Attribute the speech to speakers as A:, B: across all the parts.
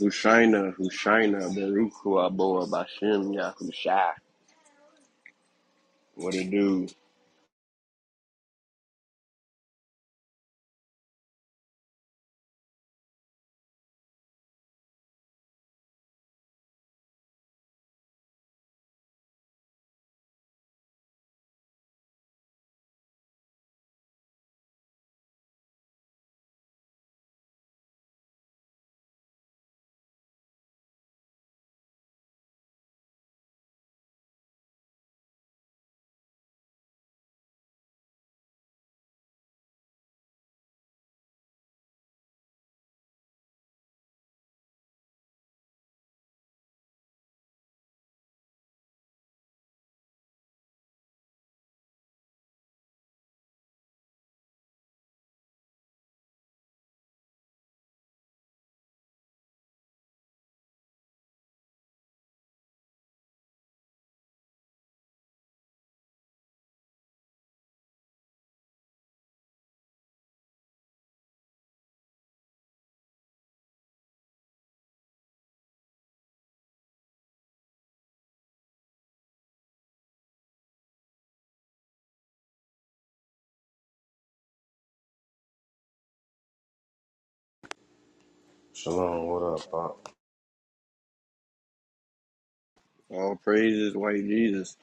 A: Hushaina, Hushaina, Baruch Hu Aboa Bashem Yahusha. What it do?
B: Shalom, what up, Bob?
A: All praises, white Jesus.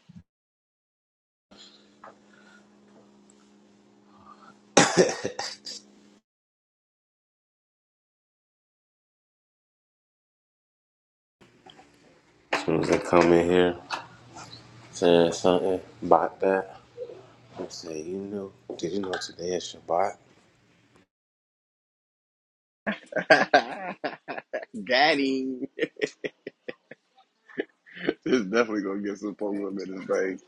B: As soon as they come in here saying something about that, I'm saying, you know, did you know today is Shabbat?
A: Got him. This is definitely gonna get some folks up in this thing.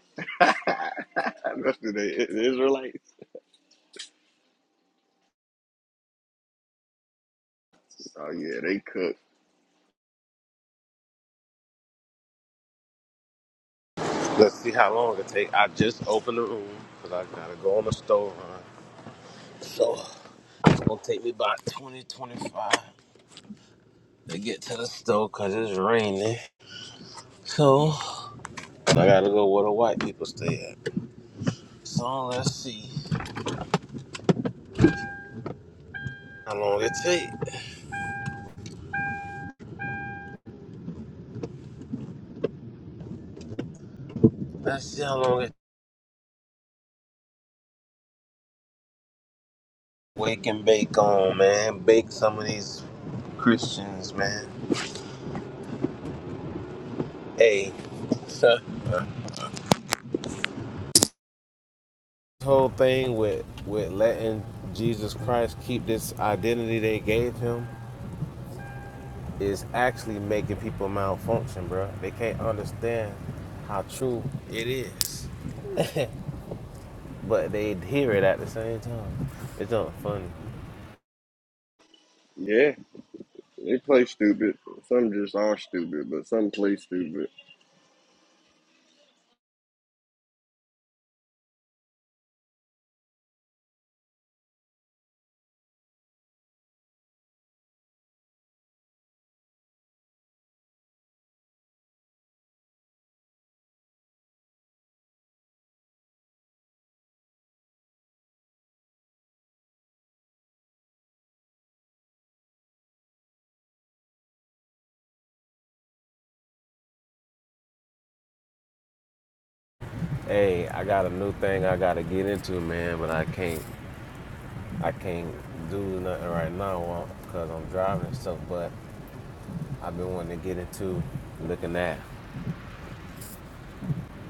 A: Especially they, the Israelites. Oh yeah, they cook.
B: Let's see how long it take. I just opened the room because I gotta go on the store run. So it's gonna take me about 2025 to get to the store because it's raining. So I gotta go where the white people stay at. So let's see how long it take. Let's see how long it wake and bake on, man. Bake some of these Christians, man. Hey, So. This whole thing with with letting Jesus Christ keep this identity they gave him is actually making people malfunction, bro. They can't understand how true it is, but they hear it at the same time. It's not funny.
A: Yeah, they play stupid. Some just are stupid, but some play stupid.
B: Hey, I got a new thing I gotta get into, man, but I can't I can't do nothing right now because I'm driving and stuff. But I've been wanting to get into looking at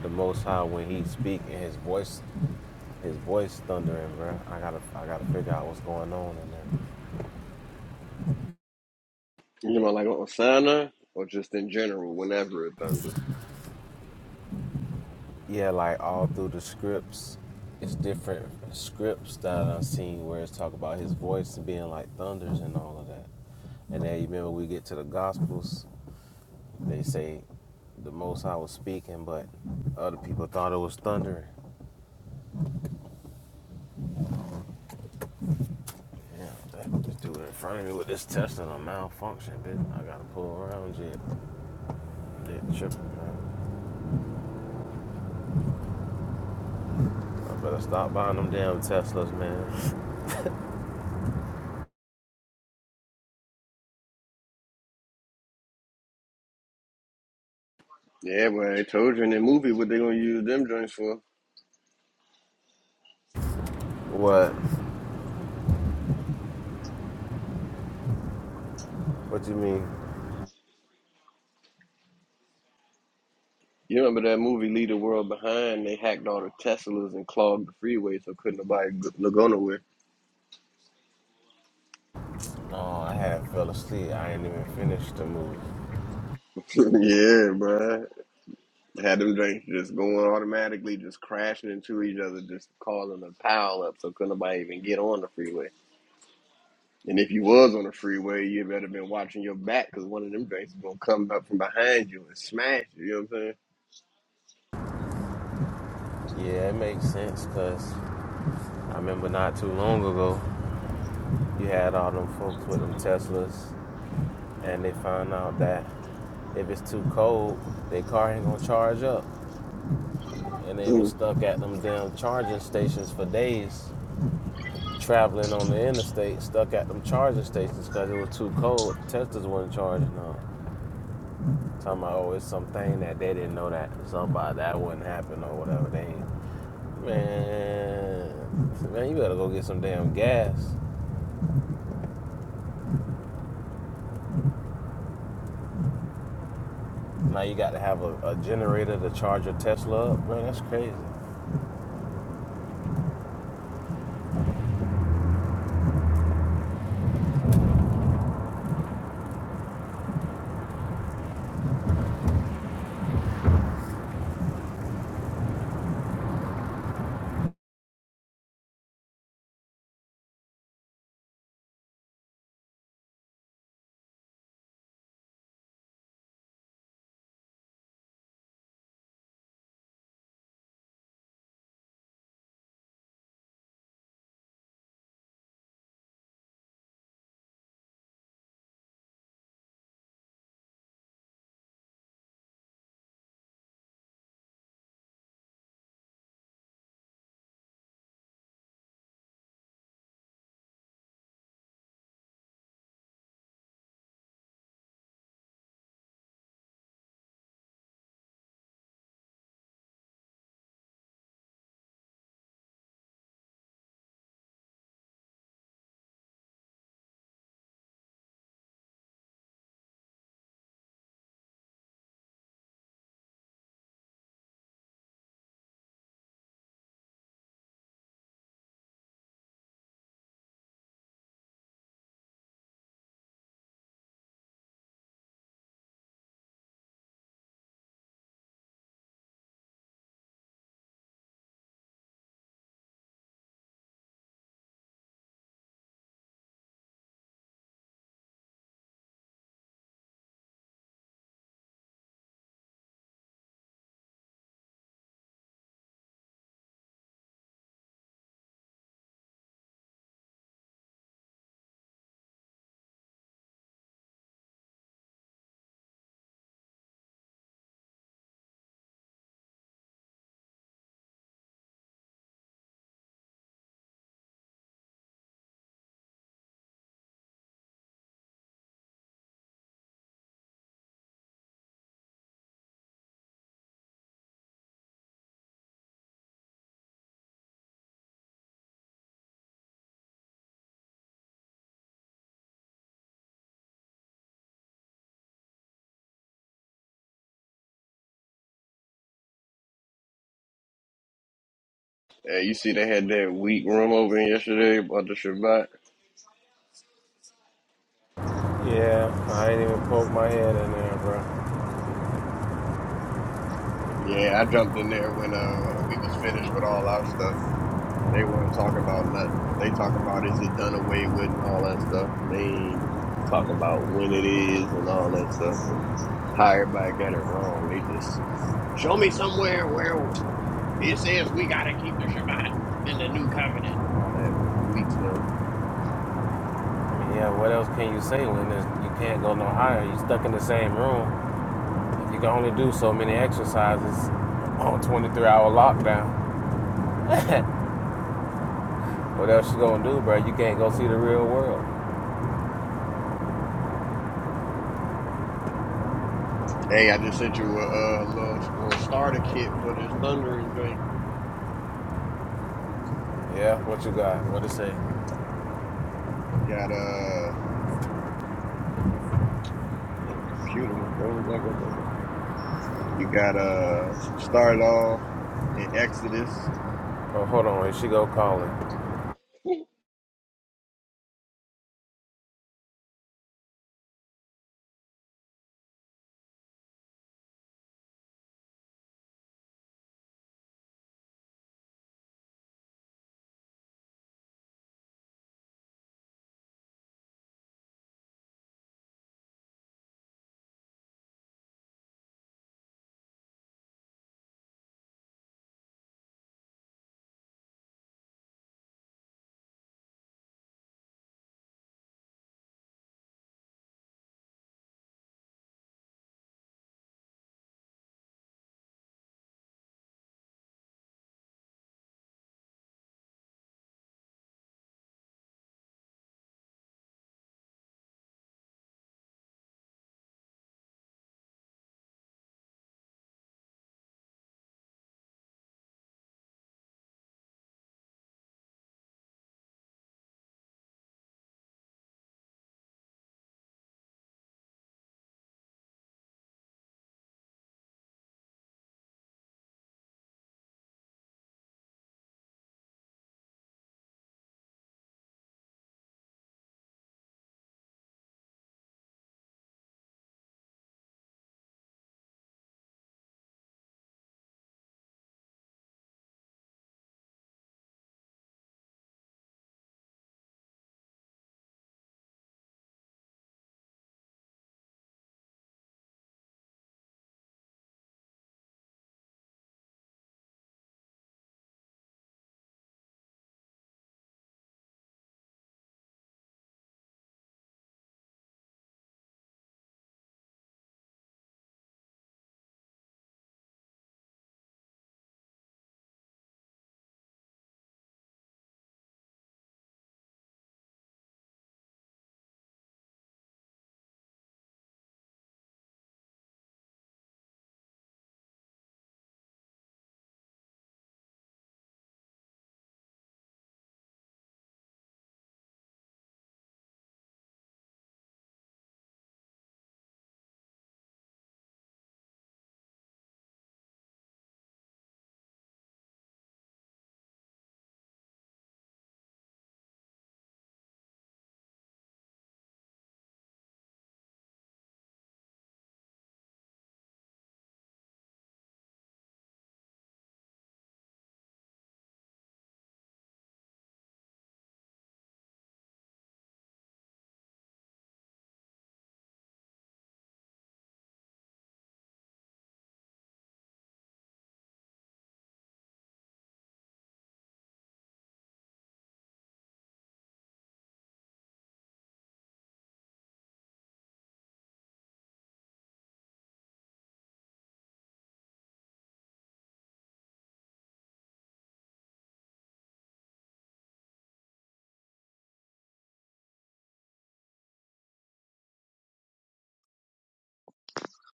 B: the Most High when He speak and His voice His voice thundering, bro. I gotta, I gotta figure out what's going on in there.
A: You know, like on Osana or just in general, whenever it thunders.
B: Yeah, like all through the scripts, it's different scripts that I've seen where it's talk about his voice being like thunders and all of that. And then you remember we get to the Gospels, they say the Most High was speaking, but other people thought it was thundering. Yeah, that- this dude in front of me with this Tesla malfunction, bitch. I gotta pull around shit. They tripping, man. I better stop buying them damn Teslas, man.
A: Yeah, well, I told you in the movie what they gonna use them joints for.
B: What? What you mean?
A: You remember that movie Leave the World Behind? They hacked all the Teslas and clogged the freeway so couldn't nobody g- no go nowhere.
B: Oh, I had fell asleep. I ain't even finished the movie.
A: yeah, bruh. Had them drinks just going automatically, just crashing into each other, just causing a pile up so couldn't nobody even get on the freeway. And if you was on the freeway, you better been watching your back because one of them drinks is gonna come up from behind you and smash you. You know what I'm
B: Yeah, it makes sense because I remember not too long ago, you had all them folks with them Teslas, and they found out that if it's too cold, their car ain't gonna charge up, and they
A: saying?
B: was
A: Mm.
B: stuck at them damn charging stations for days, traveling on the interstate, stuck at them charging stations because it was too cold. Teslas wasn't charging on. Talking about oh, it's something that they didn't know that somebody that wouldn't happen or whatever. They ain't Man, man, you better go get some damn gas. Now you got to have a, a generator to charge your Tesla up, bro. That's crazy.
A: Yeah, you see, they had that weak room over in yesterday about the Shabbat.
B: Yeah, I ain't even poked my head in there, bro.
A: Yeah, I jumped in there when uh we was finished with all our stuff. They weren't talking about nothing. They talking about is it done away with and all that stuff. They ain't talking about when it is and all that stuff and how everybody got it wrong. They just show me somewhere where it says we gotta keep the Shabbat in the new covenant. and All that weak stuff.
B: I mean, yeah, what else can you say when there's, you can't go no higher? you stuck in the same room. You can only do so many exercises on 23-hour lockdown. what else you gonna do, bro? You can't go see the real world.
A: Hey, I just sent you a uh, little little starter kit for this thundering joint.
B: Yeah, what you got? What it say?
A: Got uh, man, the computer that froze like a You got uh, start off in Exodus
B: Oh, hold on, here she go calling.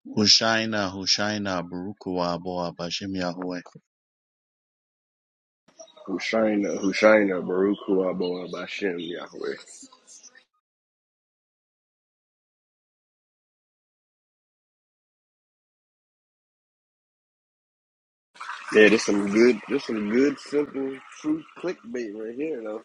C: Hushaina, Hushaina, Barukua, Boa, Bashem Yahweh.
A: Hushaina, Hushaina, Baruch Hu Abba Bashem Yahweh. Yeah, this some good, this some good, simple, true clickbait right here, though.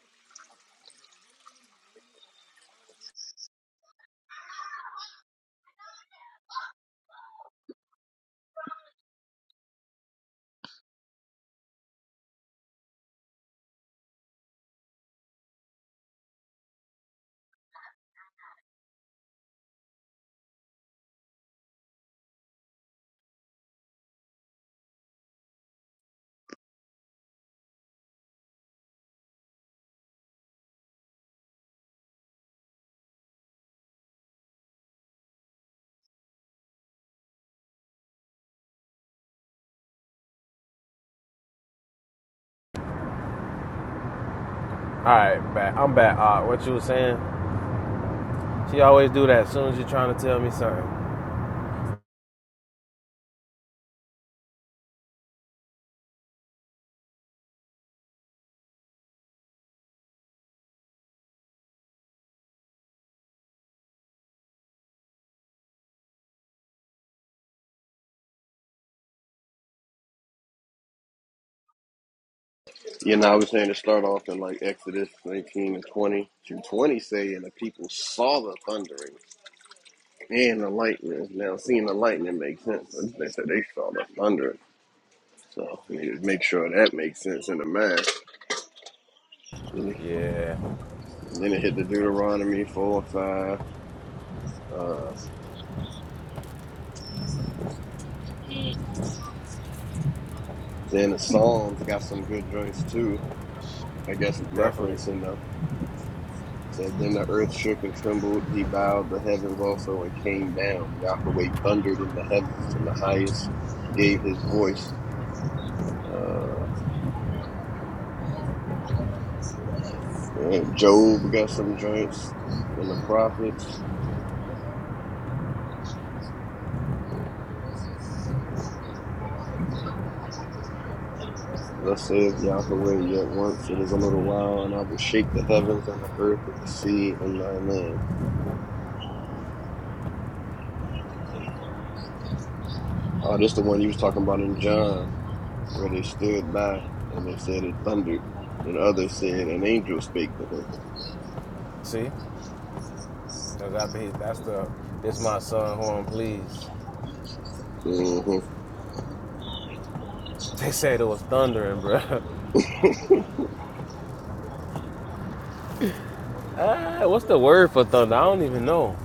B: All right, back. I'm back. Uh, what you was saying? She always do that as soon as you're trying to tell me something.
A: You know, I was saying to start off in like Exodus 19 and 20 through 20 say, and the people saw the thundering and the lightning. Now, seeing the lightning makes sense. They said they saw the thunder. So, we need to make sure that makes sense in the math. Then it,
B: Yeah,
A: then it hit the Deuteronomy 4 and 5. Uh, then the Psalms got some good joints, too. I guess
B: definitely.
A: referencing the said then the earth shook and trembled, he bowed the heavens also and came down. Yahweh thundered in the heavens and the highest gave his voice. Uh and Job got some joints and the prophets. Thus saith Yahweh yet once it is a little while and I will shake the heavens and the earth and the sea and thy land. Oh, this the one you was talking about in John, where they stood by and they said it thundered. And others said an angel spake to him.
B: See? Cause after he, that's the, this my son horn, please.
A: Mm-hmm.
B: They said it was thundering, bro. ah, what's the word for thunder? I don't even know.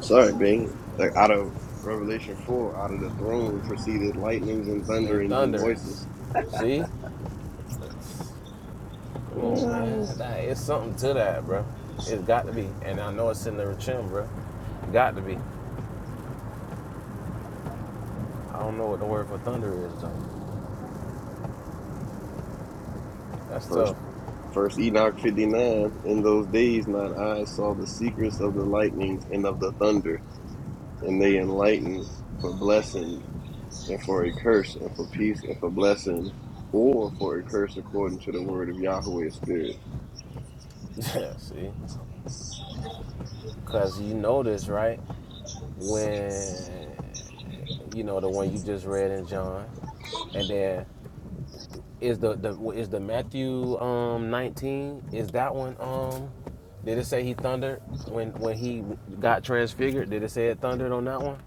A: Sorry, Bing. Like out of Revelation four, out of the throne proceeded lightnings and
B: And
A: thunderings and
B: thunderings.
A: voices.
B: See? It's- come on, man.
A: Uh,
B: That, it's something to that, bro. It's got to be. And I know it's in the chin, bro. Got to be. I don't know what the word for thunder is, though. That's
A: First,
B: tough.
A: first Enoch fifty nine. In those days, mine eyes saw the secrets of the lightnings and of the thunder, and they enlightened for blessing and for a curse and for peace and for blessing. Or for a curse according to the word of Yahweh's spirit.
B: Yeah, see? Because you know this, right? when you know the one you just read in John, and then is the, the is the Matthew um 19 is that one um did it say he thundered when when he got transfigured? Did it say it thundered on that one?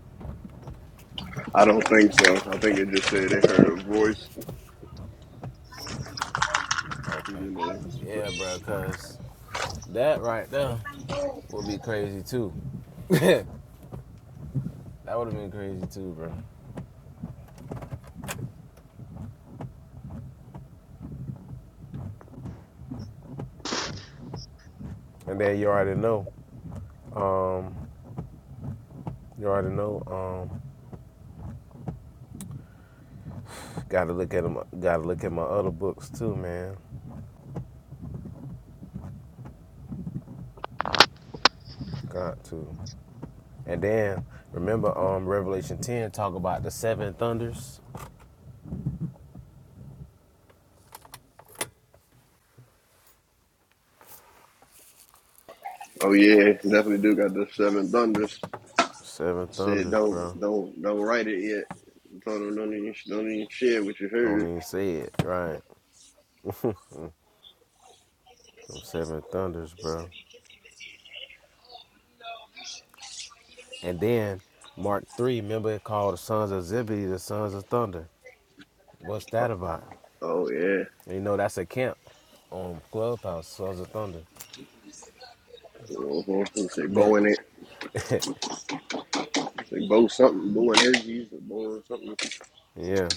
A: I don't think so. I think it just said they heard a voice. You
B: Okay.
A: know.
B: Yeah, bro, cause that right there would be crazy too. that would have been crazy too, bro. And then you already know. Um, you already know. Um, gotta look at at 'em- Gotta look at my other books too, man. God too. And then remember um Revelation 10 talk about the seven thunders.
A: Oh yeah, definitely do got the seven thunders.
B: Seven
A: Said
B: thunders,
A: don't
B: bro.
A: don't don't write it yet. Told him don't even don't even share what you
B: Don't
A: heard.
B: even say it, right? Them seven thunders, bro. And then Mark 3, remember it called the sons of Zebedee the sons of thunder. What's that about?
A: Oh yeah.
B: You know that's a camp on Clubhouse, Sons of Thunder.
A: Say
B: That
A: bowing it. Say bow something, bowing energies, or bowing something.
B: yeah.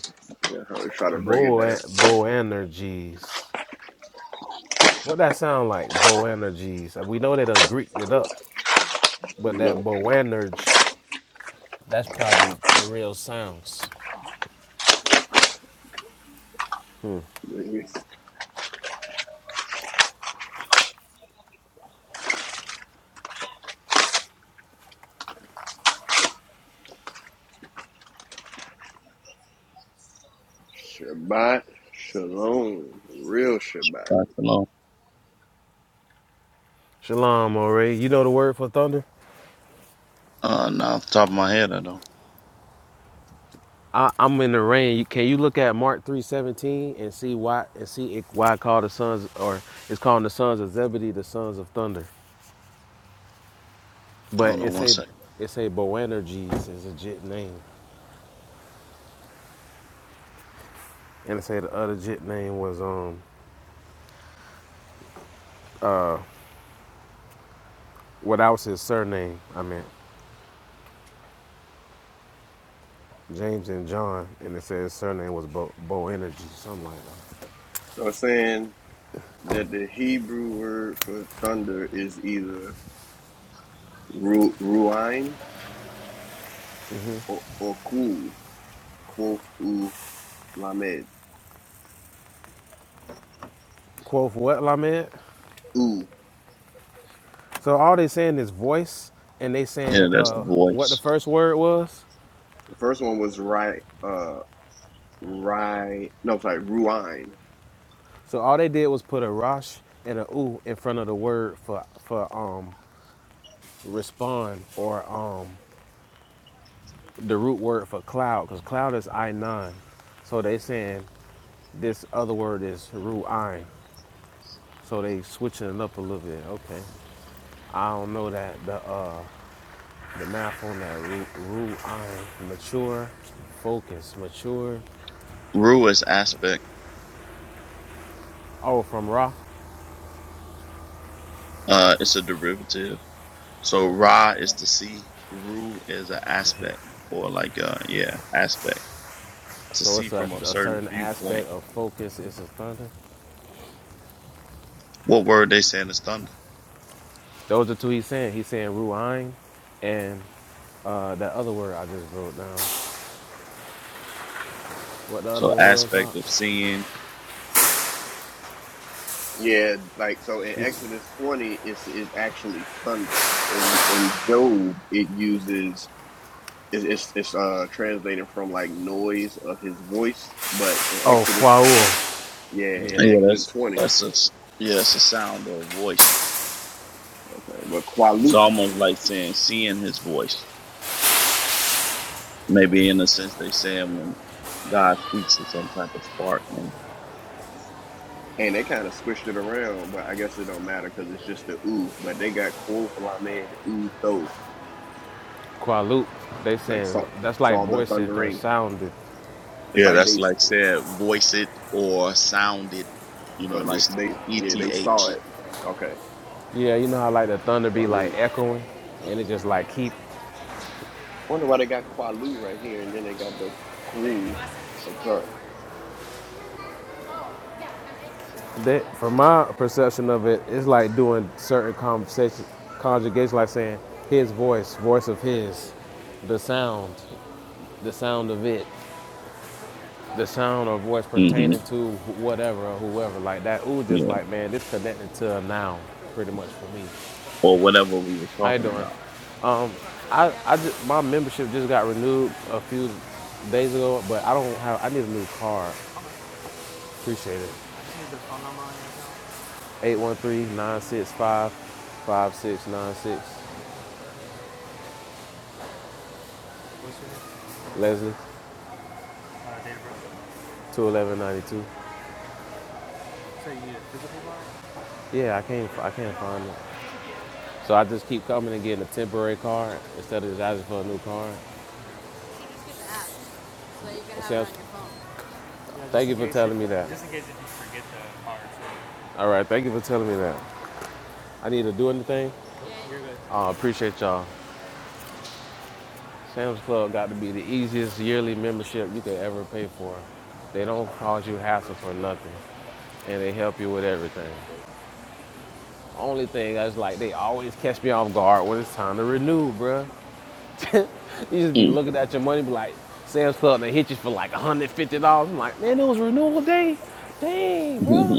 A: Yeah, I try to break it down.
B: Bo Boanerges. What that sound like? Boanerges. We know they done Greeked it up,
A: You
B: but that
A: know,
B: Boanerge That's probably the real sounds.
A: maybe Shabbat, Shalom, real Shabbat.
C: Right, hello.
B: Shalom, Ore. You know the word for thunder?
C: Uh, now off the top of my head, I don't.
B: I, I'm in the rain. Can you look at Mark 3:17 and see why and see it, why it called the sons or it's calling the sons of Zebedee the sons of thunder?
C: Hold on
B: But it's
C: One
B: a
C: second.
B: it's a Boanerges is a jit name, and it say the other jit name was um what was his surname? I meant James and John, and it says his surname was Bo Boanerges, something like that.
A: So I'm saying that the Hebrew word for thunder is either ru- ruain or, or ku, quoth u lamed.
B: Quoth what, Lamed?
A: U.
B: So all they saying is voice, and they
C: Yeah,
B: saying
C: that's the
B: uh, what the
C: voice.
B: first word was.
A: The first one was right. Uh, Right. No, sorry, Ruine.
B: So all they did was put a rosh and a u in front of the word for for um respond or um the root word for cloud, because cloud is I nine. So they saying this other word is ru'ain. So they switching it up a little bit. Okay, I don't know that the uh the math on that ru- ru'ain mature, focus, mature.
C: Ru is aspect.
B: Oh, from Ra.
C: Uh, it's a derivative. So
B: Okay.
C: Ra is to see. Ru is an aspect, or like uh, yeah, aspect to
B: So
C: see
B: it's a,
C: from a
B: a
C: certain
B: certain
C: viewpoint.
B: aspect of focus is his thunder.
C: What word they saying is thunder.
B: Those are two he's saying. He's saying ruain and uh, that other word I just wrote down. What the other
C: So
B: one was? Uh,
C: aspect of seeing.
A: Yeah, like so in
B: he's,
A: Exodus 20 it's is actually thundering. In in Job it uses it's, it's it's uh translated from like noise of his voice, but in
B: oh,
A: Exodus tw-
B: kwaul.
A: yeah,
B: Yeah.
A: in
C: Yeah,
A: Exodus
C: that's
A: 20.
C: that's a s- yeah, it's a sound or a voice.
A: Okay. But
C: It's
A: Qualut
C: almost like saying seeing his voice. Maybe
A: alright.
C: in a sense they say when God speaks of some type of spark, maybe.
A: and they kind of switched it around, but I guess it don't matter because it's just the ooh. But they got Quo Flamed Ooh Tho,
B: Qualup. They
A: like saw
B: saying that's like
A: saw the
B: voicing or
A: thundering.
B: sounding.
A: It's
C: Yeah,
A: like
C: that's
A: they
C: like said, voice it or sound it. You
A: But
C: know,
A: like
C: this
A: they, yeah, they saw
C: ETH.
A: it. Okay,
B: Yeah, you know how like the thunder be like
A: Kualu.
B: echoing and it just like keep
A: Wonder why they got Kualu right here, and then they got the Kuul up top.
B: that from my perception of it, it's like doing certain conversation conjugations like saying his voice, voice of his, the sound. the sound of it, the sound or voice
C: hmm
B: pertaining to whatever or whoever like that. Ooh,
C: Yeah,
B: just like man, this connected to a noun pretty much for me.
C: or whatever we was
B: How you
C: talking
B: doing?
C: about.
B: Um, I, I just, my membership just got renewed a few days ago, but I don't have. I need a new card. Appreciate it. Eight one three nine six five five six nine six. What's your name? Leslie, Uh, 21192. So you need a physical card? Yeah, I can't. I can't find it. So I just keep coming and getting a temporary card instead of just asking for a new card. Yeah, Thank you for telling me that. Just in case if you forget the card. So All right, thank you for telling me that. I need to do anything. you're good. I uh, appreciate y'all. Sam's Club got to be the easiest yearly membership you could ever pay for. They don't cause you hassle for nothing, and they help you with everything. Only thing is like they always catch me off guard when it's time to renew, bruh. You just be
C: Mm.
B: looking at your money, be like, Sam's Club, they hit you for like $150. I'm like, man, it was renewal day. Dang, bro.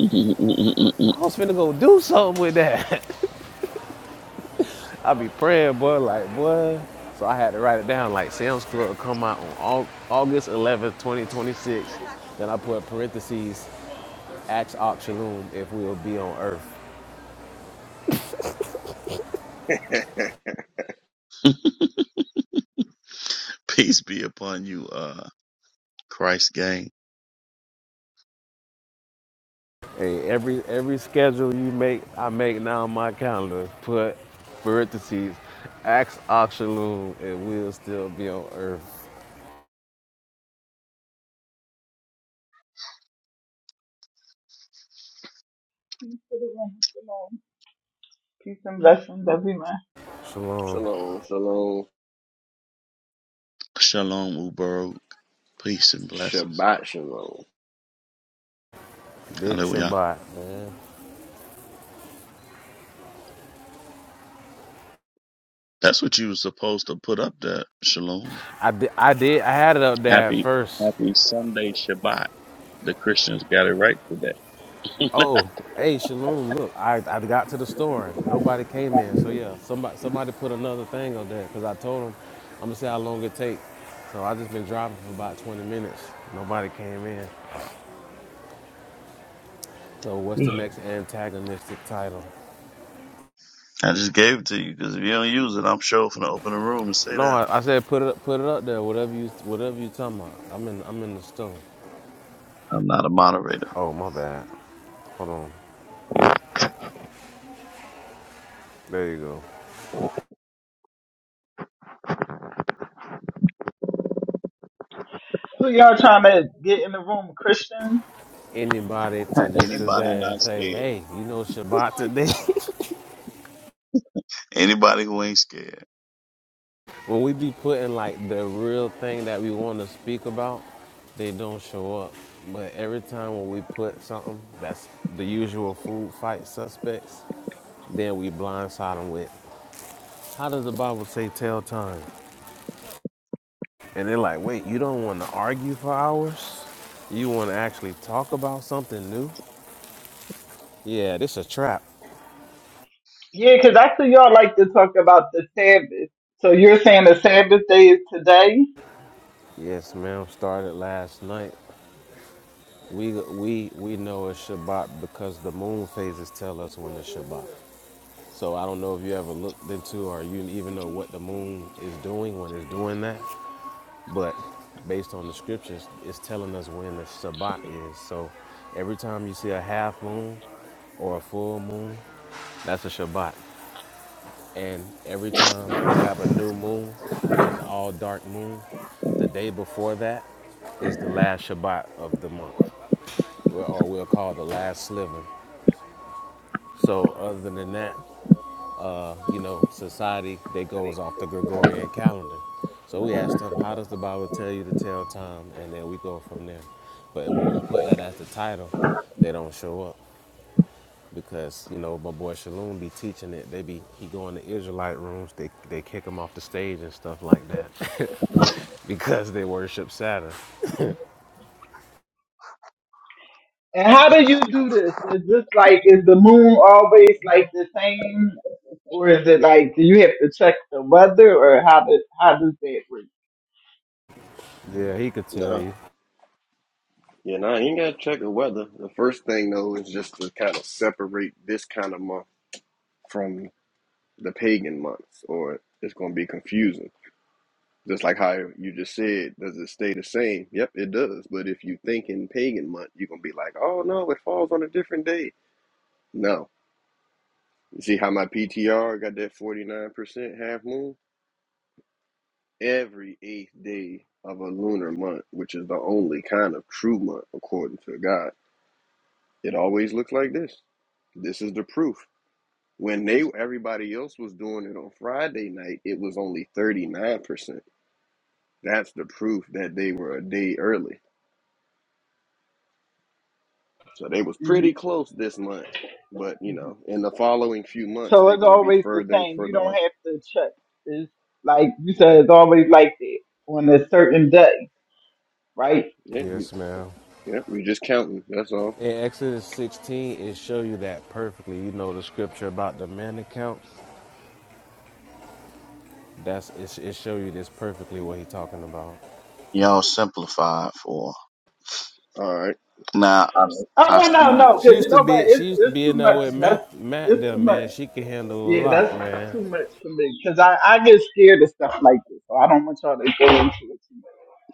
B: I was finna go do something with that. I be praying, boy, like, boy. So I had to write it down, like, Sam's Club come out on August 11th, 2026. Then I put parentheses, ask Auction Room if we'll be on Earth.
C: Peace be upon you, uh, Christ gang.
B: Hey, every every schedule you make, I make now on my calendar. Put parentheses, ask Oxaloon, and we'll still be on Earth.
D: Peace to the room. Shalom. Peace and blessings everywhere.
B: Shalom,
A: Shalom, shalom,
C: Shalom, Uberog. Peace and blessings.
A: Shabbat shalom.
B: big
C: Hallelujah.
B: Shabbat, man.
C: That's what you were supposed to put up there, Shalom.
B: I did, I did, I had it up there at
C: Happy
B: first.
C: Happy Sunday Shabbat. The Christians got it right today.
B: Oh, hey, Shalom, look, I, I got to the store. and Nobody came in, so yeah, somebody somebody put another thing on there because I told them I'm gonna see how long it take. So I just been driving for about 20 minutes. Nobody came in. So what's the next antagonistic title?
C: I just gave it to you because if you don't use it, I'm sure gonna open the room and say
B: No,
C: that.
B: I, I said put it up, put it up there. Whatever you whatever you talking about. I'm in I'm in the store.
C: I'm not a moderator.
B: Oh, my bad. Hold on. There you go.
D: Who y'all trying to get in the room? Christians?
B: Anybody to just to
D: And, uh,
C: Anybody
B: say and
C: not
B: say,
C: scared?
B: hey, you know Shabbat today.
C: Anybody who ain't scared?
B: when we be putting like the real thing that we want to speak about, they don't show up. But every time when we put something that's the usual food fight suspects, then we blindside them with. How does the Bible say tell time? And they're like, wait, you don't want to argue for hours? You want to actually talk about something new? Yeah, this a trap.
D: Yeah, because I see y'all like to talk about the Sabbath. So you're saying the Sabbath day is today?
B: Yes, ma'am. Started last night. We we we know it's Shabbat because the moon phases tell us when it's Shabbat. So I don't know if you ever looked into or you even know what the moon is doing when it's doing that. But based on the scriptures, it's telling us when the Shabbat is. So every time you see a half moon or a full moon, that's a Shabbat. And every time you have a new moon, which is all dark moon, the day before that is the last Shabbat of the month, or we'll call the last sliver. So other than that, you know, society they goes off the Gregorian calendar. So we asked them, how does the Bible tell you to tell time? And then we go from there. But when we put that as the title, they don't show up because you know my boy Shalom be teaching it. They be he go in the Israelite rooms. They they kick him off the stage and stuff like that. because they worship Saturn.
D: And how do you do this? Is this like is the moon always like the same, or is it like do you have to check the weather, or how does how does that work?
B: Yeah, he could tell
A: No,
B: you.
A: yeah, no, you ain't gotta check the weather. The first thing though is just to kind of separate this kind of month from the pagan months, or it's gonna be confusing. Just like how you just said, does it stay the same? Yep, it does. But if you think in pagan month, you're gonna be like, oh no, it falls on a different day. No, You see how my PTR got that 49% half moon? Every eighth day of a lunar month, which is the only kind of true month according to God. It always looks like this. This is the proof. When they everybody else was doing it on Friday night, it was only 39%. That's the proof that they were a day early. So they was
D: hmm
A: pretty close this month. But you know, in the following few months,
D: So
A: they're
D: it's
A: gonna be
D: always the
A: further and
D: same. You
A: further
D: don't
A: off.
D: have to check. It's like you said, it's always like that on a certain day, right?
A: Yeah, we
B: Yes, ma'am.
A: yeah, we just counting. That's all.
B: In Exodus 16, it show you that perfectly. You know the scripture about the man account. That's it. It show you this perfectly what he talking about.
C: Y'all simplified for
A: All right.
C: now. I
D: Oh
C: I
D: well, no,
C: see.
D: no,
B: She
D: because you
B: used to
D: know, but
B: be. She
D: it's
B: used to
D: it's
B: be
D: too
B: in there
D: much.
B: with
D: That's
B: Matt. Matt,
D: it's
B: there,
D: too much.
B: man. She can handle a
D: Yeah,
B: lot,
D: that's
B: man.
D: too much for me because I I get scared of stuff like this, so I don't want y'all to go into it too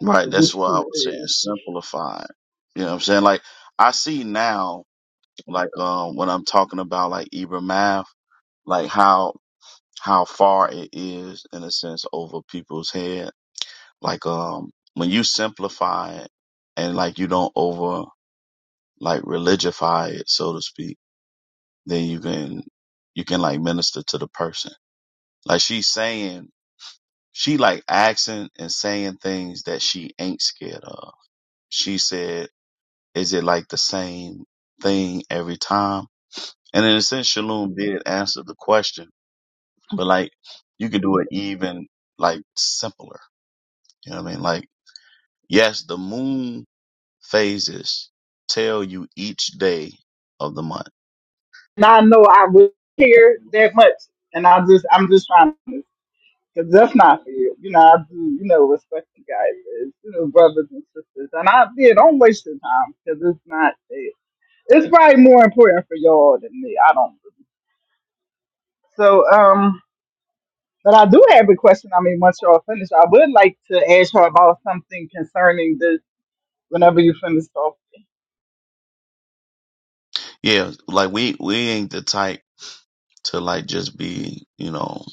C: Right.
D: 'Cause
C: That's
D: It's
C: what I
D: too.
C: was saying
D: Yeah,
C: simplified. You know what I'm saying? Like I see now, like um when I'm talking about like Ibram math, like how how far it is in a sense over people's head. Like um when you simplify it and like you don't over like religify it, so to speak, then you can you can like minister to the person. Like she's saying she like asking and saying things that she ain't scared of. She said Is it like the same thing every time? And in a sense, Shalom did answer the question, but like you can do it even like simpler. You know what I mean? Like, yes, the moon phases tell you each day of the month.
D: And I know I would care that much. And I just, I'm just trying to, cause that's not for you. You know, I do, you know, respect you guys as, you know, brothers and sisters. And I, yeah, don't waste your time because it's not, it, it's probably more important for y'all than me. I don't believe. So, um, but I do have a question. I mean, once y'all finish, I would like to ask her about something concerning this whenever you finish off.
C: Yeah, like we we ain't the type to like just be, you know,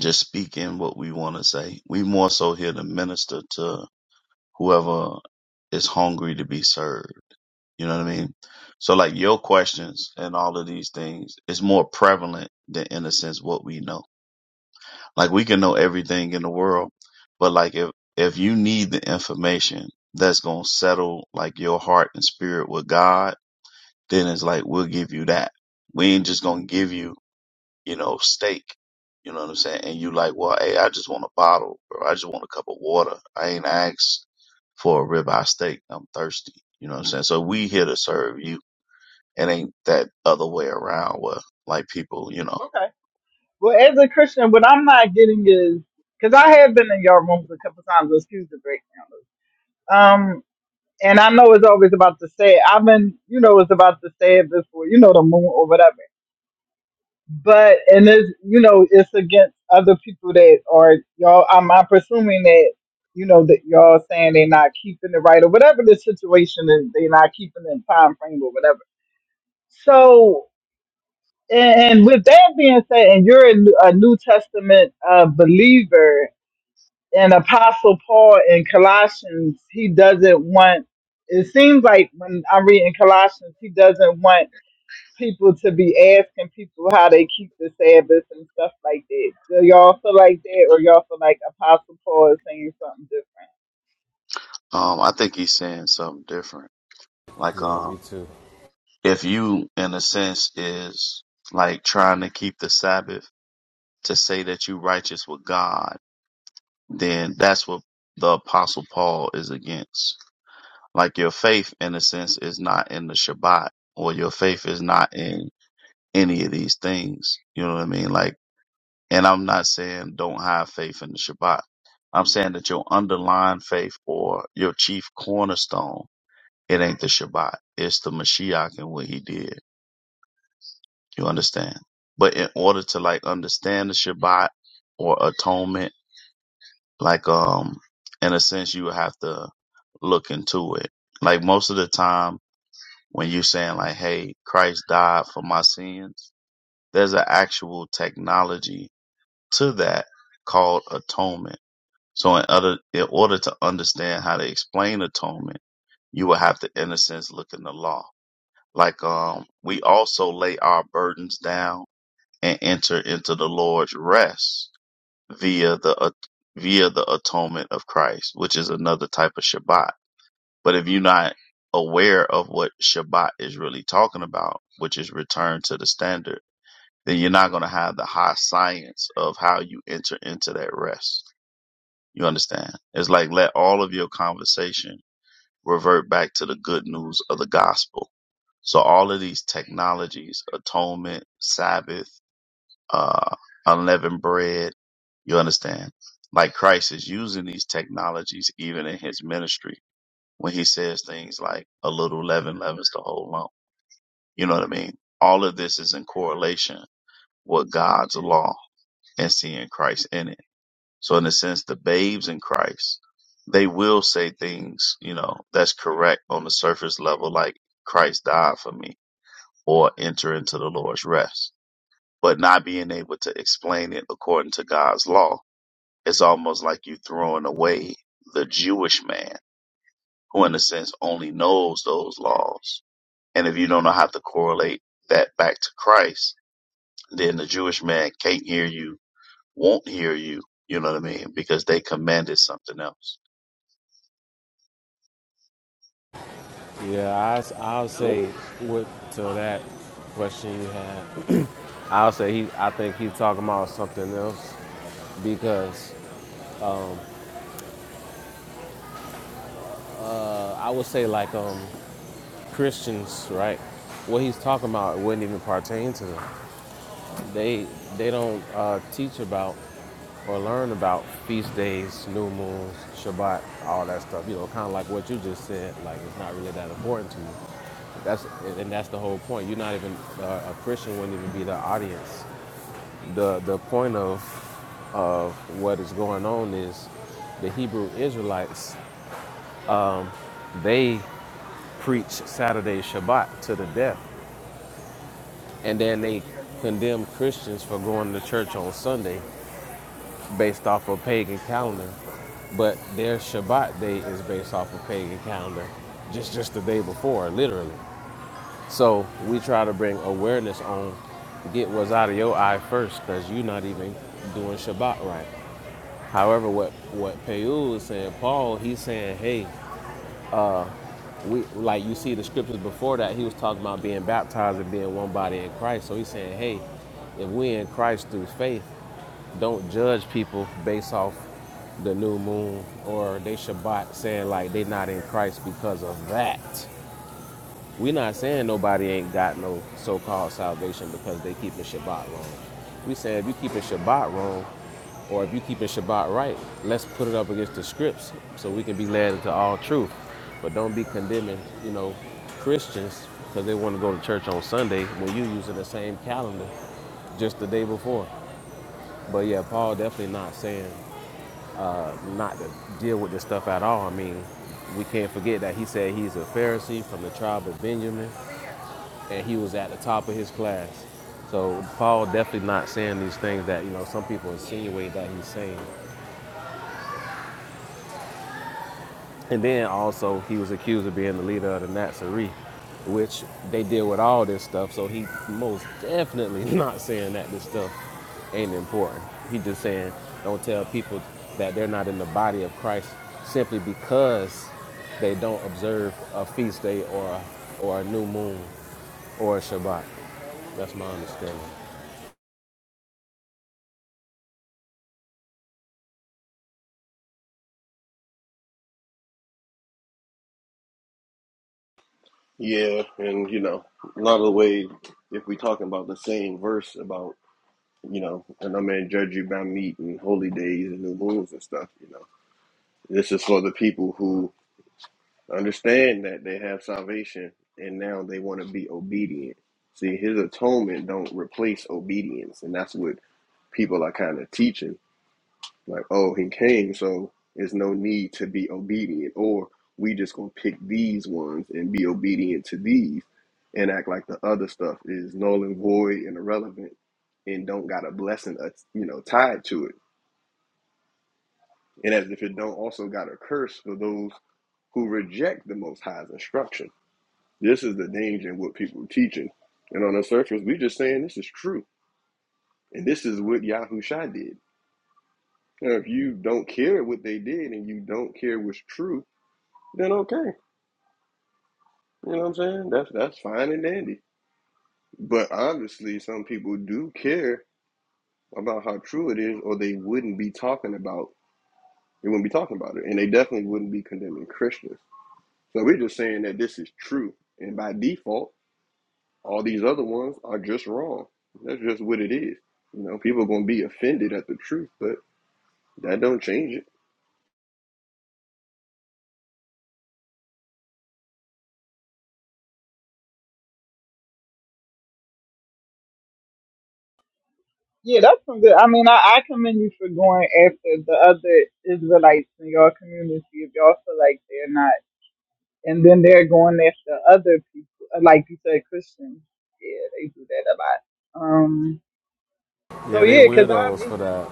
C: just speaking what we want to say. We more so here to minister to whoever is hungry to be served. You know what I mean? So like your questions and all of these things is more prevalent than in a sense what we know. Like we can know everything in the world, but like if if you need the information that's gonna settle like your heart and spirit with God, then it's like we'll give you that. We ain't just gonna give you, you know, steak. You know what I'm saying? And you like, well, hey, I just want a bottle, bro. I just want a cup of water. I ain't asked for a ribeye steak. I'm thirsty. You know what I'm saying? So we here to serve you. It ain't that other way around where like people, you know.
D: Okay. Well, as a Christian, what I'm not getting is, because I have been in your rooms a couple times, excuse the breakdown, Um, and I know it's always about to say, it. I've been, you know, it's about to say it before, you know, the moon or whatever. But and it's, you know, it's against other people that are y'all. I'm, I'm presuming that, you know, that y'all saying they're not keeping it right or whatever the situation is, they're not keeping the time frame or whatever. So, and, and with that being said, and you're a, New- a New Testament uh, believer, and Apostle Paul in Colossians, he doesn't want. It seems like when I'm reading Colossians, he doesn't want people to be asking people how they keep the Sabbath and stuff like that. Do y'all feel like that, or y'all feel like Apostle Paul is saying something different?
C: Um, I think he's saying something different. Like,
B: Yeah,
C: um,
B: me too.
C: if you, in a sense, is like trying to keep the Sabbath to say that you righteous with God, then that's what the apostle Paul is against. Like your faith, in a sense, is not in the Shabbat or your faith is not in any of these things. You know what I mean? Like, and I'm not saying don't have faith in the Shabbat. I'm saying that your underlying faith or your chief cornerstone, it ain't the Shabbat. It's the Mashiach and what he did. You understand? But in order to like understand the Shabbat or atonement, like, um, in a sense, you have to look into it. Like most of the time when you're saying like, Hey, Christ died for my sins, there's an actual technology to that called atonement. So in other, in order to understand how to explain atonement, you will have to, in a sense, look in the law. Like, um, we also lay our burdens down and enter into the Lord's rest via the, at- via the atonement of Christ, which is another type of Shabbat. But if you're not aware of what Shabbat is really talking about, which is return to the standard, then you're not going to have the high science of how you enter into that rest. You understand? It's like let all of your conversation revert back to the good news of the gospel. So all of these technologies, atonement, Sabbath, uh, unleavened bread, you understand? Like Christ is using these technologies even in his ministry when he says things like a little leaven leavens the whole lump. You know what I mean? All of this is in correlation with God's law and seeing Christ in it. So in a sense, the babes in Christ, they will say things, you know, that's correct on the surface level, like Christ died for me or enter into the Lord's rest. But not being able to explain it according to God's law, it's almost like you throwing away the Jewish man who in a sense only knows those laws. And if you don't know how to correlate that back to Christ, then the Jewish man can't hear you, won't hear you, you know what I mean? Because they commanded something else.
B: Yeah, I. i s- I'll
A: Yeah.
B: say what to that question you had. I'll say he. I think he's talking about something else because uh, I would say like um Christians, right? What he's talking about wouldn't even pertain to them. They they don't uh, teach about or learn about feast days, new moons, Shabbat, all that stuff. You know, kind of like what you just said. Like it's not really that important to you. That's and and that's the whole point. You're not even uh, a Christian wouldn't even be the audience. The the point of of what is going on is the Hebrew Israelites. They preach Saturday Shabbat to the death And then they condemn Christians for going to church on Sunday based off a pagan calendar. But their Shabbat day is based off a pagan calendar, just just the day before, literally. So we try to bring awareness on get what's out of your eye first, because you're not even doing Shabbat right. However, what what Peul is saying, Paul, he's saying, hey, we like you see the scriptures before that, he was talking about being baptized and being one body in Christ. So he's saying, hey, if we in Christ through faith, Don't judge people based off the new moon or they Shabbat saying like they not in Christ because of that. we not saying nobody ain't got no so-called salvation because they keeping Shabbat wrong. We saying if you keeping Shabbat wrong or if you keeping Shabbat right, let's put it up against the scripts so we can be led into all truth. But don't be condemning, you know, Christians because they want to go to church on Sunday when you using the same calendar just the day before. But yeah, Paul definitely not saying not to deal with this stuff at all. I mean, we can't forget that he said he's a Pharisee from the tribe of Benjamin, and he was at the top of his class. So Paul definitely not saying these things that you know some people insinuate that he's saying. And then also he was accused of being the leader of the Nazarene, which they deal with all this stuff. So he most definitely not saying that this stuff ain't important. He just saying don't tell people that they're not in the body of Christ simply because they don't observe a feast day or a, or a new moon or a Shabbat. That's my understanding.
A: Yeah, and you know, a lot of the way if we talking about the same verse about you know, and no man judge you by meat and holy days and new moons and stuff, you know. This is for the people who understand that they have salvation and now they want to be obedient. See, his atonement don't replace obedience, and that's what people are kind of teaching. Like, oh, he came, so there's no need to be obedient. Or we just gonna pick these ones and be obedient to these and act like the other stuff is null and void and irrelevant and don't got a blessing, uh, you know, tied to it. And as if it don't also got a curse for those who reject the Most High's instruction. This is the danger in what people are teaching. And on the surface, we just saying this is true. And this is what Yahusha did. Now, if you don't care what they did and you don't care what's true, then okay. You know what I'm saying? That's that's fine and dandy. But obviously, some people do care about how true it is, or they wouldn't be talking about they wouldn't be talking about it, and they definitely wouldn't be condemning Christians. So we're just saying that this is true, and by default, all these other ones are just wrong. That's just what it is. You know, people are gonna be offended at the truth, but that don't change it.
D: Yeah, that's some good. I mean, I, I commend you for going after the other Israelites in your community if y'all feel like they're not, and then they're going after other people, like you said, Christians. Yeah, they do that a lot. Um, So
B: Yeah, they
D: yeah, because I've
B: weirdos for
D: even
B: that.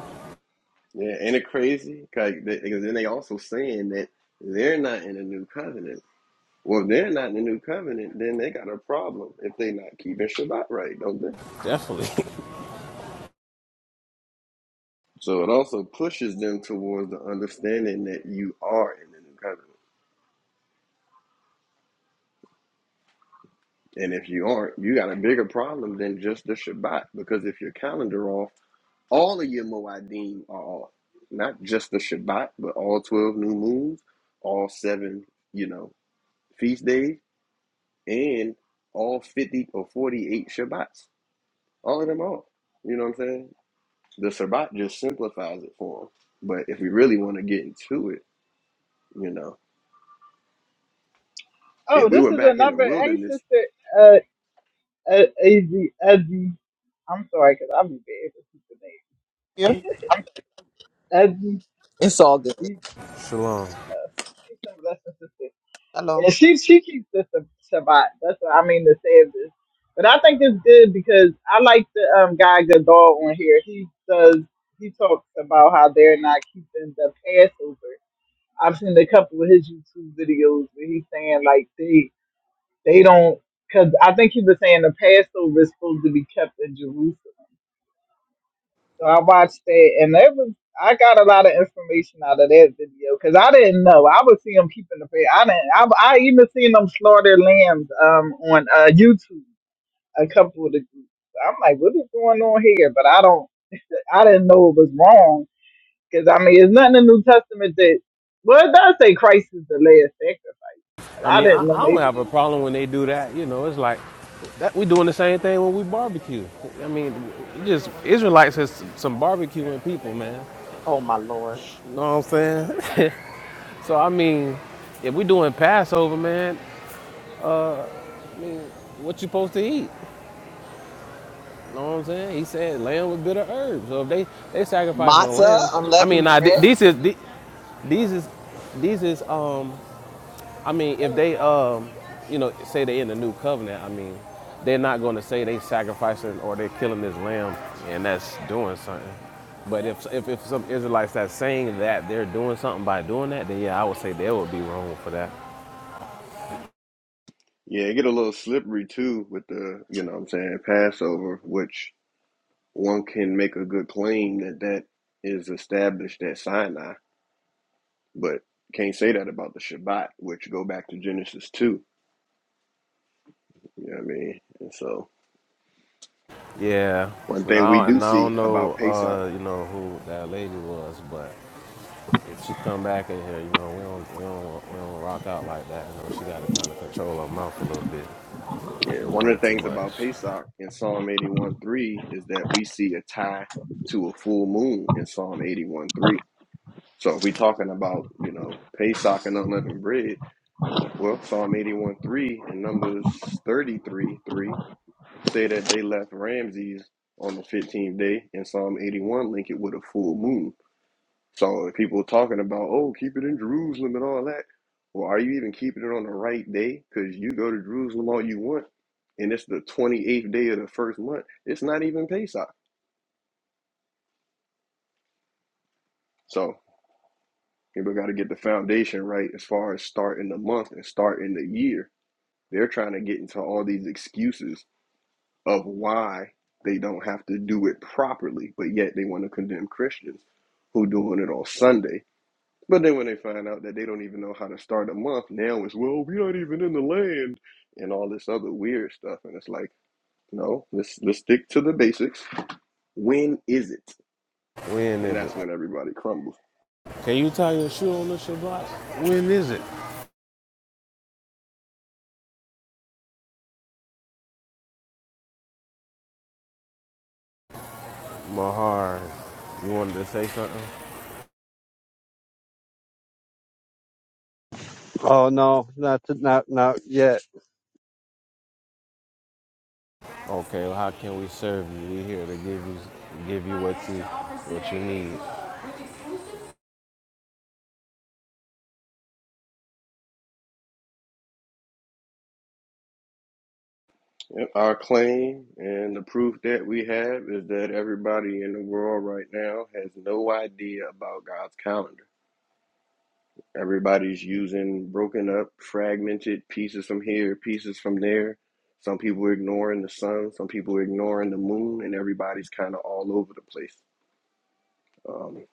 A: Yeah, ain't it crazy? Cause 'cause then they also saying that they're not in a new covenant. Well, if they're not in the new covenant, then they got a problem if they're not keeping Shabbat right, don't they?
B: Definitely.
A: So it also pushes them towards the understanding that you are in the new covenant. And if you aren't, you got a bigger problem than just the Shabbat because if your calendar off, all of your Moedim are off. Not just the Shabbat, but all 12 new moons, all seven, you know, feast days, and all 50 or 48 Shabbats. All of them off. You know what I'm saying? The Sabbat just simplifies it for them. But if we really want to get into it, you know, if
D: oh,
A: we
D: this
A: were
D: is
A: back in the
D: another hey
A: wilderness,
D: sister uh uh Ezzy Ezzy. I'm sorry because I'm bad with sister names.
E: Yeah,
D: Ezzy,
E: it's all good.
D: E-
B: Shalom.
D: uh, she's some lesser sister,
E: Hello.
D: and she she keeps the Sab- Shabbat. That's what I mean to say of this. But I think it's good because I like the um guy Gadol on here. He does he talks about how they're not keeping the Passover. I've seen a couple of his YouTube videos where he's saying like they They don't, because I think he was saying the Passover is supposed to be kept in Jerusalem. So I watched that, and that was I got a lot of information out of that video because I didn't know. I would see them keeping the past. I didn't. I, I even seen them slaughter lambs um on uh YouTube. A couple of the groups. I'm like, what is going on here? But I don't. I didn't know it was wrong because I mean, it's nothing in the New Testament that well, it does say Christ is the last sacrifice, but
B: I
D: I
B: mean, I,
D: didn't know.
B: I don't
D: Maybe
B: have a
D: they
B: problem when they do that. You know, it's like that we doing the same thing when we barbecue. I mean, just Israelites has some barbecuing people, man.
E: Oh my lord.
B: You know what I'm saying? So I mean, if we doing Passover, man, what you supposed to eat? You know what I'm saying? He said lamb with bitter herbs. So if they they sacrifice a
E: Matzah,
B: lamb, I mean,
E: unleavened
B: now th-
E: bread.
B: these is th- these is these is um I mean, if they, um, you know, say they are in the new covenant, I mean, they're not going to say they sacrificing or they're killing this lamb and that's doing something. But if, if, if some Israelites that's saying that they're doing something by doing that, then yeah, I would say they would be wrong for that.
A: yeah, it get a little slippery too with the, you know what I'm saying, Passover, which one can make a good claim that that is established at Sinai, but can't say that about the Shabbat, which go back to Genesis 2. You know what I mean? And so
B: Yeah.
A: one
B: And
A: thing we
B: I
A: do
B: and I
A: see
B: don't know,
A: about Pesach
B: uh, you know, who that lady was, but if she come back in here, you know, we don't, we don't, we don't rock out like that. You know, she got to kind of control her mouth a little bit.
A: Yeah,
B: She's
A: one
B: doing
A: of the
B: too
A: things
B: much.
A: about Pesach in Psalm eighty-one three is that we see a tie to a full moon in Psalm eighty-one three. So if we're talking about, you know, Pesach and unleavened bread, well, Psalm eighty-one three and Numbers thirty-three three say that they left Ramses on the 15th day, and Psalm 81 link it with a full moon. So if people are talking about, oh, keep it in Jerusalem and all that, well, are you even keeping it on the right day? Because you go to Jerusalem all you want, and it's the 28th day of the first month. It's not even Pesach. So people got to get the foundation right as far as starting the month and starting the year. They're trying to get into all these excuses of why they don't have to do it properly, but yet they want to condemn Christians who doing it on Sunday But then when they find out that they don't even know how to start a month, now it's well, we're not even in the land and all this other weird stuff. And it's like, no, let's let's stick to the basics. When is it?
B: When
A: And
B: is it?
A: that's when everybody crumbles.
B: Can you tie your shoe on the Shabbat? When is it? Mahar, you wanted to say something?
F: Oh no, not not not yet.
B: Okay, well, how can we serve you? We here to give you give you what you what you need.
A: Yep. Our claim and the proof that we have is that everybody in the world right now has no idea about God's calendar. Everybody's using broken up, fragmented pieces from here, pieces from there. Some people are ignoring the sun, some people are ignoring the moon, and everybody's kind of all over the place. Um,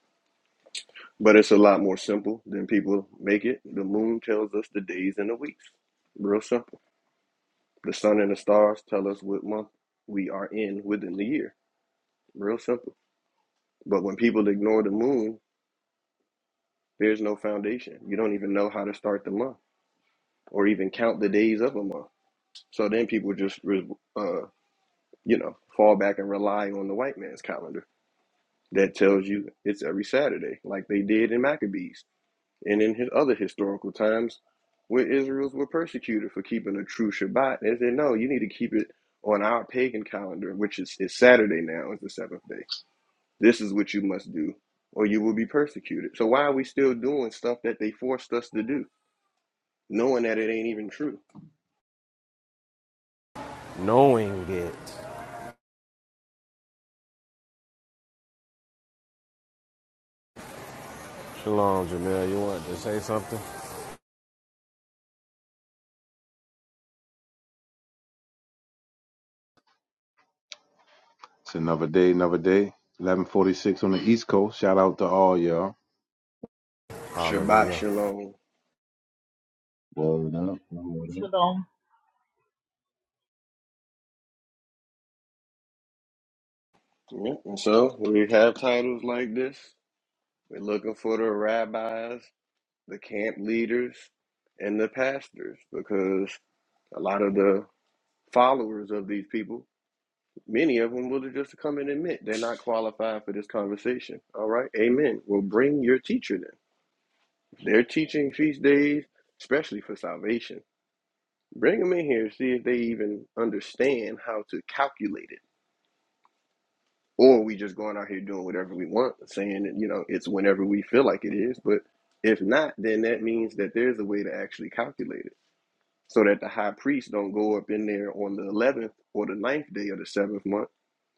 A: but it's a lot more simple than people make it. The moon tells us the days and the weeks. Real simple. The sun and the stars tell us what month we are in within the year. Real simple. But when people ignore the moon, there's no foundation. You don't even know how to start the month or even count the days of a month. So then people just, uh, you know, fall back and rely on the white man's calendar that tells you it's every Saturday, like they did in Maccabees and in his other historical times where Israel's were persecuted for keeping a true Shabbat. They said, no, you need to keep it on our pagan calendar, which is, is Saturday now, is the seventh day. This is what you must do, or you will be persecuted. So why are we still doing stuff that they forced us to do, knowing that it ain't even true?
B: Knowing it. Shalom, Jamil. You wanted to say something?
G: It's another day, another day. 1146 on the East Coast. Shout out to all y'all.
A: Shabbat
B: Hallelujah.
A: shalom.
G: Word up, word up.
D: should have.
A: Yeah, and so we have titles like this. We're looking for the rabbis, the camp leaders, and the pastors because a lot of the followers of these people, many of them will just come and admit they're not qualified for this conversation. All right, amen. Well, bring your teacher then. They're teaching feast days, especially for salvation. Bring them in here, see if they even understand how to calculate it or we just going out here doing whatever we want, saying that you know it's whenever we feel like it is. But if not, then that means that there's a way to actually calculate it, so that the high priest don't go up in there on the eleventh or the ninth day of the seventh month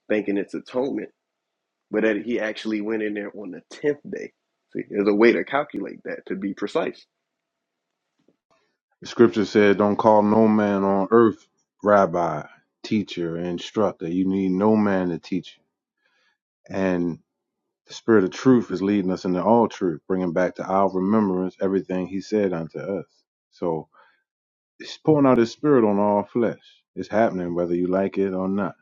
A: thinking it's atonement, but that he actually went in there on the tenth day. See, there's a way to calculate that to be precise.
G: The scripture said, Don't call no man on earth rabbi, teacher, instructor. You need no man to teach you. And the spirit of truth is leading us into all truth, bringing back to our remembrance everything he said unto us. So it's pouring out his spirit on all flesh. It's happening whether you like it or not.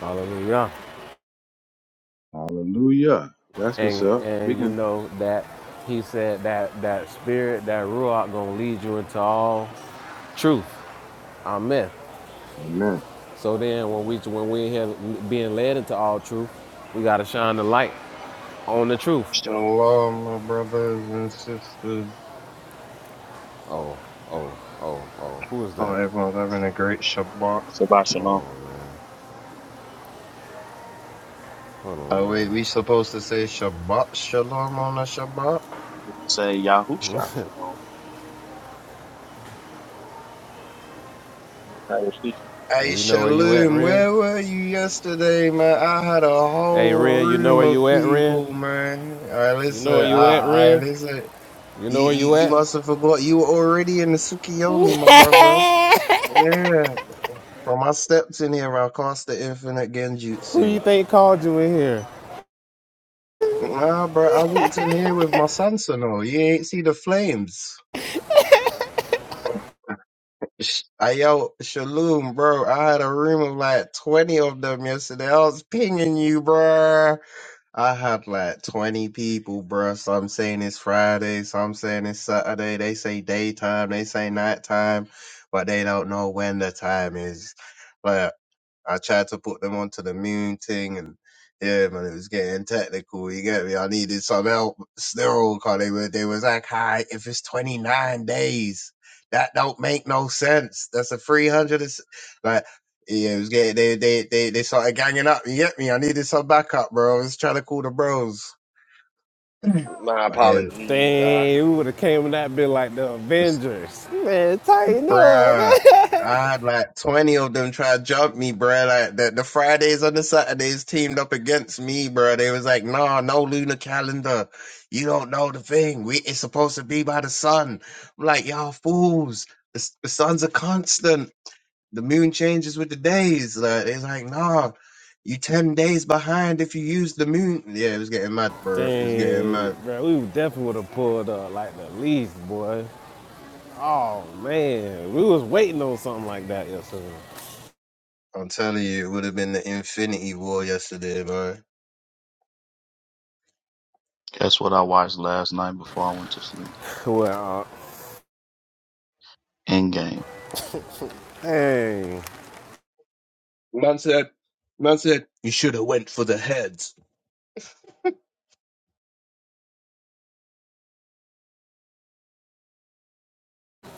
B: Hallelujah.
G: Hallelujah. That's what's
B: And
G: up.
B: and you
G: Begin.
B: know that he said that that spirit, that ruach gonna lead you into all truth. Amen.
G: Amen.
B: So then when we when we here being led into all truth, we gotta shine the light. On the truth.
H: Shalom, my brothers and sisters.
B: Oh, oh, oh, oh. Who is
H: Oh,
B: that?
H: everyone's having a great Shabbat.
C: Shabbat
B: Hold
C: Shalom.
B: on, man. Hold on,
H: Oh, wait, we
B: man.
H: supposed to say Shabbat Shalom on a Shabbat?
C: You can say Yahusha Shalom. if you want to. And it's how you're speaking.
B: Yeah,
H: Hey,
B: you know where you at,
H: Shalom,
B: Ren?
H: where were you yesterday, man? I had a
B: Hey,
H: whole
B: Ren, you know
H: room
B: where
H: of
B: you at, Ren?
H: people, man. I
B: You
H: listen,
B: know where you at,
H: I, I
B: Ren?
H: listen.
B: You
H: You,
B: know where
H: you,
B: you
H: you
B: at?
H: must have forgot you were already in the Sukiyomi, my brother. Yeah. From our steps in here, I cast the infinite
B: Who you
H: genjutsu.
B: think called you in here?
H: Nah, bro, I walked in here with my Samsonite. You ain't see the flames. Sh- I- Yo, Shalom, bro. I had a room of like 20 of them yesterday. I was pinging you, bro. I had like 20 people, bro. Some saying it's Friday, some saying it's Saturday. They say daytime, they say nighttime, but they don't know when the time is. But I tried to put them onto the moon thing and yeah, man, it was getting technical. You get me? I needed some help still, cause they were, they was like, hi, if it's 29 days. That don't make no sense. That's a three hundred. Like yeah, it was getting, they they they they started ganging up. You get me? I needed some backup, bro. I was trying to call the bros. Mm.
A: My
H: But yeah, it
A: apologies. I,
B: Dang, we would have came and that been like the
H: was,
B: Avengers. Man, tighten up,
H: bruh.
B: man.
H: I had like twenty of them try to jump me, bruh. Like the, the Fridays and the Saturdays teamed up against me, bruh. They was like, "Nah, no lunar calendar. You don't know the thing. We it's supposed to be by the sun." I'm like, "Y'all fools. The, s- the sun's a constant." The moon changes with the days. Like, it's like, nah, you ten days behind if you use the moon. Yeah, it was getting mad, bro. It was getting
B: Dang,
H: mad.
B: bro, we definitely would have pulled up like the least, boy. Oh man, we was waiting on something like that yesterday.
H: I'm telling you, it would have been the Infinity War yesterday, man.
C: That's what I watched last night before I went to sleep.
B: Well,
C: Endgame.
B: uh, dang.
H: Man said, man said, you should have went for the heads.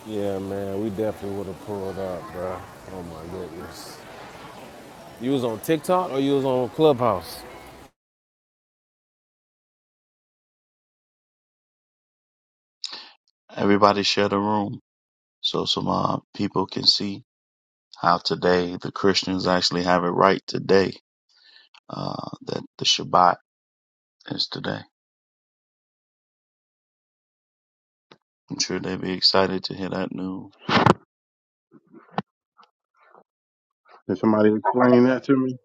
B: Yeah, man, we definitely would have pulled up, bro. Oh my goodness. You was on TikTok or you was on Clubhouse?
C: Everybody share the room so some uh, people can see how today the Christians actually have it right today uh, that the Shabbat is today. I'm sure they'd be excited to hear that news.
G: Can somebody explain that to me?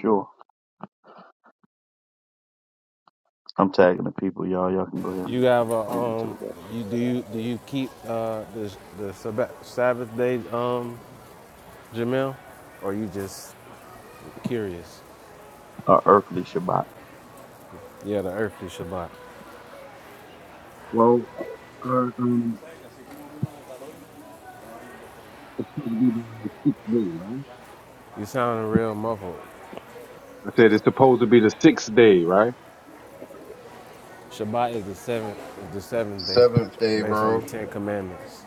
C: Sure. I'm tagging the people, y'all. Y'all can go ahead
B: You
C: and
B: have a
C: explain it to the
B: um.
C: world.
B: You do you do you keep uh the the Sab- Sabbath day um Jamil, or you just curious?
C: Our earthly Shabbat.
B: Yeah, the earthly Shabbat.
G: Well, uh, um, it's supposed to be the sixth day, right?
B: You sounding real muffled.
G: I said it's supposed to be the sixth day, right?
B: Shabbat is the seventh is the seventh day,
H: Seventh day,
B: based on the
H: bro.
B: Ten Commandments.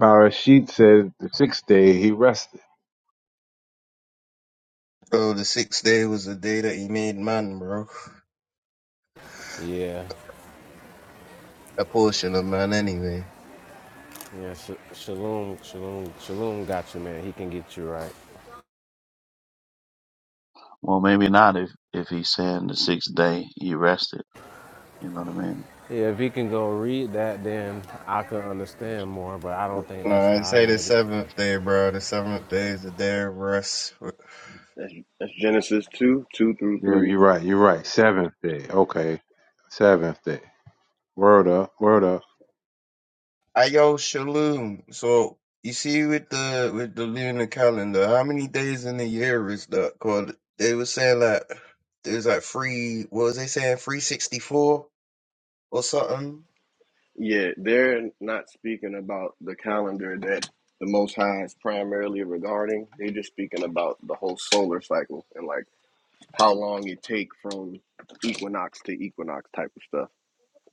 G: Barashit said the sixth day he rested.
H: Oh, the sixth day was the day that he made man, bro.
B: Yeah,
H: A portion of man, anyway.
B: yeah. Sh- shalom, shalom, shalom. Got you, man. He can get you right.
C: Well, maybe not if if he's saying the sixth day he rested. You know what I mean?
B: Yeah, if he can go read that, then I could understand more, but I don't think
H: No,
B: that's
H: I
B: how I
H: say the
B: read it.
H: seventh day, bro. The seventh day is the day of rest.
A: that's, that's Genesis two two through
G: Yeah,
A: three.
G: you're right. You're right. Seventh day. Okay. Seventh day. Word up. Word up.
H: Ayo Shalom. So you see with the with the lunar calendar, how many days in the year is that called? They were saying like there's like free what was they saying, three sixty four or something?
A: Yeah, they're not speaking about the calendar that the Most High is primarily regarding. They're just speaking about the whole solar cycle and like how long it take from equinox to equinox type of stuff.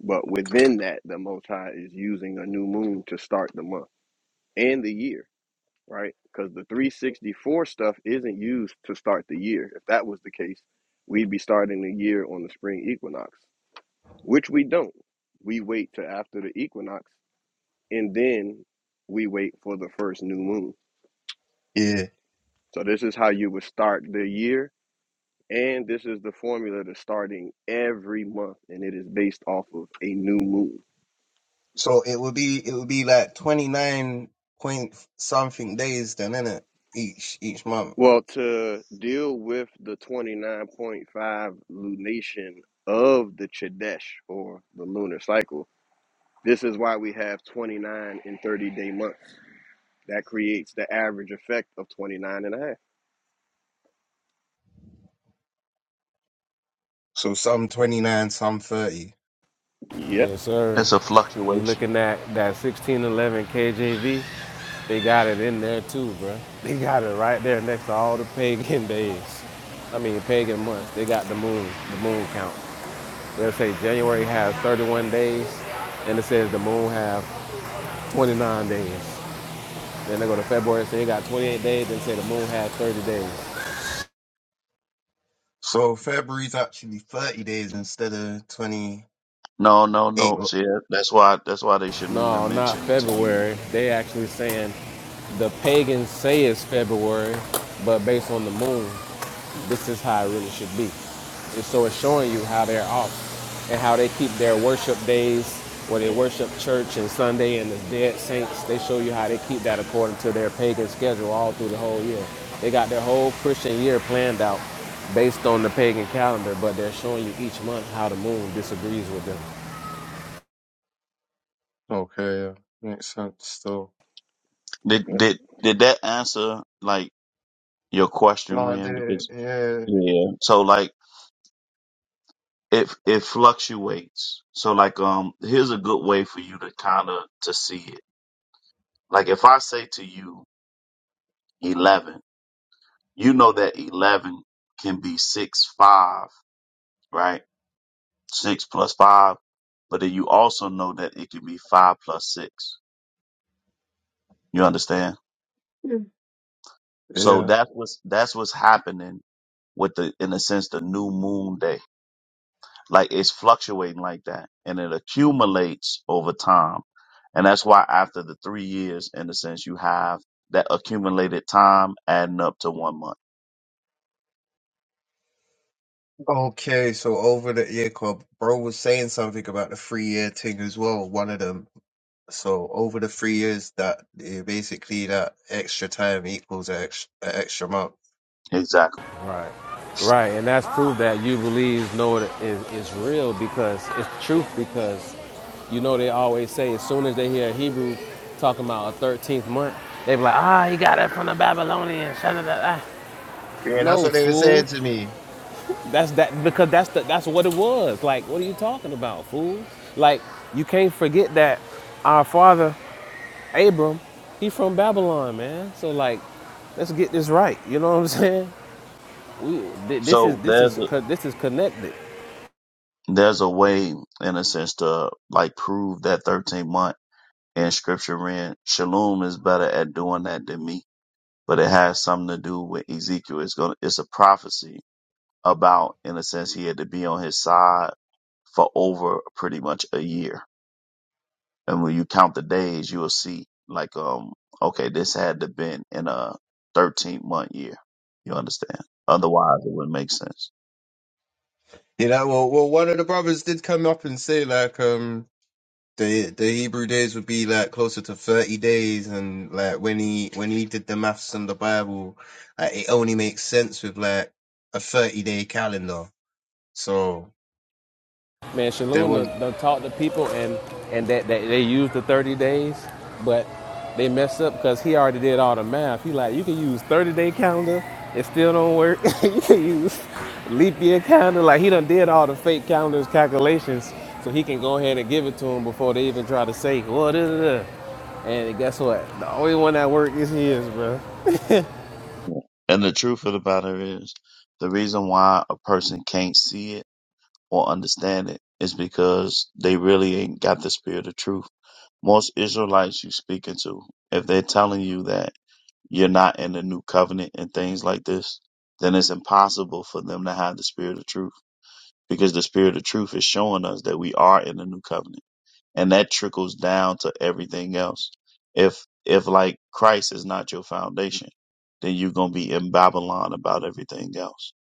A: But within that, the Most High is using a new moon to start the month and the year, right? Because the 364 stuff isn't used to start the year. If that was the case, we'd be starting the year on the spring equinox, which we don't. We wait till after the equinox and then we wait for the first new moon.
H: Yeah.
A: So this is how you would start the year, and this is the formula to starting every month, and it is based off of a new moon.
H: So it would be it would be like twenty nine point something days then in it each each month.
A: Well, to deal with the 29.5 lunation of the Chadesh or the lunar cycle, this is why we have 29 and 30 day months. That creates the average effect of 29 and a half.
H: So some twenty nine, some thirty.
A: Yep.
B: Yes, sir.
C: It's a
B: You
C: fluctuation.
B: looking at that 1611 KJV? They got it in there too, bro. They got it right there next to all the pagan days. I mean, pagan months. They got the moon, the moon count. They'll say January has 31 days, and it says the moon have 29 days. Then they go to February, say it got 28 days, and say the moon had 30 days.
H: So February's actually thirty days instead of twenty
C: No, no,
H: eight.
C: no. See, that- that's why that's why they shouldn't even
B: No, not
C: mention to you.
B: February. They actually saying the pagans say it's February, but based on the moon, this is how it really should be. And so it's showing you how they're off and how they keep their worship days where they worship church and Sunday and the dead saints. They show you how they keep that according to their pagan schedule all through the whole year. They got their whole Christian year planned out based on the pagan calendar, but they're showing you each month how the moon disagrees with them.
H: Okay, yeah. Makes sense still.
C: Did
A: yep.
C: did did that answer like your
H: No,
C: question,
H: I
C: Ren?
H: did.
C: Because
H: Yeah.
C: yeah, so like it it fluctuates. So like um, here's a good way for you to kind of to see it. Like if I say to you eleven, you know that eleven can be six five, right? Six plus five, but then you also know that it can be five plus six. You understand?
H: Mm.
C: So
H: Yeah.
C: that's what's that's what's happening with the in a sense the new moon day like it's fluctuating like that and it accumulates over time and that's why after the three years in a sense you have that accumulated time adding up to one month
H: Okay, so over the ear club, bro was saying something about the three year thing as well, one of them. So over the three years, that eh, basically that extra time equals an extra, extra month.
C: exactly
B: Right. Right. And that's proof that you believe, know it is, is real because it's truth. Because you know, they always say as soon as they hear a Hebrew talking about a 13th month, they be like, ah, oh, you got it from the Babylonians. sha da da
H: Yeah, that's
B: No,
H: what they were saying
B: fool.
H: to me.
B: That's that because that's the, that's what it was. Like, what are you talking about, fool? Like, you can't forget that our father Abram, he from Babylon, man. So like, let's get this right. You know what I'm saying? We, this is
C: so
B: this
C: there's
B: is
C: a,
B: this is connected.
C: there's a way in a sense to like prove that 13 month in scripture reading shalom is better at doing that than me but it has something to do with ezekiel it's gonna it's a prophecy about in a sense he had to be on his side for over pretty much a year. And when you count the days, you'll see like, um, okay, this had to been in a 13 month year. You understand? Otherwise, it wouldn't make sense.
H: You know, well, well, one of the brothers did come up and say like, um, the the Hebrew days would be like closer to thirty days, and like when he when he did the maths on the Bible, like, it only makes sense with like a thirty day calendar So
B: Man,
H: there
B: Shalom
H: was
B: done, done talked to people and and that, that they used the 30 days, but they messed up because he already did all the math. He like, you can use 30 day calendar, it still don't work. you can use leap year calendar. Like he done did all the fake calendars calculations, so he can go ahead and give it to them before they even try to say what is it. And guess what? The only one that worked is his, bro.
C: Yeah. And the truth of the matter is, the reason why a person can't see it or understand it is because they really ain't got the spirit of truth. Most Israelites you speaking to, if they're telling you that you're not in the new covenant and things like this, then it's impossible for them to have the spirit of truth because the spirit of truth is showing us that we are in the new covenant and that trickles down to everything else if if like christ is not your foundation then you're gonna be in babylon about everything else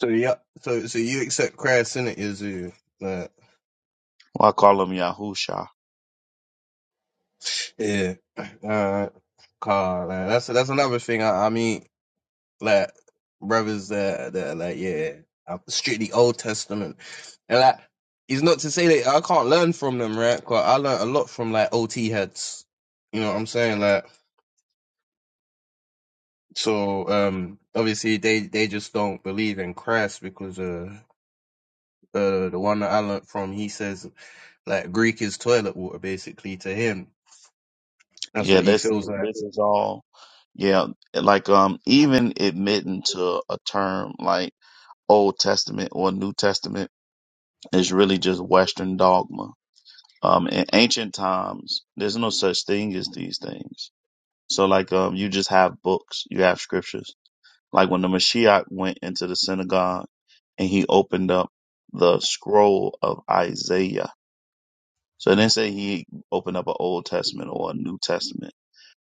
H: so yeah. So so you accept Christ in it, Yazoo. Like,
C: well i call him yahusha
H: yeah. Uh, car. Like, that's that's another thing. I, I mean, like brothers that that like yeah, I'm strictly Old Testament, and like it's not to say that I can't learn from them, right? 'Cause I learned a lot from like OT heads. You know what I'm saying? Like so. Um, obviously they they just don't believe in Christ because uh. Uh, the one that I learned from, he says Like Greek is toilet water, basically, to him. That's
C: yeah
H: what he
C: this is
H: feels like.
C: this is all yeah like um even admitting to a term like old testament or new testament is really just western dogma um in ancient times there's no such thing as these things So like um you just have books, you have scriptures. Like when the Mashiach went into the synagogue and he opened up the scroll of Isaiah. So it didn't say he opened up an Old Testament or a New Testament.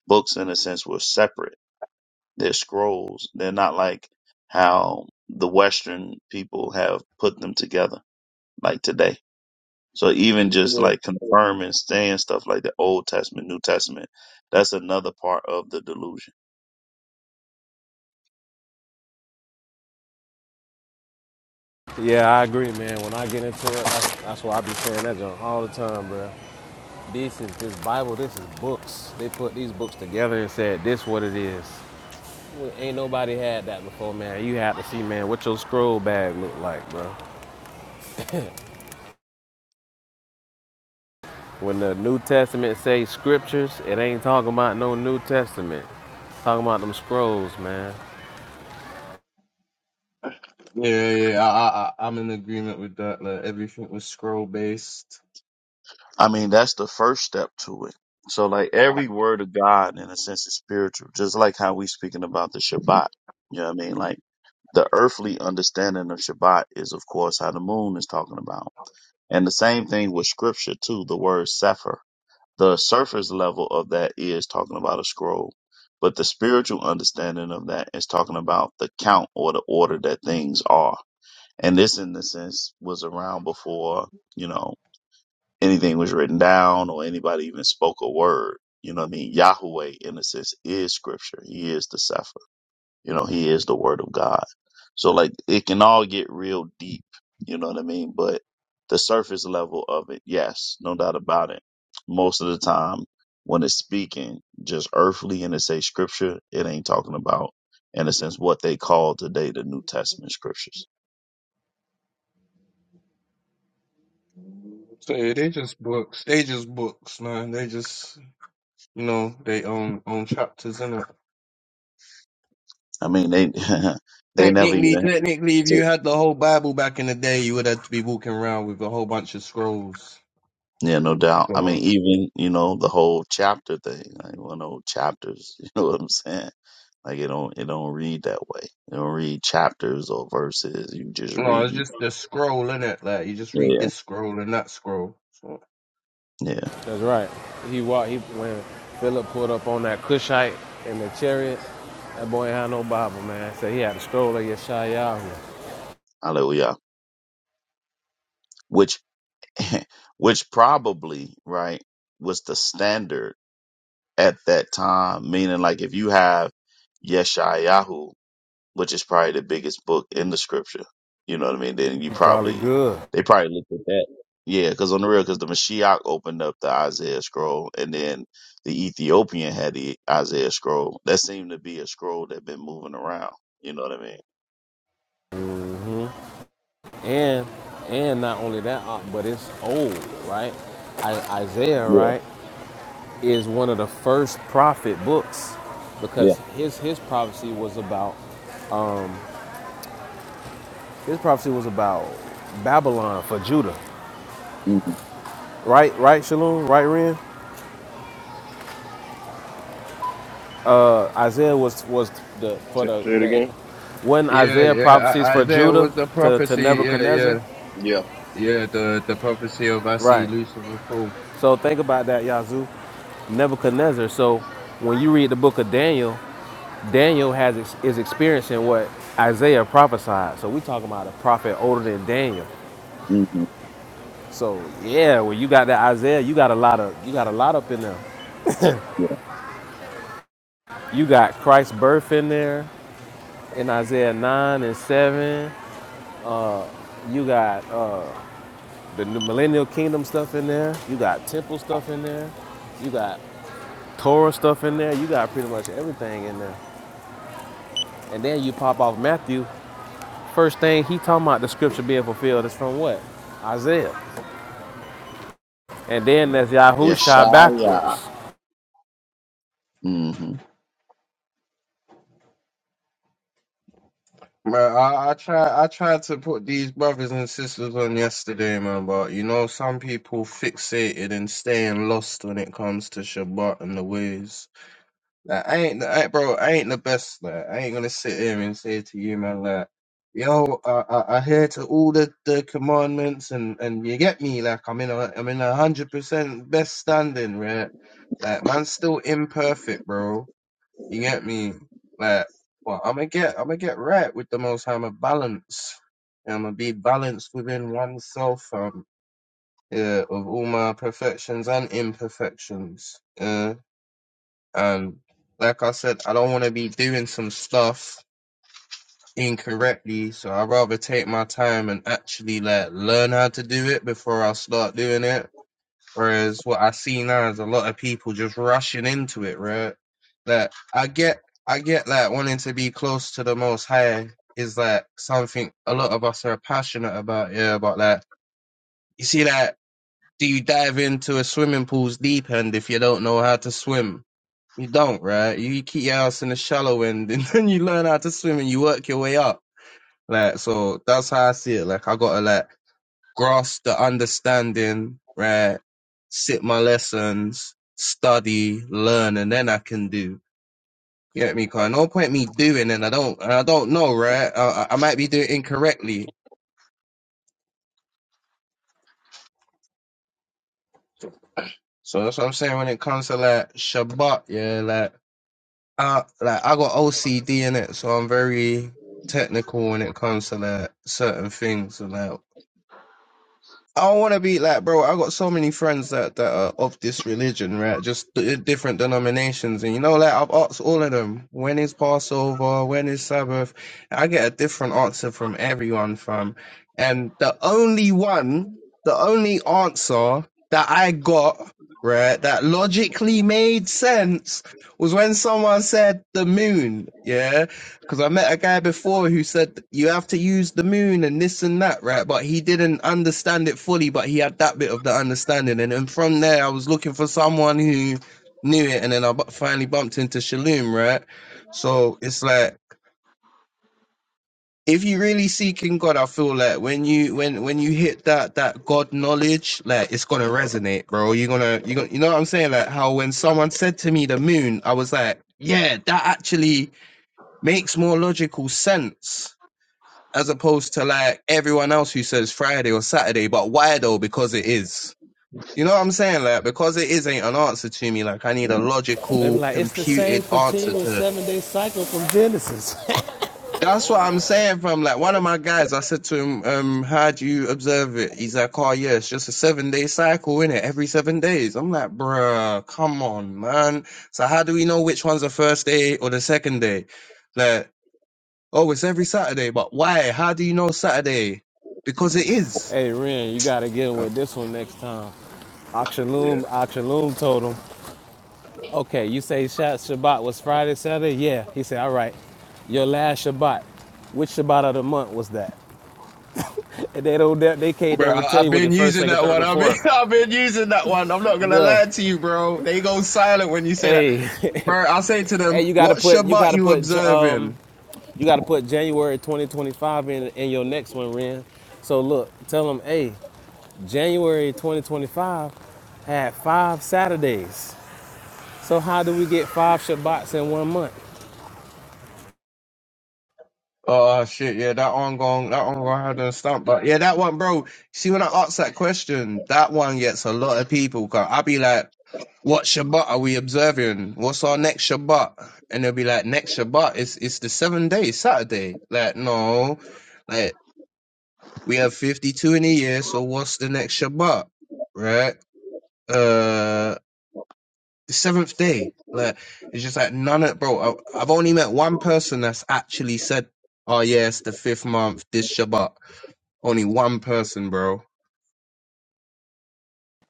C: Books in a sense were separate. They're scrolls. They're not like how the Western people have put them together like today. So even just
H: Yeah,
C: like confirming, saying stuff like the Old Testament, New Testament, that's another part of the delusion.
B: Yeah, I agree, man. When I get into it, that's, that's why I be saying that junk all the time, bro. This is this Bible. This is books. They put these books together and said, "This what it is." Well, ain't nobody had that before, man. You have to see, man, what your scroll bag look like, bro. When the New Testament say scriptures, it ain't talking about no New Testament. It's talking about them scrolls, man.
H: yeah, yeah. I, I, I- I'm in agreement with that. Like everything was scroll based.
C: I mean, that's the first step to it. So, like every word of God, in a sense, is spiritual. Just like how we speaking about the Shabbat. You know what I mean? Like the earthly understanding of Shabbat is, of course, how the moon is talking about, and the same thing with Scripture too. The word Sefer. The surface level of that is talking about a scroll, but the spiritual understanding of that is talking about the count or the order that things are. And this, in the sense, was around before. You know, anything was written down or anybody even spoke a word. You know what I mean? Yahweh, in a sense, is scripture. He is the Sefer. You know, he is the word of God. So like it can all get real deep. You know what I mean? But the surface level of it, yes, no doubt about it. Most of the time when it's speaking just earthly and it say scripture, it ain't talking about, in a sense, what they call today the New Testament scriptures.
H: So yeah, they just books. They just books, man. They just, you know, they own own chapters in it.
C: I mean, they, they never
H: Technically,
C: even,
H: technically, if
C: so
H: you had the whole Bible back in the day, you would have to be walking around with a whole bunch of scrolls.
C: Yeah, no doubt. I mean,
H: So
C: even, you know, the whole chapter thing, like one whole chapters, you know what I'm saying? Like it don't it don't read that way. It don't read chapters or verses. You just
H: no, it's
C: reading.
H: just the scroll in it. Like you just read
C: Yeah.
H: this scroll and that scroll. So
C: Yeah.
B: That's right. He walked. He when Philip pulled up on that Cushite in the chariot. That boy ain't had no Bible, man. Said he had the scroll of Yeshayahu.
C: Hallelujah. Which which probably, right, was the standard at that time. Meaning like if you have Yeshayahu which is probably the biggest book in the scripture. You know what I mean? Then you
B: He probably
C: probably
B: good.
C: they probably looked at that. Yeah, because on the real, because the Mashiach opened up the Isaiah scroll, and then the Ethiopian had the Isaiah scroll. That seemed to be a scroll that been moving around. You know what I mean?
B: and and not only that, uh, but it's old, right? I, Isaiah,
C: Yeah,
B: right, is one of the first prophet books
C: yeah,
B: because his his prophecy was about his prophecy was about Babylon for Judah,
C: hmm
B: right? Right, Shalom, right, Ren. Isaiah was was the for
A: Say,
B: the
A: say it
B: the
A: again.
B: when
H: Yeah,
B: Isaiah
H: yeah.
B: prophecies
H: I,
B: for
H: Isaiah
B: Judah
H: was the
B: to to
H: prophecy. Yeah, yeah,
B: Nebuchadnezzar,
A: Yeah.
H: yeah. The the prophecy of I see
B: right?
H: Lucifer fall.
B: So think about that, Yazoo, Nebuchadnezzar. So when you read the book of Daniel. Daniel has is experiencing what Isaiah prophesied. So we talking about a prophet older than Daniel.
C: hmm
B: So yeah, when you got that Isaiah, you got a lot of you got a lot up in there.
C: yeah,
B: You got Christ's birth in there in Isaiah nine and seven. You got uh, the new millennial kingdom stuff in there. You got temple stuff in there. You got Torah stuff in there. You got pretty much everything in there. And then you pop off Matthew. First thing he talking about the scripture being fulfilled is from what? Isaiah. And then there's
C: yeah.
B: Yahusha
C: Shia.
B: backwards.
C: Mm-hmm.
H: Man, I, I try I tried to put these brothers and sisters on yesterday, man. But you know, some people fixated and staying lost when it comes to Shabbat and the ways. Like I ain't, I, bro. I ain't the best. Like I ain't gonna sit here and say to you, man. Like, yo, I, I, I hear to all the, the commandments, and and you get me. Like I'm in a, I'm in a hundred percent best standing, right? Like man's still imperfect, bro. You get me? Like, well, I'm gonna get, I'm gonna get right with the Most High. I'm a balance. I'm gonna be balanced within oneself. Um, yeah, of all my perfections and imperfections. yeah. And like I said, I don't want to be doing some stuff incorrectly, so I'd rather take my time and actually like learn how to do it before I start doing it. Whereas what I see now is a lot of people just rushing into it, right? Like I get, I get like wanting to be close to the Most High is like something a lot of us are passionate about, yeah. But like, you see, that? do you dive into a swimming pool's deep end if you don't know how to swim? You don't, right? You keep your ass in the shallow end and then you learn how to swim and you work your way up. Like, so that's how I see it. Like, I gotta like grasp the understanding, right? Sit my lessons, study, learn, and then I can do. You get me? Cause no point me doing and I don't, and I don't know, right? I, I I might be doing it incorrectly. So that's what I'm saying when it comes to like Shabbat, yeah, like. uh like I got OCD in it, so I'm very technical when it comes to like certain things. Like I don't want to be like, bro. I got so many friends that that are of this religion, right? Just d- different denominations, and you know, like I've asked all of them, when is Passover? When is Sabbath? I get a different answer from everyone, fam. And the only one, the only answer that I got, right, that logically made sense was when someone said the moon, yeah because I met a guy before who said you have to use the moon and this and that, right? But he didn't understand it fully, but he had that bit of the understanding. And then from there, I was looking for someone who knew it. And then I bu- finally bumped into Shalom, right? So it's like, if you really seeking God, I feel like when you when when you hit that that God knowledge, like it's gonna resonate, bro. You're gonna you gonna you know what I'm saying? Like how when someone said to me the moon, I was like, yeah, that actually makes more logical sense as opposed to like everyone else who says Friday or Saturday. But why though? Because it is. You know what I'm saying? Like because it is ain't an answer to me. Like I need a
B: They be
H: logical,
B: like, it's the same
H: computed answer
B: continuous
H: to it.
B: seven day cycle from Genesis.
H: That's what I'm saying. From like one of my guys, I said to him, um, "How do you observe it?" He's like, "Oh yeah, it's just a seven day cycle in it, every seven days." I'm like, "Bruh, come on, man." So how do we know which one's the first day or the second day? Like, oh, it's every Saturday, but why? How do you know Saturday? Because it is.
B: hey, Ren, you got to get him with this one next time.
A: Yeah.
B: Akshalum, Akshalum told him, okay, you say Shabbat was Friday, Saturday? Yeah. He said, all right, your last Shabbat, which Shabbat of the month was that? They don't, they they can't
H: Bro,
B: never
H: I-
B: tell
H: I've
B: you was
H: been
B: it first,
H: using
B: second,
H: that
B: third,
H: one.
B: or
H: I've been,
B: fourth.
H: I've been using that one. I'm not gonna
B: Bruh,
H: lie to you, bro. They go silent when you say that.
B: hey,
H: Bro, I say to
B: hey,
H: them,
B: you gotta
H: "What
B: put, you
H: Shabbat
B: gotta
H: you
B: put, um,
H: observing?"
B: You got to put January 2025 in in your next one, Ren. So look, tell them, hey, January 2025 had five Saturdays. So how do we get five Shabbats in one month?
H: Oh shit, yeah, that one going, that one going hard and stump. But yeah, that one, bro. See, when I ask that question, that one gets a lot of people. Cause I be like, "What Shabbat are we observing? What's our next Shabbat?" And they'll be like, "Next Shabbat is it's the seventh day, Saturday." Like, no. Like, We have 52 in a year, so what's the next Shabbat? Right? Uh, the seventh day. Like, it's just like none of, bro, I, I've only met one person that's actually said, oh yeah, it's the fifth month, this Shabbat. Only one person, bro.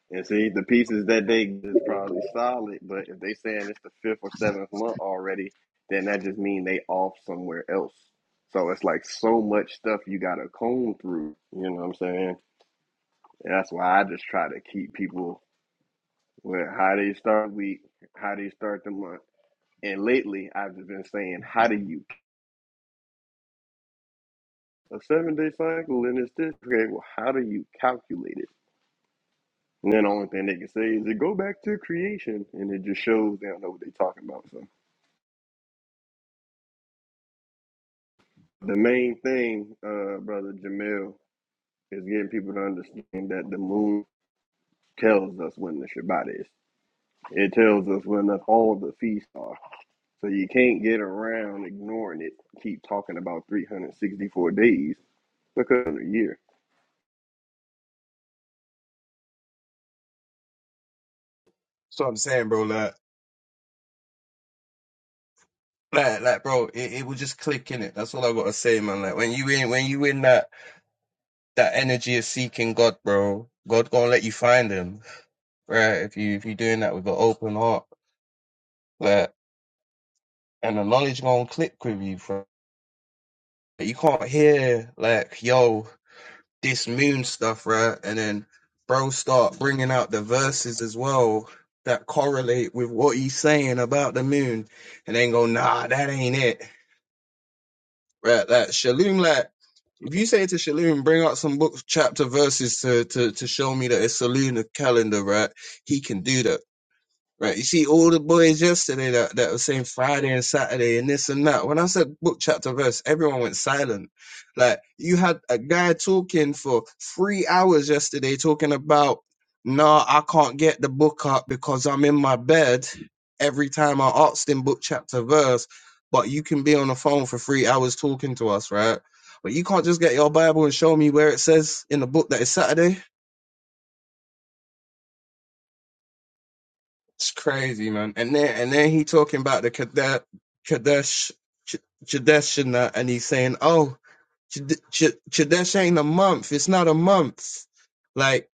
A: And see, the pieces that they get is probably solid, but if they saying it's the fifth or seventh month already, then that just mean they off somewhere else. So it's like so much stuff you gotta comb through. You know what I'm saying? And that's why I just try to keep people with how they start week, how they start the month. And lately, I've just been saying, how do you a seven day cycle? And it's this okay? Well, how do you calculate it? And then the only thing they can say is it go back to creation, and it just shows they don't know what they're talking about. So. The main thing, uh, brother Jamil, is getting people to understand that the moon tells us when the Shabbat is. It tells us when the, all the feasts are. So you can't get around ignoring it. Keep talking about 364 days because of a year.
H: So I'm saying, bro, like, like, like, bro, it, it will just click in it. That's all I gotta say, man. Like, when you in, when you in that, that energy of seeking God, bro, God gonna let you find him, right? If you, if you're doing that with an open heart, like, and the knowledge gonna click with you, bro. you can't hear like yo this moon stuff right and then bro start bringing out the verses as well that correlate with what he's saying about the moon and then go nah that ain't it right like shalom like if you say to shalom bring out some book chapter verses to to, to show me that it's a lunar calendar right he can do that Right, you see all the boys yesterday that, that were saying Friday and Saturday and this and that. When I said book chapter verse, everyone went silent. Like you had a guy talking for three hours yesterday talking about, nah, I can't get the book up because I'm in my bed every time I asked him book chapter verse. But you can be on the phone for three hours talking to us, right? But you can't just get your Bible and show me where it says in the book that it's Saturday It's crazy, man. And then and then he talking about the Kadesh, Kadesh, Kadesh, and that, and he's saying, "Oh, Kadesh ain't a month. It's not a month." Like,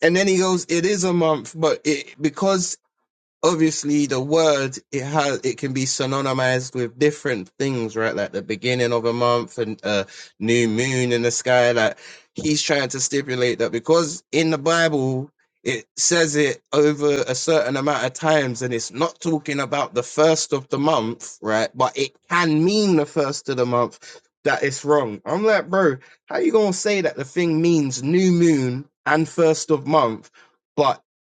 H: and then he goes, "It is a month, but it because." obviously the word it has it can be synonymized with different things right like the beginning of a month and uh new moon in the sky like he's trying to stipulate that because in the bible it says it over a certain amount of times and it's not talking about the first of the month right but it can mean the first of the month that it's wrong i'm like bro how you gonna say that the thing means new moon and first of month but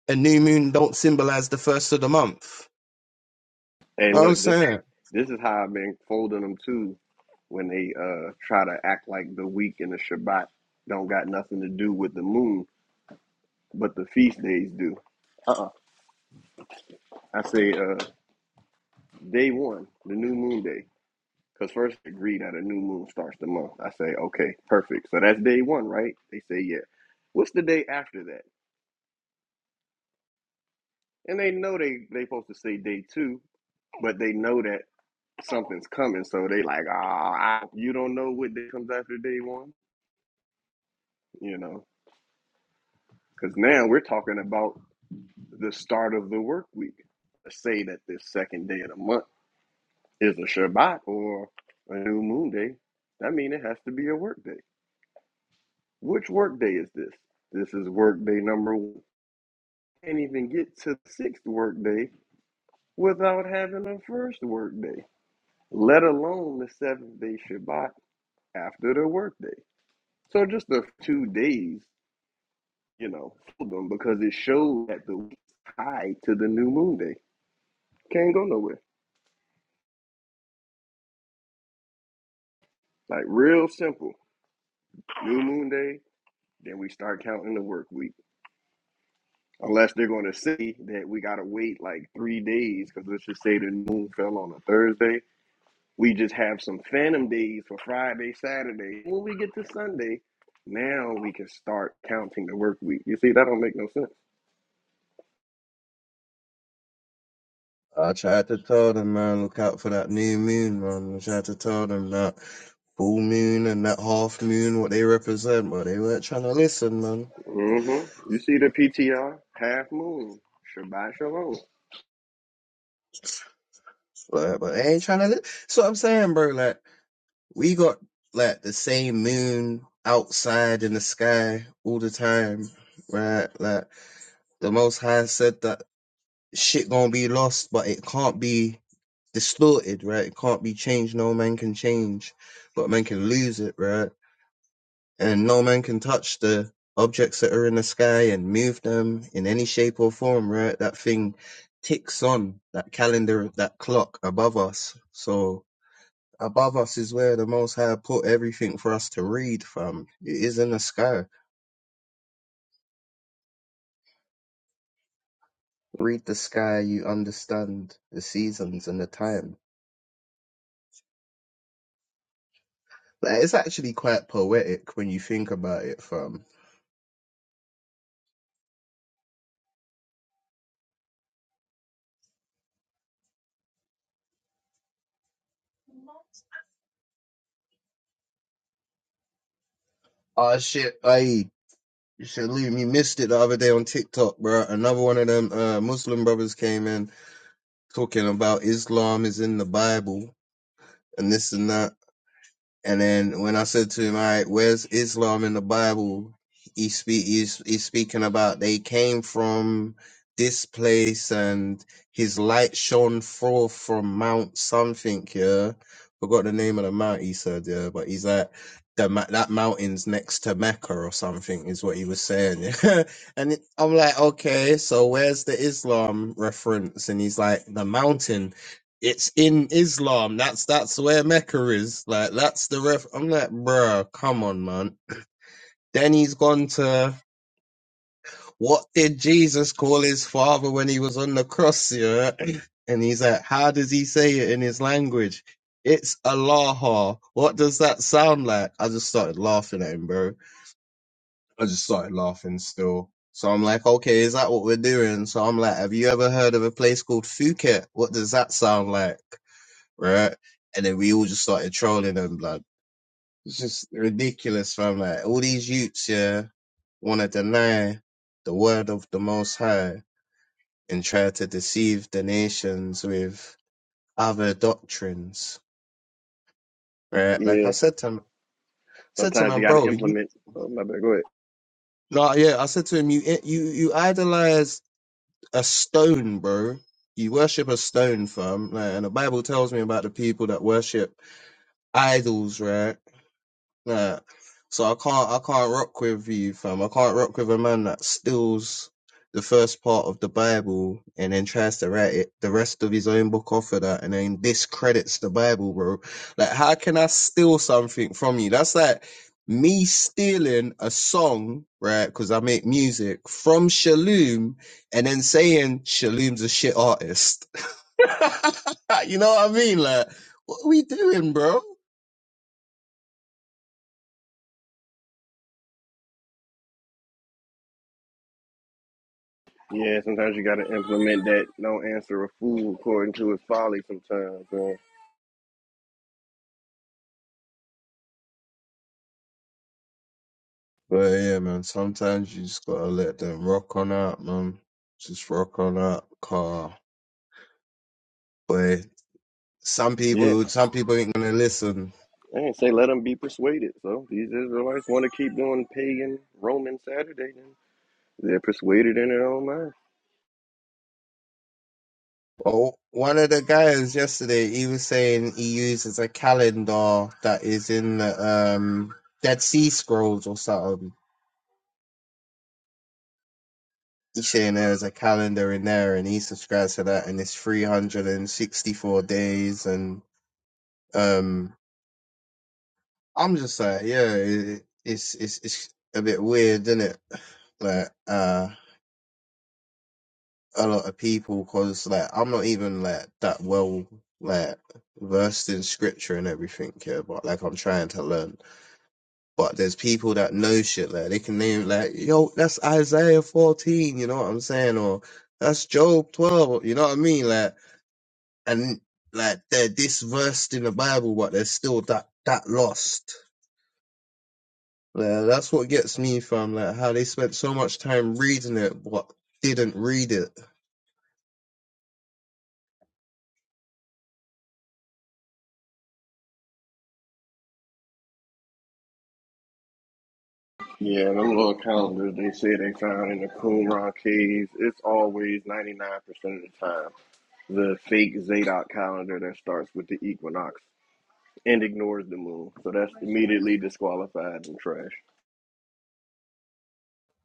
H: a new moon don't symbolize the first of the month.
A: Hey,
H: You know what I'm
A: look, this
H: saying?
A: this is how I've been folding them too. When they uh try to act like the week and the Shabbat don't got nothing to do with the moon, but the feast days do. Uh-uh. I say uh day one, the new moon day. Because first agree that a new moon starts the month. I say, okay, perfect. So that's day one, right? They say, yeah. What's the day after that? And they know they they supposed to say day two, but they know that something's coming. So they like, ah, I- you don't know what day comes after day one, you know? Because now we're talking about the start of the work week. Let's say that this second day of the month is a Shabbat or a new moon day. That means it has to be a work day. Which work day is this? This is work day number one can't even get to the sixth workday without having a first workday, let alone the seventh day Shabbat after the workday. So just the two days, you know, for them because it shows that the week is tied to the new moon day. Can't go nowhere. Like real simple. New moon day, then we start counting the work week. Unless they're going to say that we got to wait like three days because let's just say the moon fell on a Thursday We just have some phantom days for Friday, Saturday. When we get to Sunday, now we can start counting the work week. You see, that don't make no sense.
H: I tried to tell them, man, look out for that new moon, man. I tried to tell them that full moon and that half moon, what they represent, but they weren't trying to listen, man.
A: hmm You see the PTR, half moon, Shabbat Shalom.
H: Like, but they ain't trying to listen. So I'm saying, bro, like, we got, like, the same moon outside in the sky all the time, right? Like, the Most High said that shit gonna be lost, but it can't be distorted, right? It can't be changed. No man can change, but man can lose it, right? And no man can touch the objects that are in the sky and move them in any shape or form, right? That thing ticks on that calendar, that clock above us. So above us is where the Most High put everything for us to read from. It is in the sky. Read the sky, you understand the seasons and the time. Like, it's actually quite poetic when you think about it, fam. ah shit, aye. You should leave. You missed it the other day on TikTok, bro. Another one of them uh, Muslim brothers came in talking about Islam is in the Bible and this and that. And then when I said to him, "All right, where's Islam in the Bible?" He speak he's, he's speaking about they came from this place, and his light shone forth from Mount something. Yeah, forgot the name of the mount. He said, yeah, but he's like the ma- that mountain's next to Mecca or something is what he was saying. Yeah, and it, I'm like, okay, so where's the Islam reference? And he's like, the mountain it's in Islam. That's that's where Mecca is. Like that's the ref. I'm like, bruh, come on, man. Then he's gone to what did Jesus call his father when he was on the cross? Yeah, and he's like, how does he say it in his language? It's Allah. What does that sound like? I just started laughing at him, bro. I just started laughing still. So I'm like, okay, is that what we're doing? So I'm like, have you ever heard of a place called Phuket? What does that sound like? right? And then we all just started trolling them, blood. It's just ridiculous, fam. Like all these youths, yeah, want to deny the word of the Most High and try to deceive the nations with other doctrines, right? Like I
A: Yeah,
H: said to him, said to
A: sometimes you
H: him,
A: got to
H: bro, you,
A: implement. Oh, my bad, go ahead.
H: like, yeah, I said to him, you, eh, you, you idolize a stone, bro. You worship a stone, fam. Like, and the Bible tells me about the people that worship idols, right? Nah. So I can't I can't rock with you, fam. I can't rock with a man that steals the first part of the Bible and then tries to write it the rest of his own book off of that and then discredits the Bible, bro. Like how can I steal something from you? That's like me stealing a song, right? Because I make music from Shaloom and then saying Shaloom's a shit artist. you know what I mean? Like, what are we doing, bro?
A: Yeah, sometimes you got to implement that no answer a fool according to his folly sometimes, man.
H: But yeah, man, sometimes you just gotta let them rock on out, man. Just rock on out, car. But some
A: Yeah,
H: people, some people ain't gonna listen.
A: I didn't say let them be persuaded. So these Israelites want to keep doing pagan Roman Saturday, then they're persuaded in their own mind.
H: Well, one of the guys yesterday, he was saying he uses a calendar that is in the um, Dead Sea Scrolls or something. He's saying there's a calendar in there, and he subscribes to that, and it's 364 days, and um. I'm just like, yeah, it, it's it's it's a bit weird, isn't it? Like, uh, a lot of people, cause like I'm not even like that well like versed in scripture and everything, yeah. But like I'm trying to learn. But there's people that know shit, like they can name like, yo, that's Isaiah 14, you know what I'm saying, or that's Job 12, you know what I mean, like, and like they're this versed in the Bible, but they're still that that lost. Yeah, that's what gets me, fam. Like how they spent so much time reading it, but didn't read it.
A: Yeah, them little calendars they say they found in the Qumran caves, it's always 99% of the time the fake Zadok calendar that starts with the equinox and ignores the moon. So that's immediately disqualified and trash.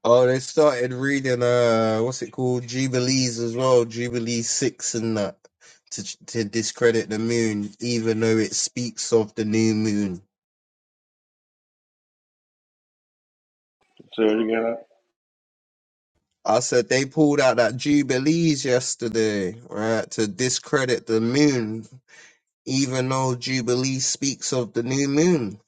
H: Oh, they started reading uh, what's it called, Jubilees as well, Jubilee six and that to to discredit the moon, even though it speaks of the new moon.
A: So you got
H: I said they pulled out that Jubilees yesterday, right, to discredit the moon, even though Jubilee speaks of the new moon.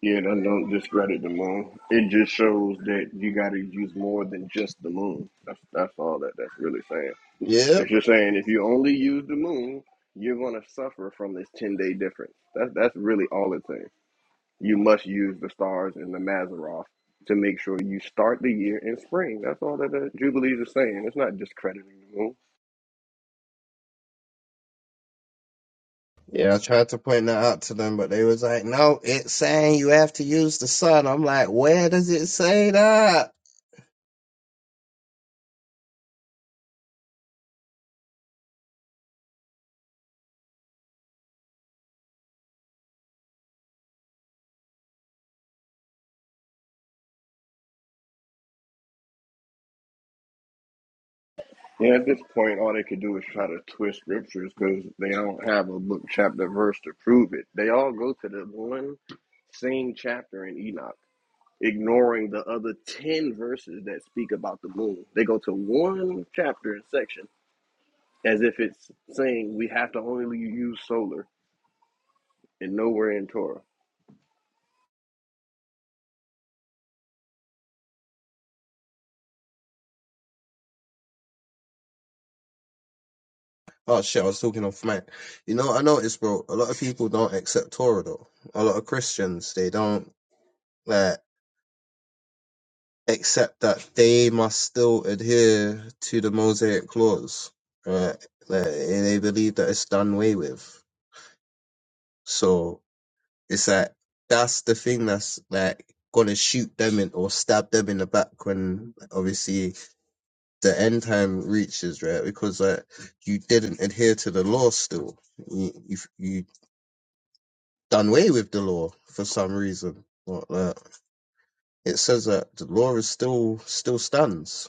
A: yeah, don't, don't discredit the moon. It just shows that you got to use more than just the moon. That's, that's all that that's really saying. It's
H: Yep.
A: just saying if you only use the moon, you're going to suffer from this 10 day difference. That's, that's really all it's saying. You must use the stars and the Mazaroth to make sure you start the year in spring. That's all that the Jubilees are saying. It's not discrediting the moon.
H: Yeah, I tried to point that out to them, but they was like, no, it's saying you have to use the sun. I'm like, where does it say that?
A: And at this point, all they could do is try to twist scriptures because they don't have a book, chapter, verse to prove it. They all go to the one same chapter in Enoch, ignoring the other 10 verses that speak about the moon. They go to one chapter and section as if it's saying we have to only use solar and nowhere in Torah.
H: Oh shit, I was talking off mic. You know what I noticed, bro? A lot of people don't accept Torah though. A lot of Christians, they don't, like. except that they must still adhere to the Mosaic clause, right? Like, they believe that it's done away with. So it's like that's the thing that's like gonna shoot them in or stab them in the back when obviously the end time reaches, right? Because like you didn't adhere to the law still. You you, you done away with the law for some reason. Like, that. it says that the law is still still stands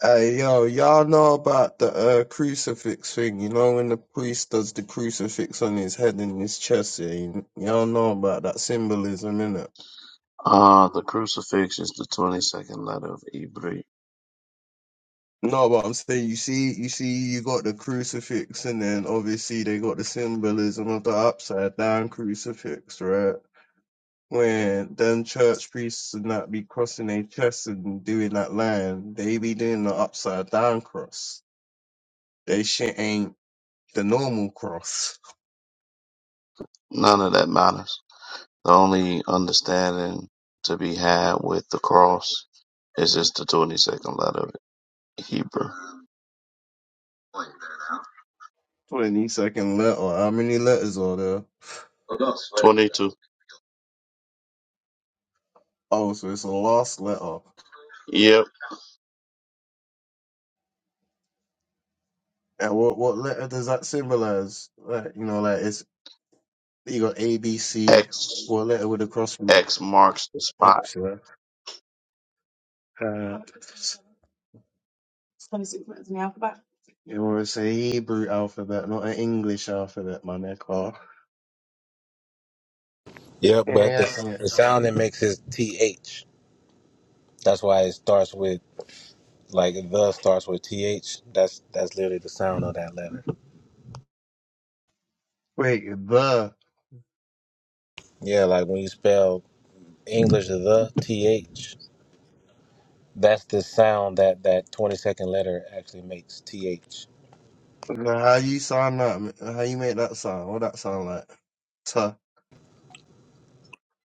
H: Hey yo, y'all know about the uh, crucifix thing, you know, when the priest does the crucifix on his head and his chest, yeah, you, y'all know about that symbolism, innit?
C: Uh, the crucifix is the twenty-second letter of Hebrew.
H: No, but I'm saying you see you see you got the crucifix and then obviously they got the symbolism of the upside down crucifix, right? When then church priests and that be crossing their chests and doing that line, they be doing the upside down cross. They shit ain't the normal cross.
C: None of that matters. The only understanding to be had with the cross is just the 22nd letter of Hebrew.
H: Twenty second letter. How many letters are there?
C: 22.
H: Oh, so it's a last letter.
C: Yep.
H: And what what letter does that symbolize? Like you know, like it's you got A B C.
C: X
H: What letter would it cross be?
C: X marks the spot.
H: X. Yeah. Uh, it was a Hebrew alphabet, not an English alphabet, my neck off.
B: Yep, but
H: Yeah.
B: the,
H: yeah.
B: the sound it makes is th. That's why it starts with like the starts with th. That's that's literally the sound of that letter.
H: Wait, the. the-
B: Yeah, like when you spell English the th, that's the sound that that twenty second letter actually makes th.
H: How you sound that? How you make that sound? What that sound like? Tuh.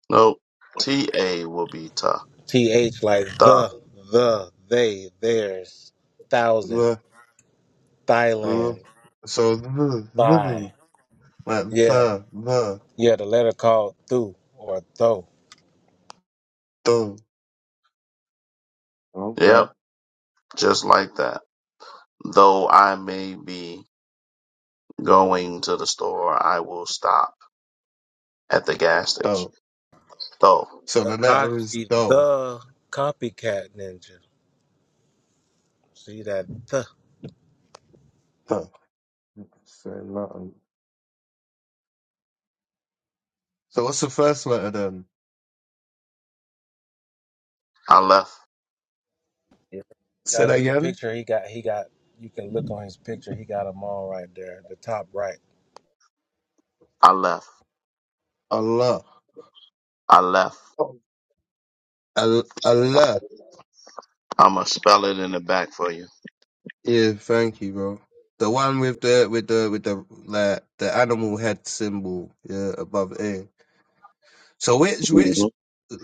C: Nope. T A will be ta.
B: th like
C: Ta.
B: the the they theirs thousand
H: The. the.
B: Thailand
H: So the.
B: thigh
H: the. Like
B: yeah
H: the. The.
B: yeah the letter called thu or tho
H: the. Okay.
C: Yep. Just like that. Though I may be going to the store, I will stop at the gas station.
H: Dope.
C: Though
H: So the letter is
B: Akashi
H: dope.
B: the copycat ninja see that the
H: Dope. Say nothing. So what's the first letter then?
C: I left.
H: Say that
B: Yazoo
H: again.
B: picture he got he got you can look on his picture he got them all right there the top right
C: I left.
H: Allah.
C: I left.
H: Oh. Al- Allah.
C: I'ma spell it in the back for you.
H: Yeah, thank you, bro. The one with the with the with the like the animal head symbol, yeah, above A. So which which
C: Mhm.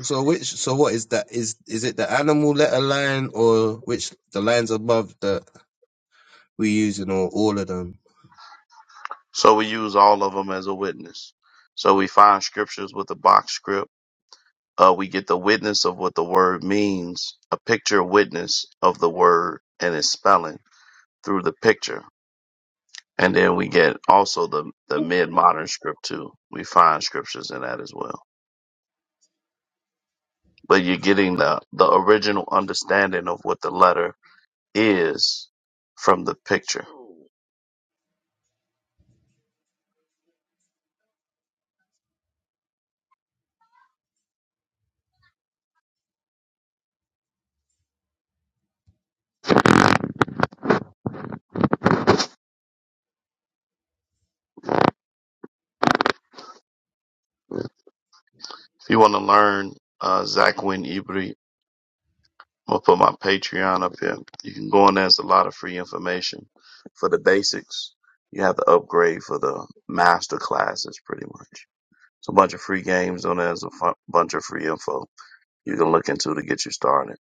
H: so which so what is that is is it the animal letter line or which the lines above that we using or all of them?
C: So we use all of them as a witness. So we find scriptures with a box script. Uh, we get the witness of what the word means, a picture witness of the word and its spelling through the picture. And then we get also the, the mid modern script too. We find scriptures in that as well. But you're getting the, the original understanding of what the letter is from the picture. If you want to learn uh, Zach Win I'm gonna put my Patreon up here. You can go in there. It's a lot of free information for the basics. You have to upgrade for the master classes, pretty much. It's a bunch of free games on there. There's a fun, bunch of free info you can look into to get you started.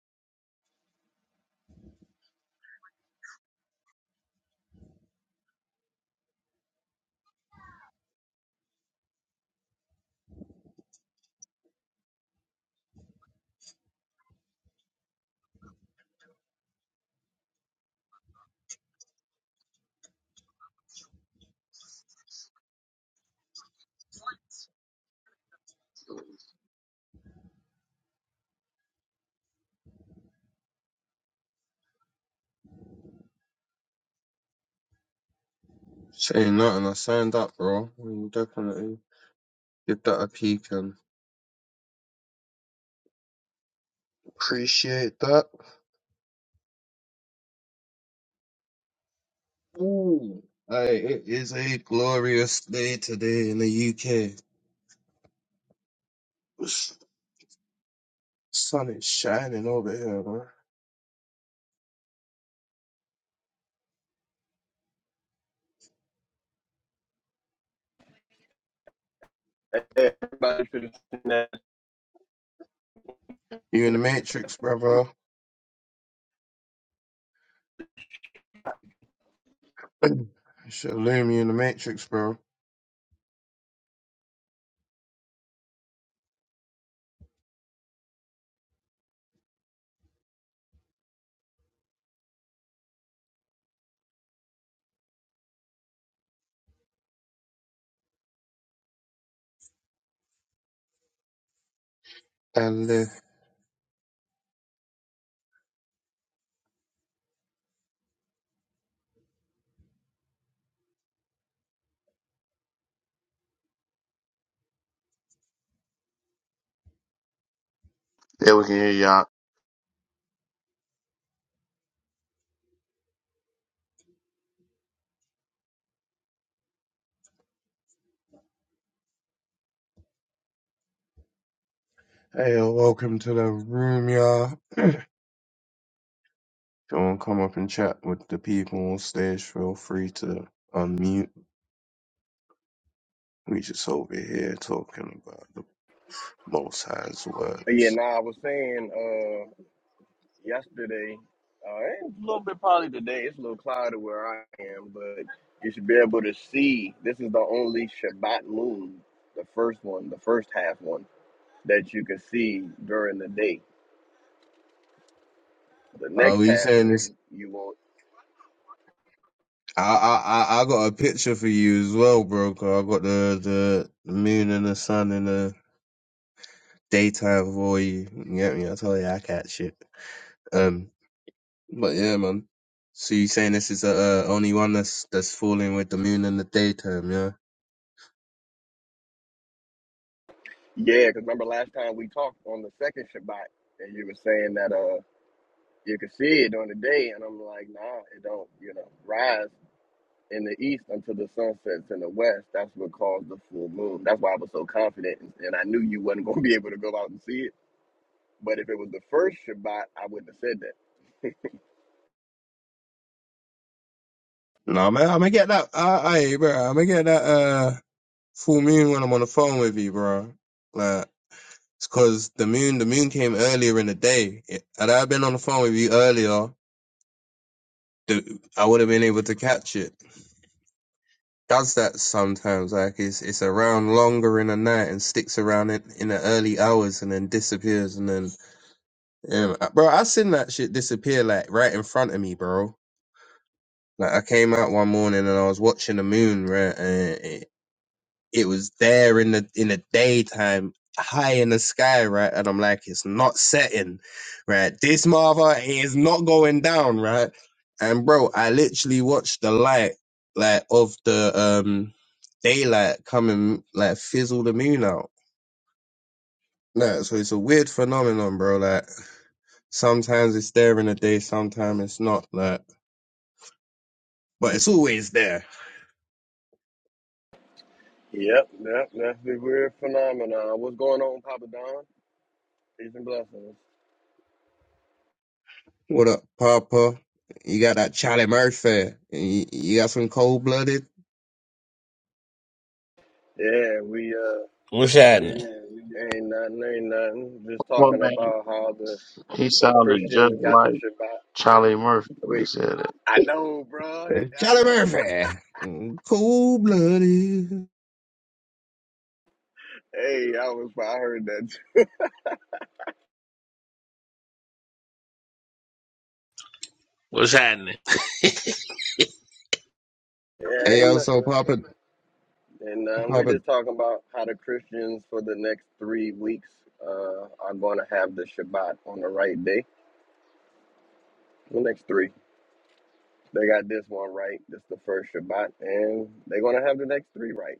H: Saying nothing, I signed up, bro. Mm, Definitely. Get that a peek and appreciate that. Ooh, aye, it is a glorious day today in the UK. Sun is shining over here, bro.
A: Everybody should have seen that
H: You in the Matrix, brother. Shalom, you in the Matrix, bro. And uh,
C: Yeah, we can hear y'all.
H: hey, welcome to the room, y'all. If you want to come up and chat with the people on stage, feel free to unmute. We just over here talking about the Most High's
A: Yeah,
H: words.
A: nah, I was saying uh yesterday, uh and a little bit probably today, it's a little cloudy where I am, but you should be able to see this is the only Shabbat moon, the first one, the first half one that you can see during the day. The
H: Are
A: next
H: we
A: half
H: saying this?
A: moon you won't
H: I I I I got a picture for you as well, bro. 'cause I got the, the the moon and the sun in the daytime for you. You get me? I told you I catch shit. Um, but yeah, man. So you saying this is the uh, only one that's that's falling with the moon in the daytime, yeah?
A: yeah, because remember last time we talked on the second Shabbat and you were saying that uh you could see it during the day and I'm like, nah, it don't, you know, rise. in the east until the sun sets in the west. That's what caused the full moon. That's why I was so confident, and, and I knew you wasn't going to be able to go out and see it. But if it was the first Shabbat, I wouldn't have said that.
H: No, man, I'm gonna get that. I, I, bro, I'm gonna get that uh full moon when I'm on the phone with you, bro. Like. It's because the moon, the moon came earlier in the day. It- Had I been on the phone with you earlier, the, I would have been able to catch it. Does that sometimes? Like it's it's around longer in the night and sticks around it in the early hours and then disappears and then yeah, bro, I seen that shit disappear like right in front of me, bro. Like I came out one morning and I was watching the moon, right, and it, it was there in the in the daytime high in the sky right and i'm like it's not setting right this mother is not going down right and bro i literally watched the light like of the um daylight coming like fizzle the moon out no so it's a weird phenomenon bro like sometimes it's there in the day sometimes it's not like but it's always there
A: Yep, yep, that's the weird phenomenon. What's going on, Papa Don? Peace and blessings.
H: what up papa you got that charlie murphy you, you got some cold-blooded
A: Yeah, we uh
I: What's happening?
A: ain't nothing, ain't nothing. Just
C: Well,
A: talking
C: man,
A: about how the
C: he
A: the
C: sounded just
A: Christians got the
C: like
A: Shabbat.
C: Charlie Murphy when he
A: Wait,
C: said it.
A: I know, bro. I
H: Charlie
A: know.
H: Murphy, cold blooded.
A: Hey, I was I heard that.
I: What's happening?
A: Yeah,
H: Hey
A: ain't
H: yo, so
A: nothing.
H: Papa,
A: And um, we're
H: Papa,
A: just talking about how the Christians for the next three weeks uh, are going to have the Shabbat on the right day. The next three. They got this one right. This the first Shabbat. And they're going to have the next three right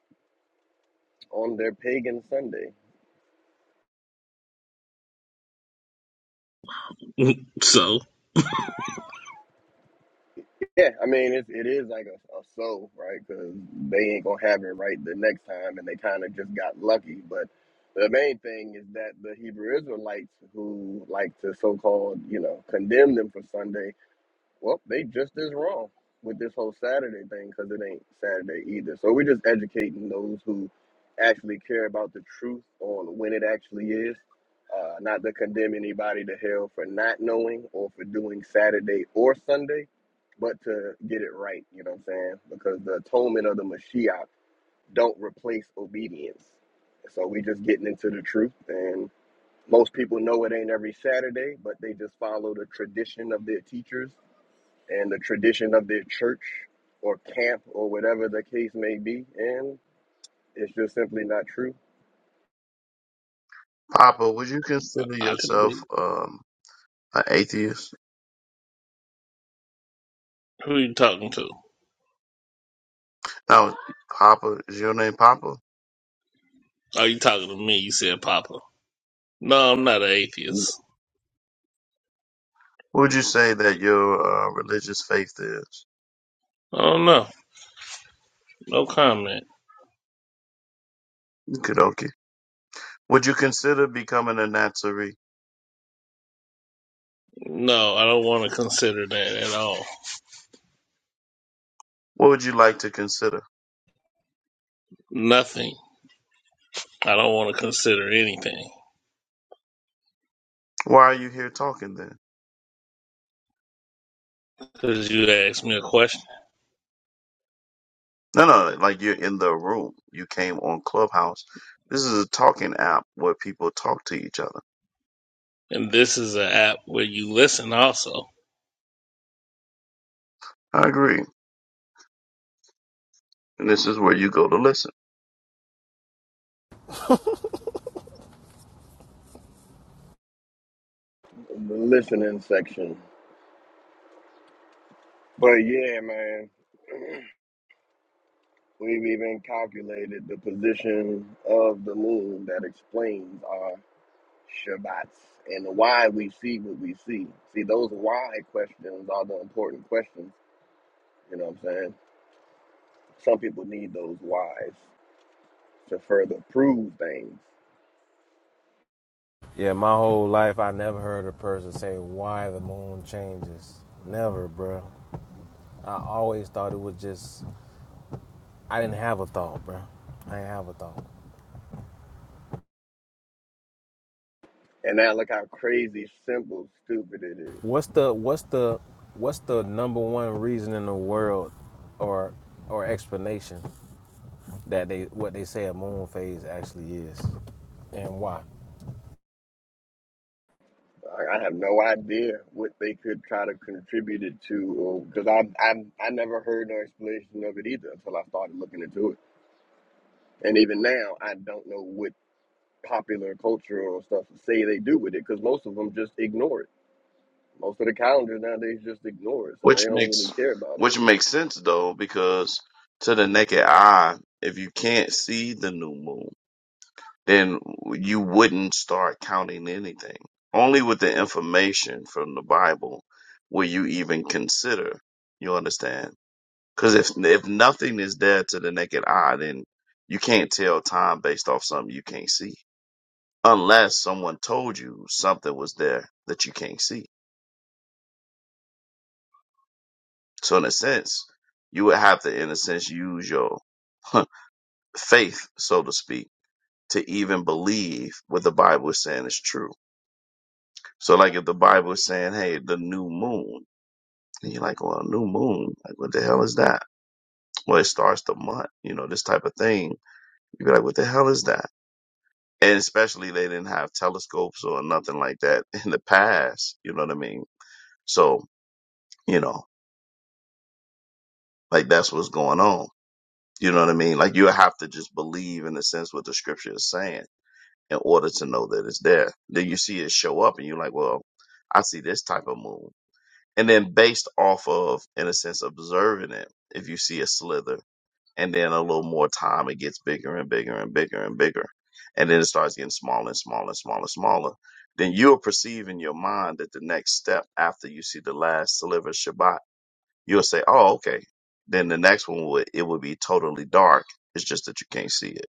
A: on their pagan Sunday.
I: So
A: Yeah, I mean, it's, it is like a, a soul, right? Because they ain't going to have it right the next time. And they kind of just got lucky. But the main thing is that the Hebrew Israelites who like to so called, you know, condemn them for Sunday Well, they just as wrong with this whole Saturday thing because it ain't Saturday either. So we're just educating those who actually care about the truth on when it actually is, uh, not to condemn anybody to hell for not knowing or for doing Saturday or Sunday, but to get it right. You know what I'm saying? Because the atonement of the Mashiach don't replace obedience. So we just getting into the truth and. Most people know it ain't every Saturday, but they just follow the tradition of their teachers and the tradition of their church or camp or whatever the case may be. And it's just simply not true.
C: Papa, would you consider
I: I can
C: yourself
I: be.
C: um, an atheist?
I: Who you talking to?
C: Now, Papa, is your name Papa?
I: Are you talking to me? You said Papa. No, I'm not an
C: What
I: atheist.
C: would you say that your uh, religious faith is?
I: Oh no, no comment.
C: Okie Would you consider becoming a Nazarene?
I: No, I don't want to consider that at all.
C: What would you like to consider?
I: Nothing. I don't want to consider anything
C: Why are you here talking then?
I: because you asked me a question,
C: No, no, like you're in the room. You came on Clubhouse. This is a talking app where people talk to each other.
I: and this is an app where you listen also.
C: I agree. And this is where you go to listen,
A: The listening section. But yeah, man, we've even calculated the position of the moon that explains our Shabbats and why we see what we see. See, those why questions are the important questions. You know what I'm saying? Some people need those whys to further prove things.
B: Yeah, my whole life I never heard a person say why the moon changes. Never, bro. I always thought it was just I didn't have a thought, bro. I didn't have a thought.
A: And now look how crazy simple, stupid it is.
B: What's the what's the what's the number one reason in the world, or or explanation that they what they say a moon phase actually is, and why?
A: I I have no idea what they could try to contribute it to, because I, I I never heard no explanation of it either until I started looking into it. And even now, I don't know what popular cultural stuff say they do with it, because most of them just ignore it. Most of the calendars nowadays just ignore it, so they
C: which
A: don't really
C: makes
A: care about it.
C: which makes sense though, because to the naked eye, if you can't see the new moon. then you wouldn't start counting anything. Only with the information from the Bible will you even consider. You understand? Because if if nothing is there to the naked eye, then you can't tell time based off something you can't see, unless someone told you something was there that you can't see. So in a sense, you would have to, in a sense, use your faith, so to speak, to even believe what the Bible is saying is true So like if the Bible is saying, hey, the new moon, and you're like, well, new moon, like what the hell is that? Well, it starts the month, you know, this type of thing. You'd be like, what the hell is that? And especially they didn't have telescopes or nothing like that in the past, you know what I mean? So, you know, like that's what's going on. You know what I mean? Like you have to just believe in a sense what the scripture is saying in order to know that it's there. Then you see it show up and you're like, well, I see this type of moon. and then based off of in a sense observing it if you see a slither and then a little more time it gets bigger and bigger and bigger and bigger and then it starts getting smaller and smaller and smaller and smaller then you'll perceive in your mind that the next step after you see the last sliver of shabbat you'll say oh okay then the next one would it would be totally dark it's just that you can't see it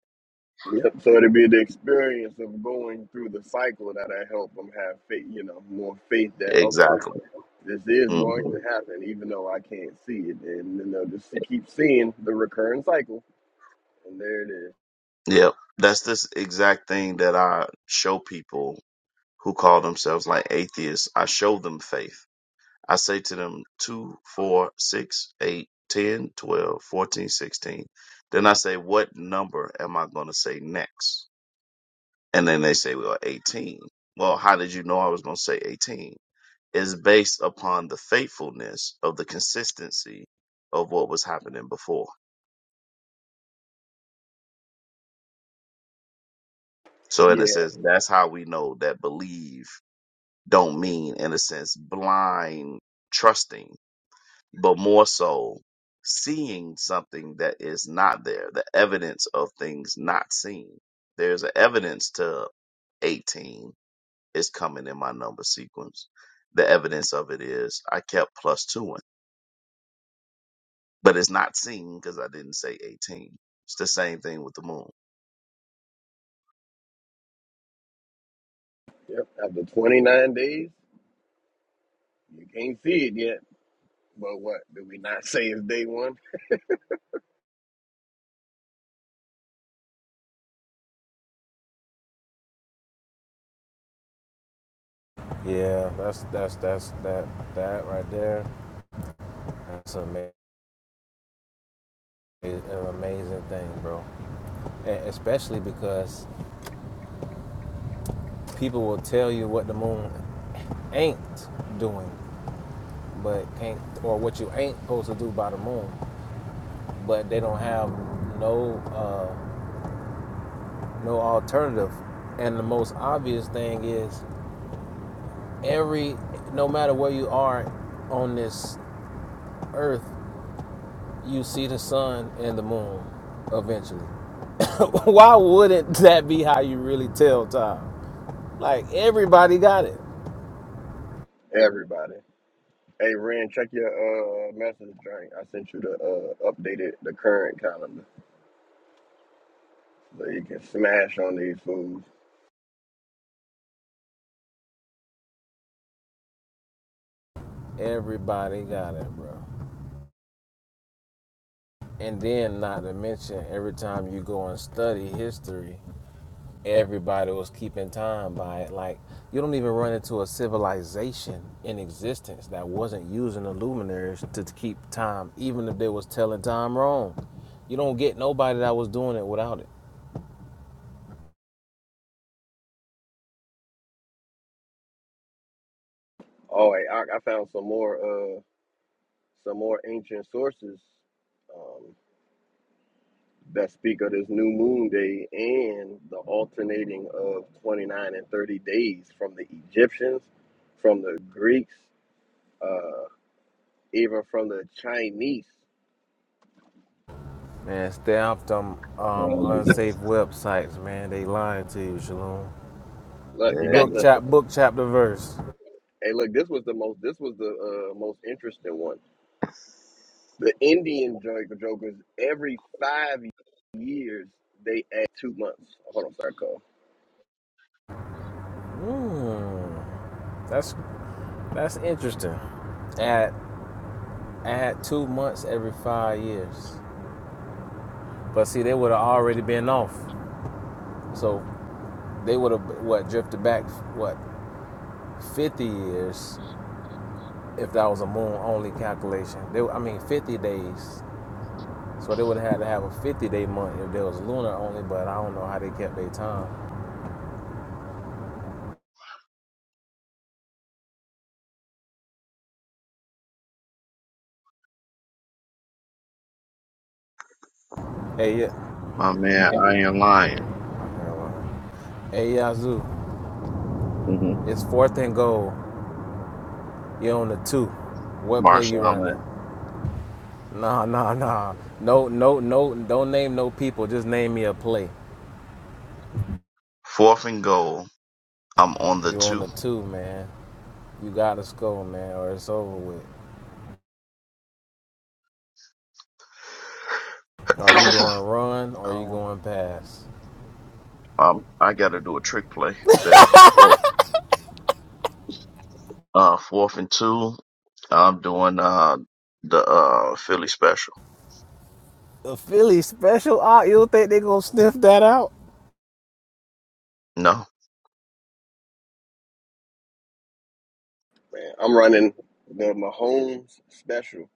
A: Yep. So it'd be the experience of going through the cycle that I help them have faith, you know, more faith that okay.
C: exactly
A: This is
C: hmm
A: going to happen, even though I can't see it. And you know, just to keep seeing the recurring cycle. And there it is.
C: yeah that's this exact thing that i show people who call themselves like atheists, I show them faith. I say to them, 2, 4, 6, 8, 10, 12, 14, 16. Then I say, what number am I going to say next? And then they say, well, 18. Well, how did you know I was going to say 18? It's based upon the faithfulness of the consistency of what was happening before. So in a
A: Yeah.
C: sense, that's how we know that believe don't mean, in a sense, blind trusting but more so seeing something that is not there, the evidence of things not seen. There's an evidence to 18 is coming in my number sequence. The evidence of it is I kept plus two in, but it's not seen because I didn't say 18. It's the same thing with the moon.
A: Yep. After 29 days, you can't see it yet. But what? Did we not say it's day one?
B: Yeah, that's that's that's that that right there. That's amazing, It's an amazing thing, bro. And especially because people will tell you what the moon ain't doing, but can't or what you ain't supposed to do by the moon. but they don't have no uh, no alternative. And the most obvious thing is every no matter where you are on this earth, you see the sun and the moon eventually. Why wouldn't that be how you really tell time? Like everybody got it.
A: Everybody. Hey, Ren, check your uh, message drink. I sent you the uh, updated, the current calendar. So you can smash on these foods.
B: Everybody got it, bro. And then not to mention every time you go and study history everybody was keeping time by it. Like you don't even run into a civilization in existence that wasn't using the luminaries to keep time, even if they was telling time wrong. You don't get nobody that was doing it without it.
A: Oh, hey, I, I found some more uh, some more ancient sources. um, that speak of this new moon day and the alternating of 29 and 30 days from the Egyptians, from the Greeks, uh, even from the Chinese.
B: Man, stay off them um, unsafe websites, man. They lying to you, Shalom.
A: Look, you
C: There
A: got
C: you
B: Book
C: go.
A: the
B: chap, book chapter verse.
A: hey, look, this was the most this was the uh, most interesting one. The Indian jo- jokers every five years they add two months. Hold on, sorry, call
B: Hmm, that's that's interesting. At at two months every five years, but see, they would have already been off. So They would have what drifted back what fifty years if that was a moon only calculation. They I mean fifty days. So they would have had to have a fifty day month if there was lunar only, but I don't know how they kept their time. Hey yeah.
C: My man, I ain't lying.
B: Hey Yazoo,
C: hmm
B: it's fourth and goal. You're on the two. What play you
C: Marshall, i
B: running? Nah, nah, nah. No, no, no. Don't name no people. Just name me a play.
C: fourth and goal. I'm on the
B: You're on
C: two.
B: the two, man. You gotta score, man, or it's over with. Are you going to run or are you
C: um,
B: going to pass?
C: um, I got to do a trick play there. Uh, fourth and two, I'm doing uh the uh Philly special.
B: The Philly special out. You don't think they gonna sniff that out?
C: No,
A: man. I'm running the Mahomes special.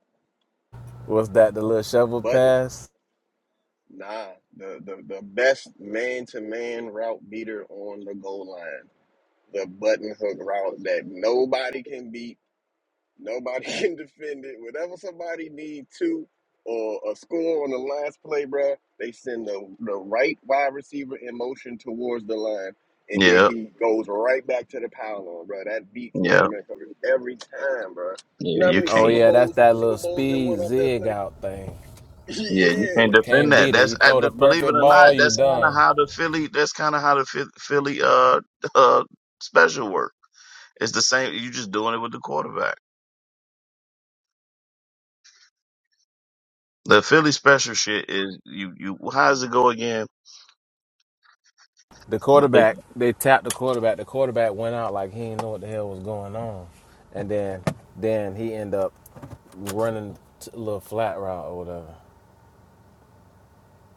B: What's that? The little shovel pass?
A: Nah, the, the, the best man to man route beater on the goal line. The button hook route that nobody can beat, nobody can defend it. Whenever somebody need two or a score on the last play, bruh, they send the, the right wide receiver in motion towards the line, and then
C: yeah,
A: he goes right back to the pylon, bruh. That beats man
C: yeah,
A: to man coverage every time, bruh.
C: yeah.
A: You know how
C: You
A: many
C: can't,
B: Oh
A: Super
B: yeah, that's
A: Bowls
B: that
A: Super
B: little
A: Bowls been won
B: speed
A: off that
B: zig
A: play?
B: out thing.
C: yeah, you
A: yeah.
C: can't defend
B: Can't
C: that.
B: beat it.
C: That's
B: You
C: uh,
B: throw the
C: believe it
B: perfect
C: or not,
B: ball, you
C: that's kind of
B: done.
C: how the Philly. That's kind of how the Phi- Philly uh uh special work. It's the same. You just doing it with the quarterback. The Philly special shit is you you. How does it go again?
B: The quarterback, they tapped the quarterback. The quarterback went out like he didn't know what the hell was going on, and then then he ended up running a little flat route or whatever.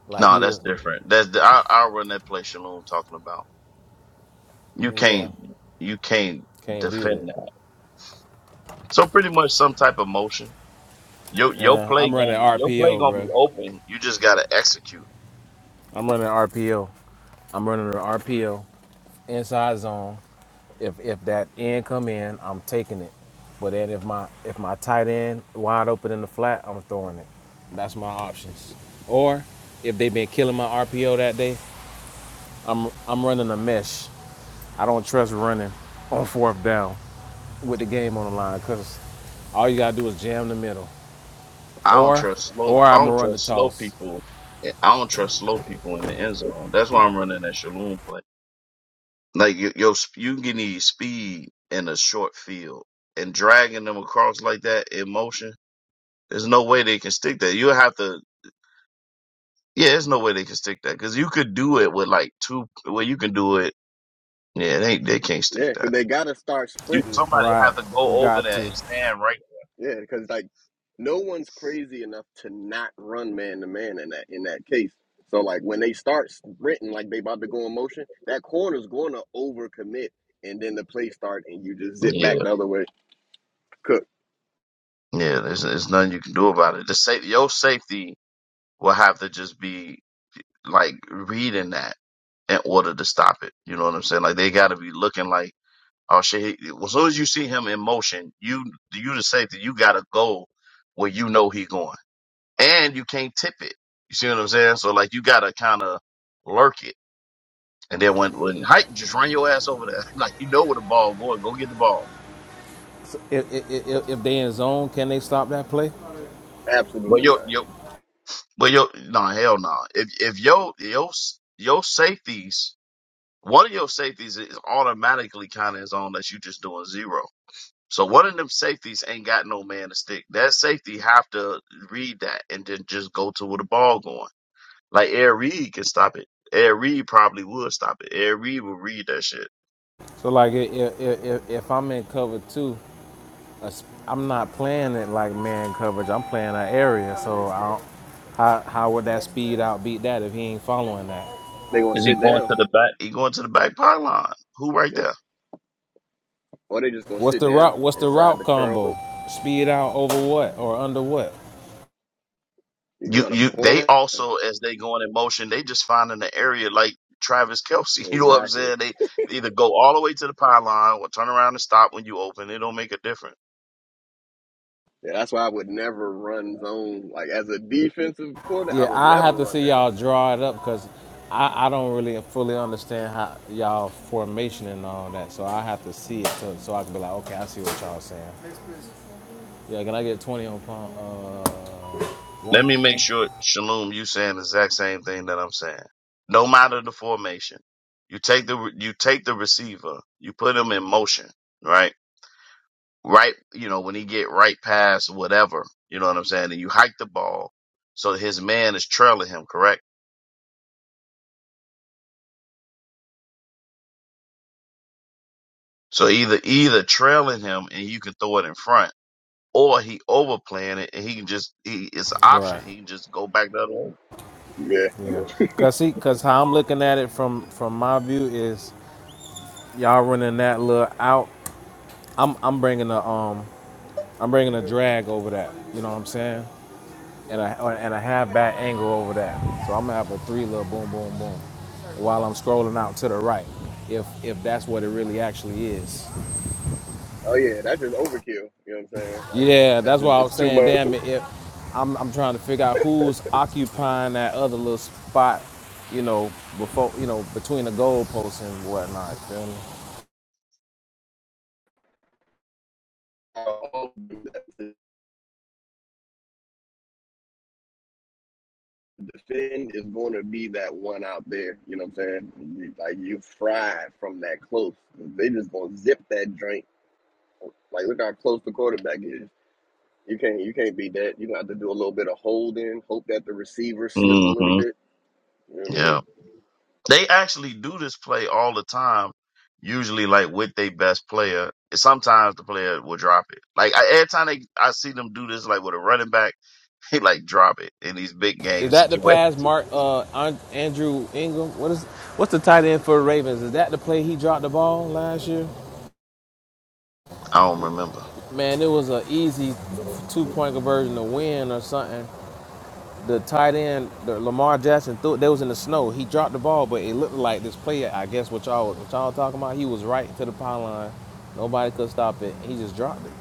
B: Like
C: No,
B: he
C: that's
B: was,
C: different. That's the, I, I'll run that play Shalom talking about. You
B: yeah,
C: can't, you can't
B: can't beat
C: defend
B: it.
C: that. So pretty much some type of motion. Your your
B: Yeah,
C: play
B: I'm running
C: gonna be your play
B: RPO,
C: gonna be
B: bro.
C: open. You just gotta execute.
B: I'm running an RPO. I'm running an RPO inside zone. If if that end come in, I'm taking it. But then if my if my tight end wide open in the flat, I'm throwing it. That's my options. Or if they've been killing my RPO that day, I'm I'm running a mesh. I don't trust running on fourth down with the game on the line because all you gotta do is jam the middle.
C: I don't
B: Or
C: trust slow.
B: or
C: I
B: I'm
C: don't
B: gonna run the
C: trust slow
B: toss.
C: people. I don't trust slow people in the end zone. That's why I'm running that Shalom play. Like you, your sp- you can need speed in a short field and dragging them across like that in motion. There's no way they can stick that. You have to. Yeah, there's no way they can stick that because you could do it with like two. Well, you can do it. Yeah, they they can't stick
A: Yeah, because
C: that.
A: they got to start
C: You
A: sprinting
C: somebody
B: Right.
C: have to go
B: We
C: over
B: got
C: there
B: to.
C: and stand right.
A: Yeah, because like no one's crazy enough to not run man to man in that in that case. So like when they start sprinting like they about to go in motion, that corner's going to overcommit, and then the play start, and you just zip back
C: Yeah,
A: the other way. Cook,
C: yeah. There's there's nothing you can do about it. The safe your safety will have to just be like reading that in order to stop it. You know what I'm saying? Like they got to be looking like oh shit. he- well, As soon as you see him in motion, you you the safety. You got to go where you know he going, and you can't tip it. You see what I'm saying? So like you got to kind of lurk it And then when when height, just run your ass over there. like you know where the ball going. Go get the ball.
B: if, if if they in zone, can they stop that play?
C: But
A: absolutely
C: your
A: not.
C: your but your no hell no. If if your your s- your safeties, one of your safeties is automatically kind of is on that you just doing zero. So one of them safeties ain't got no man to stick. That safety have to read that and then just go to where the ball going. Like Air Reed can stop it. Air Reed probably would stop it. Air Reed would read that shit.
B: So like if if, if I'm in cover two, I'm not playing it like man coverage. I'm playing an area. So I don't, how how would that speed out beat that if he ain't following that?
A: They gonna
C: Is he
A: sit
C: going
A: down,
C: to the back? He going to the back pylon. Who right
A: yeah.
C: there?
A: or they just gonna
B: What's
A: sit
B: the
A: down
B: route? What's the
A: inside
B: route
A: the curl
B: combo?
A: hook.
B: Speed out over what or under what?
A: You can
C: You
A: run a
C: you they
A: corner,
C: also as they going in motion, they just finding the area like Travis Kelsey. You know what I'm
A: exactly.
C: saying? They either go all the way to the pylon or turn around and stop when you open. It don't make a difference.
A: Yeah, that's why I would never run zone. Like as a defensive corner, I
B: Yeah,
A: would
B: I
A: never
B: have to
A: run
B: see
A: that.
B: y'all draw it up because I, I don't really fully understand how y'all formation and all that. So I have to see it so, so I can be like, okay, I see what y'all saying. Yeah, can I get 20 on pump uh,
C: Let
B: one?
C: me make sure, Shalom, you saying the exact same thing that I'm saying. No matter the formation, you take the re- you take the receiver, you put him in motion, right? Right, you know when he get right past whatever, you know what I'm saying, and you hike the ball so his man is trailing him, correct? So either either trailing him and you can throw it in front, or he overplaying it and he can just he it's an option.
B: Right.
C: He can just go back the other
A: Yeah.
B: Yeah, cause see, cause how I'm looking at it from from my view is y'all running that little out. I'm I'm bringing a um I'm bringing a drag over that. You know what I'm saying? And a or- and a half back angle over that. So I'm gonna have a three little boom boom boom while I'm scrolling out to the right. If if that's what it really actually is.
A: Oh yeah, that's just overkill. You know what I'm saying? Like
B: Yeah,
A: that's
B: that's
A: just
B: why I
A: it's
B: was
A: too
B: saying,
A: much.
B: damn it. If I'm I'm trying to figure out who's occupying that other little spot, you know, before you know between the goalposts and whatnot. Feel me?
A: The defend is going to be that one out there. You know what I'm saying? Like you fried from that close. They just gonna zip that joint. Like look how close the quarterback is. You can't you can't beat that. You gonna have to do a little bit of holding. Hope that the receiver slip a
C: way.
A: little
C: hmm
A: bit. You know what I
C: Yeah,
A: mean?
C: they actually do this play all the time. Usually, like with their best player, sometimes the player will drop it. Like I, every time they, I see them do this, like with a running back, he like drop it in these big
B: Is
C: game
B: that the
C: situations.
B: pass, Mark uh, Andrew Ingram? What is what's the tight end for the Ravens? Is that the play he dropped the ball last year?
C: I don't remember.
B: Man, it was an easy two point conversion to win or something. The tight end, the Lamar Jackson, threw, they was in the snow. He dropped the ball, but it looked like this play. I guess what y'all what y'all talking about. He was right to the pylon. Nobody could stop it. He just dropped it,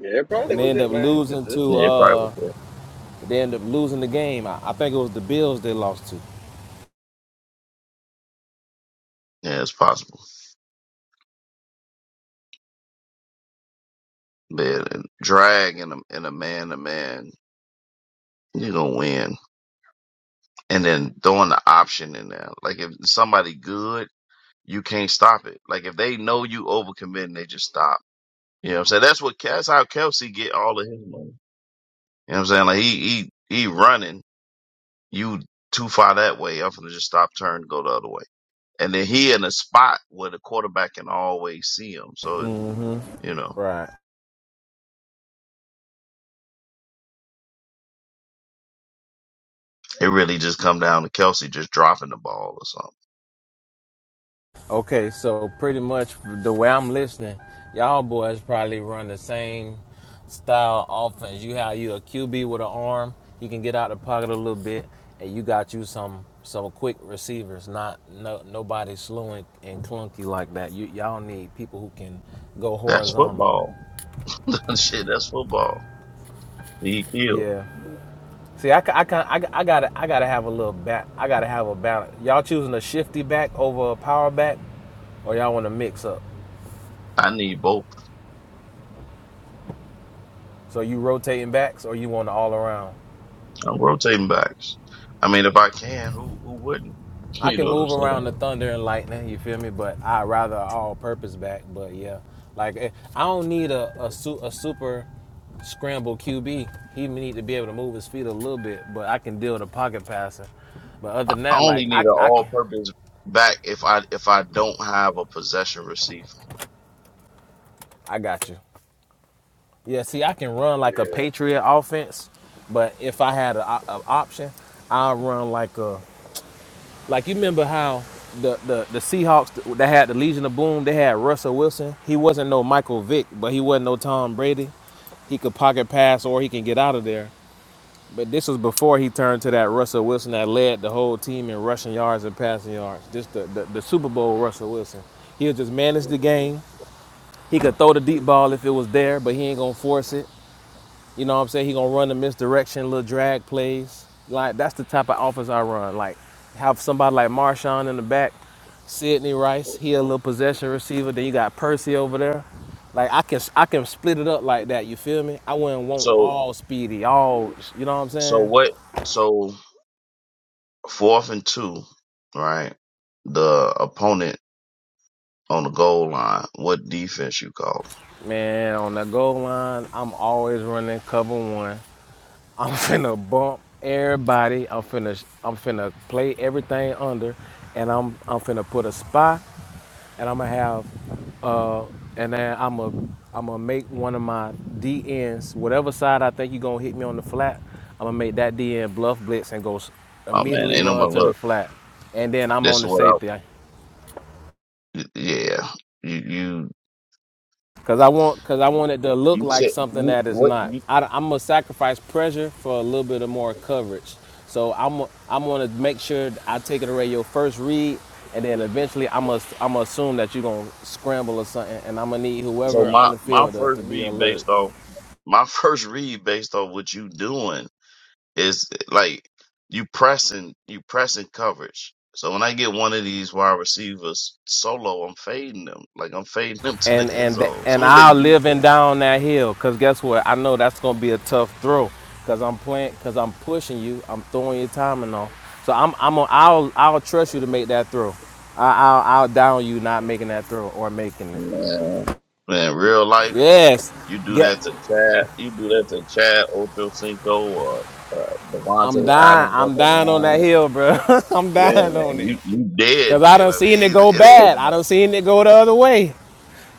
A: Yeah, it probably
B: and
A: was
B: they end
A: it,
B: up
A: man. It's,
B: losing
A: it's,
B: to.
C: Yeah, it
A: it's
C: probably
B: Uh,
C: was
B: they end up losing the game. I, I think it was the Bills they lost to.
C: there. Yeah, it's possible. But and drag in a in a man to man, you gonna win. and then throwing the option in there. Like if somebody good, you can't stop it. Like if they know you overcommitting, they just stop. You know what I'm saying? That's what that's how Kelsey get all of his money. You know what I'm saying? Like he he he running you too far that way. I'm gonna just stop, turn, go the other way. And then he in a spot where the quarterback can always see him. So you know
B: Right.
C: it really just come down to Kelsey just dropping the ball or something.
B: Okay, so pretty much the way I'm listening, y'all boys probably run the same style offense. You have you a QB with an arm, you can get out of the pocket a little bit, and you got you some some quick receivers. Not no nobody slow and, and clunky like that. You y'all need people who can go
C: That's
B: horizontal.
C: football. Shit, that's football. He killed.
B: Yeah. See, I, I, I, I gotta I gotta have a little back. I gotta have a balance. Y'all choosing a shifty back over a power back, or y'all want to mix up?
C: I need both.
B: So you rotating backs, or you want to all around?
C: I'm rotating backs. I mean, if I can, who who wouldn't?
B: I
C: You
B: can
C: know what I'm
B: move around
C: saying?
B: the thunder and lightning, you feel me? But I rather a all-purpose back. But yeah, like eh, I don't need a a, su- a super scramble QB. He need to be able to move his feet a little bit, but I can deal with a pocket passer. But other than
C: I
B: that,
C: only
B: like
C: need
B: I
C: an
B: I can
C: all-purpose back if I if I don't have a possession receiver.
B: I got you. Yeah, see, I can run like a Patriot offense, but if I had an option, I'll run like a Like you remember how the the, the Seahawks that had the Legion of Boom, they had Russell Wilson. He wasn't no Michael Vick, but he wasn't no Tom Brady. He could pocket pass or he can get out of there. But this was before he turned to that Russell Wilson that led the whole team in rushing yards and passing yards. Just the, the, the Super Bowl Russell Wilson. He'll just manage the game. He could throw the deep ball if it was there, but he ain't gonna force it. You know what I'm saying? He gonna run the misdirection, little drag plays. Like that's the type of offense I run. Like have somebody like Marshawn in the back, Sidney Rice, he a little possession receiver. Then you got Percy over there. Like I can I can split it up like that. You feel me? I wouldn't want
C: So
B: all speedy, all you know what I'm
C: so
B: saying?
C: what? So fourth and two, right? The opponent on the goal line, what defense you call?
B: Man, on the goal line, I'm always running cover one. I'm finna bump everybody. I'm finna I'm finna play everything under, and I'm I'm finna put a spy and I'm gonna have, uh, and then I'm gonna I'm gonna make one of my D DNs, whatever side I think you're gonna hit me on the flat, I'm gonna make that DN bluff blitz and go s-
C: Oh man,
B: immediately
C: ain't
B: run
C: nobody
B: to the
C: look.
B: flat, and then I'm
C: This
B: on
C: is
B: the
C: what
B: safety.
C: I. Yeah, you you
B: Cause I want, cause I want it to look
C: you
B: like
C: said
B: something
C: you,
B: that is
C: what?
B: not.
C: You,
B: I, am gonna sacrifice pressure for a little bit of more coverage. So I'm, I'm gonna make sure I take it away your first read, and then eventually I must, I'm gonna assume that you're gonna scramble or something, and I'm gonna need
C: so
B: whoever on
C: my
B: the
C: my
B: field to, to
C: first
B: be
C: read
B: alert.
C: based off my first read based on what you doing is like you pressing you pressing coverage. So when I get one of these wide receivers solo, I'm fading them. Like I'm fading them to
B: and
C: the end
B: and th-
C: zone. As
B: and
C: soon as they
B: I'll
C: beat
B: live
C: them.
B: in down that hill. Cause guess what? I know that's gonna be a tough throw. Cause I'm playing. Cause I'm pushing you. I'm throwing your timing off. So I'm I'm a, I'll I'll trust you to make that throw. I, I'll I'll down you not making that throw or making it.
C: Man, man, real life.
B: Yes.
C: You do
B: Get.
C: that to Chad. You do that to Chad Ochocinco or uh,
B: I'm
C: Devontae
B: dying.
C: Adams off
B: I'm
C: the
B: dying on that
C: line,
B: hill, bro. I'm
A: yeah.
B: dying on
C: man.
B: it.
C: You you dead,
B: Cause I
C: dead.
B: done
C: I
B: seen it
C: mean,
B: go
C: it ain't
B: bad.
C: even.
B: I
C: A,
B: done seen it go the other way.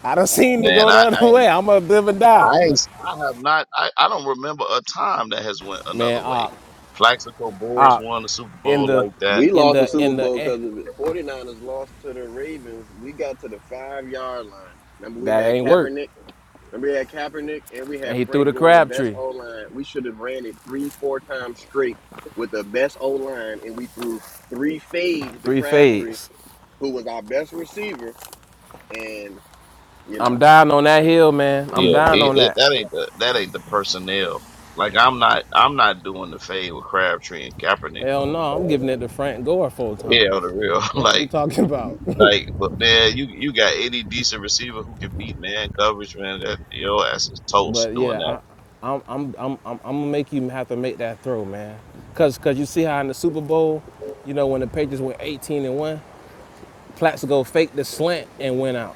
B: I done seen it
C: man,
B: go the
C: I I
B: other
C: ain't,
B: way. I'm gonna live and die,
C: I ain't, I have not. I, I don't remember a time that has went
B: man.
C: another way.
B: Uh,
C: Plaxico Burris
B: uh,
C: won the Super
B: in
C: Bowl
B: the,
C: like that.
A: We
B: in
A: lost the
B: the,
A: Super
B: in the.
A: Bowl
B: eh,
A: because of it. 49ers lost to the Ravens. We got to the five yard line. Remember, we
B: That
A: had
B: ain't work.
A: Kaepernick. Remember, we had Kaepernick and we had
B: And he threw
A: Frank
B: the
A: going the best
B: Crabtree
A: O line. We should have ran it three, four times straight with the best O line, and we threw three fades to
B: Three
A: Crabtree,
B: fades.
A: who was our best receiver. And you
B: I'm
A: know,
B: dying on that hill, man. I'm
C: Yeah,
B: dying
C: it,
B: on
C: it,
B: that.
C: that ain't the that ain't the personnel. Like I'm not I'm not doing the fade with Crabtree and Kaepernick
B: Hell
C: on the
B: no, I'm
C: ball.
B: giving it to Frank Gore four
C: Yeah,
B: times.
C: on the real.
B: What you
C: Like
B: talking about?
C: Like, but man, you you got any decent receiver who can beat man coverage, man. That your ass is toast
B: but
C: doing that.
B: yeah, I, I'm, I'm, I'm, I'm, I'm gonna make you have to make that throw, man. Cause, cause you see how in the Super Bowl, you know, when the Patriots went 18 and one, Plaxico faked the slant and went out.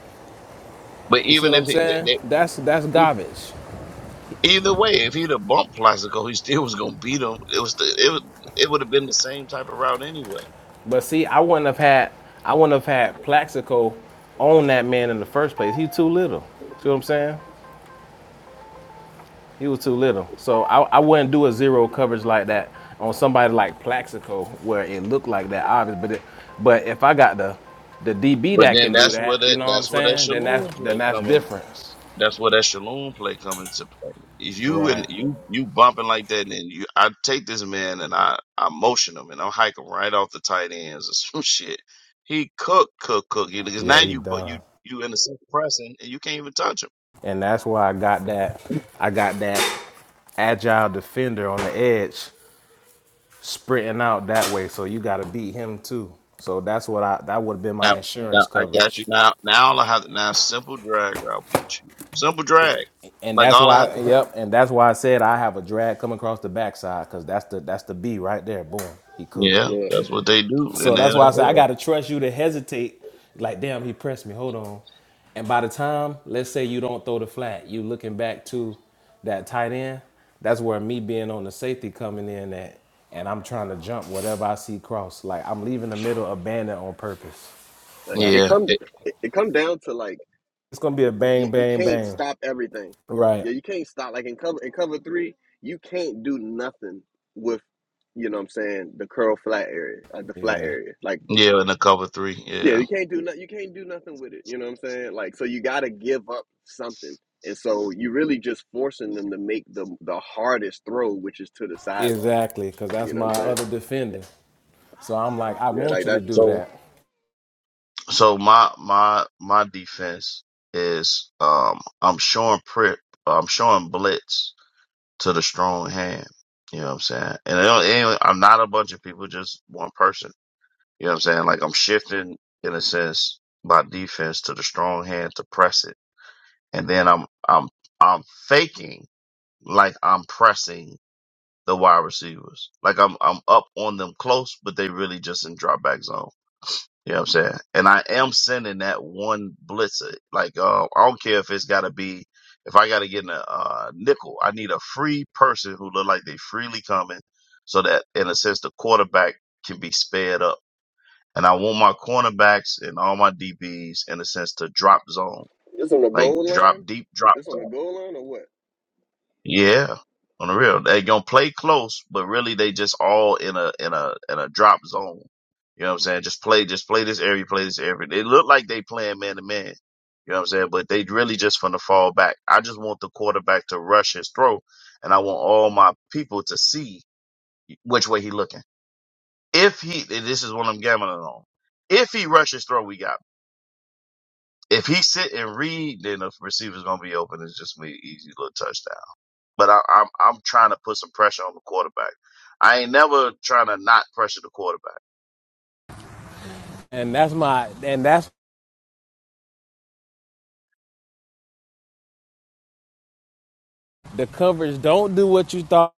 C: But
B: You see
C: even
B: what
C: if
B: I'm
C: it,
B: saying? That's that's
C: they,
B: garbage.
C: either way, if he'd have bumped Plaxico, he still was gonna beat him. It was the, it was, it would have been the same type of route anyway.
B: But see, I wouldn't have had I wouldn't have had Plaxico on that man in the first place. He too little. See what I'm saying? He was too little. So I, I wouldn't do a zero coverage like that on somebody like Plaxico where it looked like that obvious. But it, but if I got the the DB
C: But
B: that
C: then
B: can do
C: that's where
B: that, you
C: that
B: know what I'm
C: that's where that
B: saying? Then that's
C: Shalom
B: then
C: play
B: that's
C: coming.
B: difference.
C: That's where that shalom play come into play. If you and
B: Right.
C: you you bumping like that, and you I take this man and I I motion him and I hike him right off the tight ends or some shit. He cook cook cook you because now
B: Yeah, he
C: you but you
B: done.
C: you in the second pressing and you can't even touch him.
B: And that's why I got that I got that agile defender on the edge sprinting out that way. So you got to beat him too. So that's what I that would have been
C: Now
B: my
C: now
B: insurance
C: I got you
B: coverage.
C: now now all I have to now simple drag route beat you simple drag
B: And
C: like
B: that's
C: all I have
B: why,
C: to
B: yep, and that's why I said I have a drag coming across the backside because that's the that's the B right there. Boom, he cooked.
C: yeah
A: yeah,
C: that's what they do in
B: So
C: the
B: that's why I said I
C: NFL
B: got to trust you to hesitate. Like, damn, he pressed me. Hold on. And by the time, let's say you don't throw the flat, you looking back to that tight end. That's where me being on the safety coming in at, and I'm trying to jump whatever I see cross. Like I'm leaving the middle abandoned on purpose.
A: like,
B: but
A: it
C: yeah
A: comes
C: eh,
A: it, it come down to like
B: it's gonna be a
A: you,
B: bang,
A: you
B: bang,
A: can't
B: bang.
A: stop everything.
B: Right.
A: Yeah, you can't stop like in cover in cover three, you can't do nothing with you know what I'm saying, the curl flat area, like the flat
B: Yeah.
A: area. Like
C: yeah in the cover three
A: yeah,
C: yeah.
A: you can't do nothing you can't do nothing with it. You know what I'm saying? Like so you gotta give up something. And so you really just forcing them to make the the hardest throw, which is to the sideline.
B: Exactly. Cause that's
A: You know what
B: my
A: I'm saying?
B: other defender. So I'm like, I
A: Yeah,
B: want
A: like
B: you to
A: that
B: do
C: so.
B: that.
C: So my my my defense is um I'm showing prep I'm showing blitz to the strong hand. You know what I'm saying? And it don't- it ain't- I'm not a bunch of people, just one person. You know what I'm saying? Like I'm shifting in a sense my defense to the strong hand to press it, and then I'm I'm I'm faking like I'm pressing the wide receivers, like I'm I'm up on them close, but they really just in drop back zone. You know what I'm saying? And I am sending that one blitzer. Like, uh, I don't care if it's gotta be, if I gotta get in a uh, nickel, I need a free person who look like they freely coming so that in a sense the quarterback can be sped up. And I want my cornerbacks and all my DBs in a sense to drop zone,
A: it's on the
C: like
A: goal
C: drop
A: line.
C: deep drop
A: It's on the
C: zone.
A: goal line or what?
C: Yeah, on the real, they gonna play close, but really they just all in a in a in a drop zone. You know what I'm saying? Just play, just play this area, play this area. They look like they playing man to man. You know what I'm saying? But they really just finna fall back. I just want the quarterback to rush his throw, and I want all my people to see which way he looking. If he, and this is what I'm gambling on. If he rushes throw, we got. him. If he sit and read, then the receiver's gonna be open. It's just me, easy little touchdown but I, I'm I'm trying to put some pressure on the quarterback. I ain't never trying to not pressure the quarterback.
B: And that's my and that's the coverage. Don't do what you thought.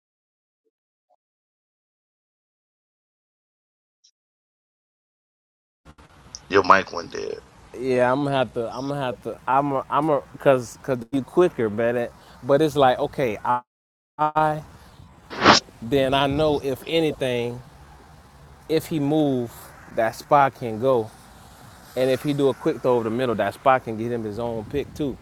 C: Your mic went dead.
B: Yeah, I'm gonna have to. I'm gonna have to. I'm. A, I'm a. Cause cause you quicker, man. It- But it's like, okay, I, I. Then I know if anything, if he move, that spot can go. And if he do a quick throw over the middle, that spot can get him his own pick too.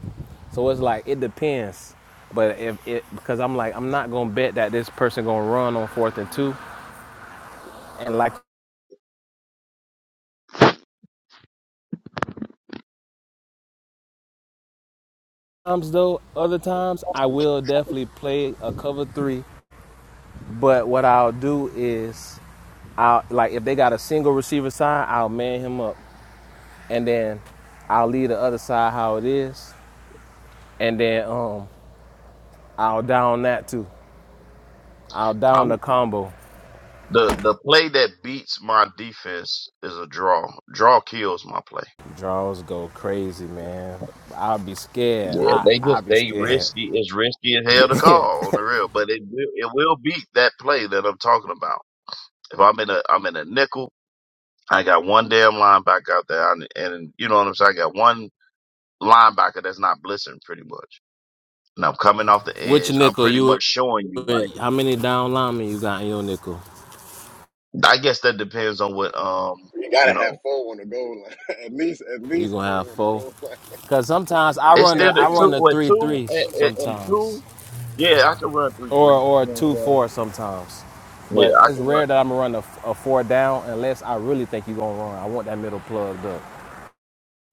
B: So it's like it depends. But if it because I'm like I'm not gonna bet that this person gonna run on fourth and two. And like times though, other times I will definitely play a cover three. But what I'll do is I'll like if they got a single receiver side, I'll man him up, and then I'll leave the other side how it is, and then um I'll down that too. I'll
C: I
B: down the combo,
C: the the play that beats my defense is a draw. Draw kills my play.
B: Draws go crazy, man. I'll be scared.
C: Yeah,
B: I
C: they
B: I'll
C: just
B: be
C: they
B: scared.
C: risky. It's risky as hell to
B: yeah.
C: call on the real, but it will it will beat that play that I'm talking about. If I'm in a I'm in a nickel. I got one damn linebacker out there, and, and you know what I'm saying. I got one linebacker that's not blitzing pretty much, and I'm coming off the
B: Which
C: edge. I'm
B: nickel
C: pretty
B: you?
C: much showing you like
B: How many down linemen you got in your nickel?
C: I guess that depends on what um
A: You
C: you
A: gotta have
C: know.
A: four on the goal line. at least at
B: You
A: least
B: gonna have
A: four on the
B: four?
A: goal line.
B: Cause sometimes I
C: It's
B: run
A: At
C: still
B: the
C: the
B: I
A: least.
B: run
C: two
B: the
C: with
B: three
C: two
B: threes
C: and, and, and
B: sometimes,
C: two. Yeah, I can run three
B: or
C: three.
B: or a
C: You know
B: two
C: what I'm saying?
B: four sometimes. But
C: Yeah, I
B: it's
C: can run.
B: rare that I'm gonna run a, a four down unless I really think you gonna run. I want that middle plugged up.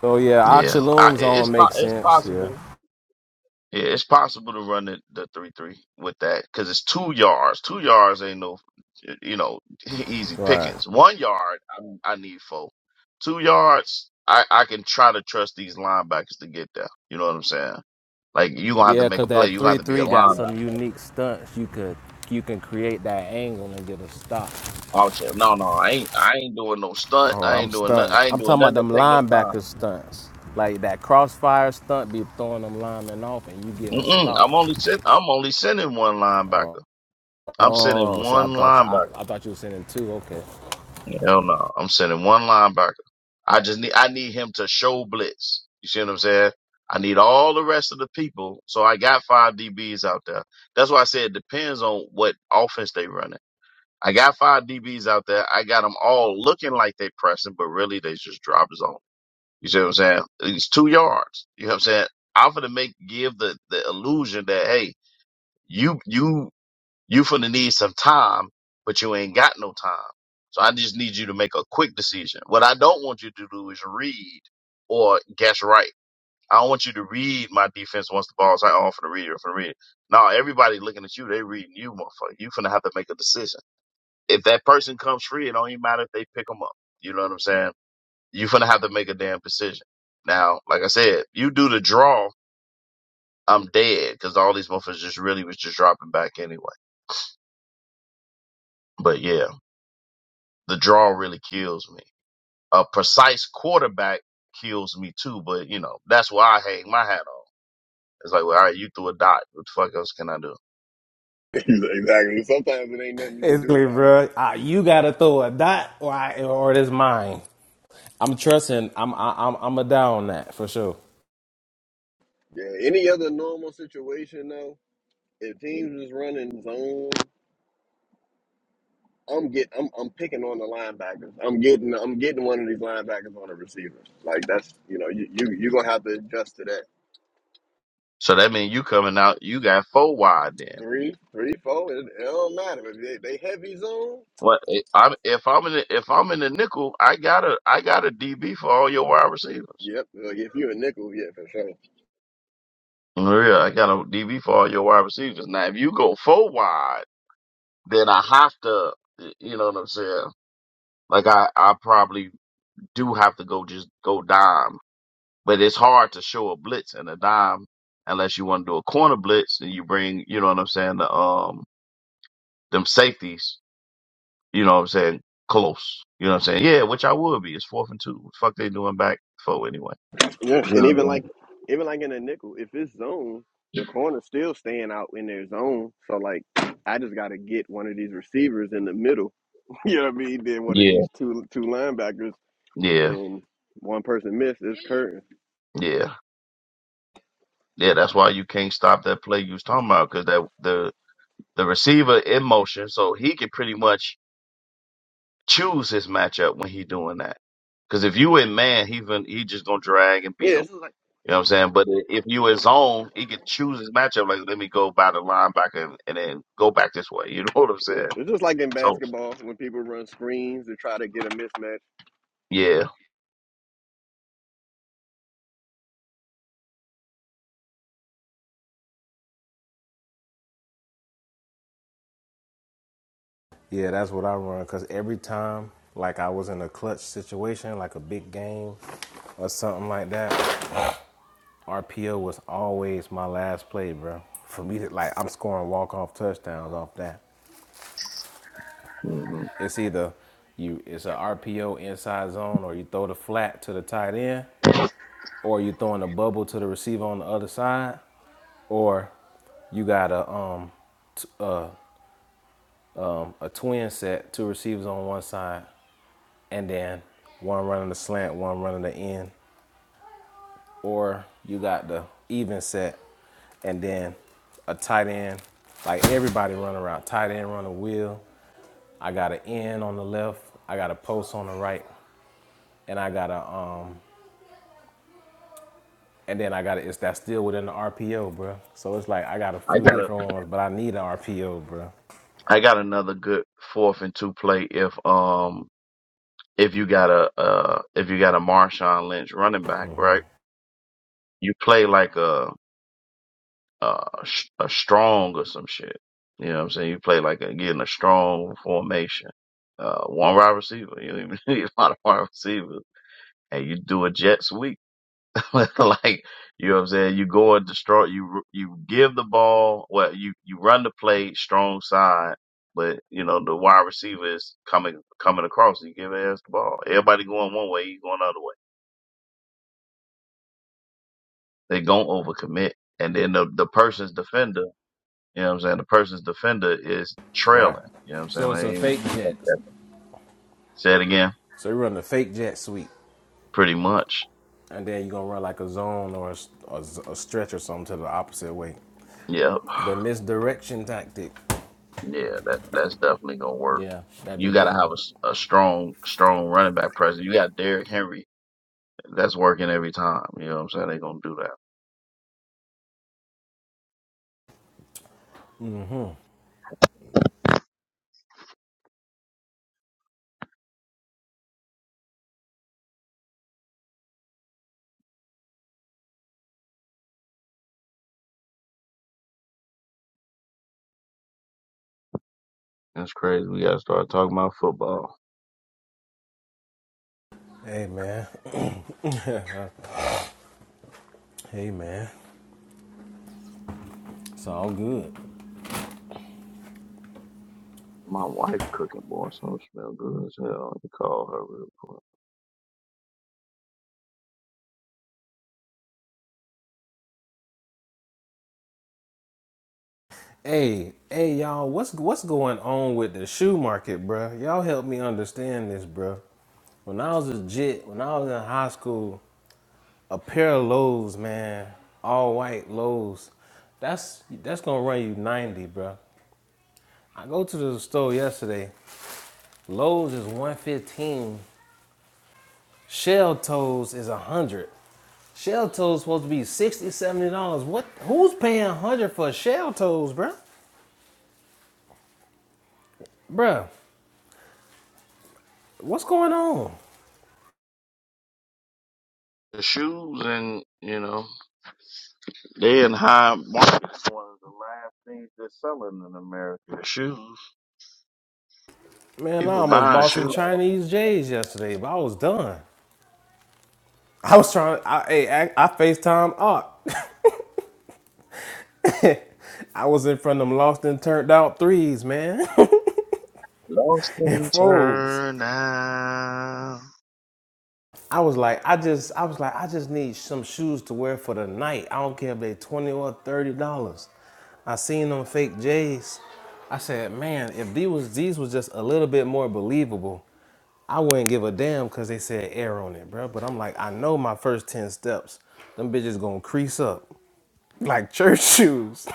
B: So yeah,
C: Yeah, I,
B: Oxalum's
C: it- it's
B: on
C: po-
B: makes
C: it's
B: sense. Yeah.
C: possible. Yeah, it's possible to run the, the three three with that because it's two yards. Two yards ain't no, you know, easy
B: Right.
C: pickings. One yard, I, I need four. Two yards, I I can try to trust these linebackers to get there. You know what I'm saying? Like you gonna have to
B: Yeah,
C: make
B: cause
C: a play.
B: that
C: You gonna
B: three
C: have to be a
B: three got some
C: linebacker.
B: unique stunts. You could you can create that angle and get a stop.
C: Oh shit, no, no, I ain't, I ain't doing no stunt.
B: Oh,
C: I
B: I'm
C: ain't doing nothing.
B: stunting.
C: I ain't
B: I'm
C: doing
B: talking about
C: nothing to
B: them
C: take no time.
B: linebacker stunts. Like that crossfire stunt be throwing them linemen off and you get a
C: Mm-mm,
B: stop.
C: I'm only send, I'm only sending one
B: Oh,
C: linebacker. I'm sending
B: Oh, see I
C: one
B: thought you
C: linebacker.
B: I, I thought you was sending two, okay.
C: Hell no. I'm sending one linebacker. I just need I need him to show blitz. You see what I'm saying? I need all the rest of the people. So I got five DBs out there. That's why I said it depends on what offense they running. I got five DBs out there. I got them all looking like they pressing, but really they just drop zone. You see what I'm saying? It's two yards. You know what I'm saying? I'm gonna make give the, the illusion that hey, you you you finna need some time, but you ain't got no time. So I just need you to make a quick decision. What I don't want you to do is read or guess right. I don't want you to read my defense once the ball's out. Oh, I'm finna read it. I'm finna read it. No, everybody looking at you. They reading you, motherfucker. You finna have to make a decision. If that person comes free, it don't even matter if they pick them up. You know what I'm saying? You finna have to make a damn decision. Now, like I said, you do the draw, I'm dead because all these motherfuckers just really was just dropping back anyway. But yeah. the draw really kills me. A precise quarterback kills me too, but you know, that's why I hang my hat on. It's like, well, all right, you threw a dot. What the fuck else can I do?
A: exactly. Sometimes it ain't nothing you can
B: it's
A: do
B: like,
A: about it.
B: bro. Uh, you gotta throw a dot or I, or it is mine. I'm trusting I'm I, I'm I'm a down on that for sure.
A: Yeah. Any other normal situation though, if teams is running zone, I'm get I'm I'm picking on the linebackers. I'm getting I'm getting one of these linebackers on the receiver. Like that's you know you you you gonna have to adjust to that.
C: So that means you coming out, you got four wide then.
A: Three, three, four. It, it don't matter if they, they heavy zone.
C: What eh, I'm if I'm in the, if I'm in the nickel, I got a I got a DB for all your wide receivers.
A: Yep. Like if you're a nickel, yeah, for sure.
C: For real, I got a DB for all your wide receivers. Now, if you go four wide, then I have to, you know what I'm saying? Like I I probably do have to go just go dime But it's hard to show a blitz and a dime unless you want to do a corner blitz and you bring, you know what I'm saying, the um them safeties, you know what I'm saying, close. You know what I'm saying? Yeah, which I would be. It's fourth and two. What the fuck they doing back four anyway.
A: Yeah,
C: You
A: and
C: know
A: even
C: what I'm
A: like even like in a nickel, if it's zone, the corner's still staying out in their zone. So like I just gotta get one of these receivers in the middle. You know what I mean? Then one of
C: saying?
A: these two two linebackers
C: Yeah.
A: and one person missed is curtain.
C: Yeah. Yeah. Yeah, that's why you can't stop that play you was talking about because that the the receiver in motion, so he can pretty much choose his matchup when he doing that. Because if you in man, he even he just gonna drag and
A: Yeah,
C: beat him.
A: it's just like
C: You know what I'm saying? But i- if you his own, he could choose his matchup. Like, let me go by the linebacker and, and then go back this way. You know what I'm
A: yeah,
C: saying?
A: it's just like in
C: So
A: basketball when people run screens to try to get a mismatch.
C: yeah,
B: Yeah, that's what I run. Cause every time, like I was in a clutch situation, like a big game or something like that, RPO was always my last play, bro. For me to like, I'm scoring walk off touchdowns off that.
C: hmm
B: It's either you, it's an RPO inside zone, or you throw the flat to the tight end, or you throwing a bubble to the receiver on the other side, or you got a um a twin set, two receivers on one side, and then one running the slant, one running the end. or you got the even set and then a tight end. Like everybody run around. Tight end run a wheel. I got an end on the left. I got a post on the right. And I got a um and then I got a, it's that's still within the RPO, bro. So it's like I got a
C: I
B: few
C: got a
B: different ones, but I need an RPO, bro.
C: I got another good fourth and two play if um if you got a uh if you got a Marshawn Lynch running back right, you play like a a, sh- a strong or some shit. You know what I'm saying? You play like a, getting a strong formation. Uh, one wide receiver. You don't even need a lot of wide receivers. And you do a jet sweep. like you know what I'm saying. You go and destroy. You you give the ball. Well, you you run the play strong side, but you know the wide receiver is coming coming across. You give ass the ball. Everybody going one way. You going the other way. They going overcommit, and then the the person's defender. You know what I'm saying. The person's defender is
B: Right.
C: trailing. You know what I'm
B: So
C: saying. I
B: it's a
C: ain't
B: fake jet.
C: think that. say it again.
B: So you run the fake jet sweep,
C: Pretty much.
B: and then you're gonna run like a zone or a a, a stretch or something to the opposite way.
C: Yep.
B: The misdirection tactic.
C: Yeah. That that's definitely gonna work
B: Yeah, that be
C: you got to
B: getting
C: have
B: them.
C: a, s- a strong, strong running back presence. You got Derrick Henry That's working every time. You know what I'm saying? They gonna do that. That's crazy. We gotta start talking about football.
B: Hey man. hey man. It's all good.
C: My wife cooking boy, so it smell good as hell. Let call her real quick.
B: Hey, hey y'all, what's what's going on with the shoe market, bruh? Y'all help me understand this, bruh. When I was a jit, when I was in high school, a pair of lows, man, all white lows, that's that's gonna run you 90, bruh. I go to the store yesterday, Lowe's is 115, Shell Toes is 100. Shell toes supposed to be sixty, seventy dollars. What? Who's paying a hundred for shell toes, bro? Bruh, what's going on?
C: The shoes and you know they in high market. One of the last things they're selling in America. The shoes.
B: Man, I
C: People
B: almost
C: buying
B: bought some
C: shoes.
B: Chinese J's yesterday, but I was done. I was trying. to, I hey, I, I Facetime up. I was in front of them lost and turned out threes, man,
C: Lost
B: and
C: and
B: fours.
C: turn now.
B: I was like, I just, I was like, I just need some shoes to wear for the night. I don't care if they twenty or thirty dollars. I seen them fake J's. I said, man, if these was these was just a little bit more believable, I wouldn't give a damn because they said air on it, bro. But I'm like, I know my first 10 steps, them bitches gonna crease up like church shoes.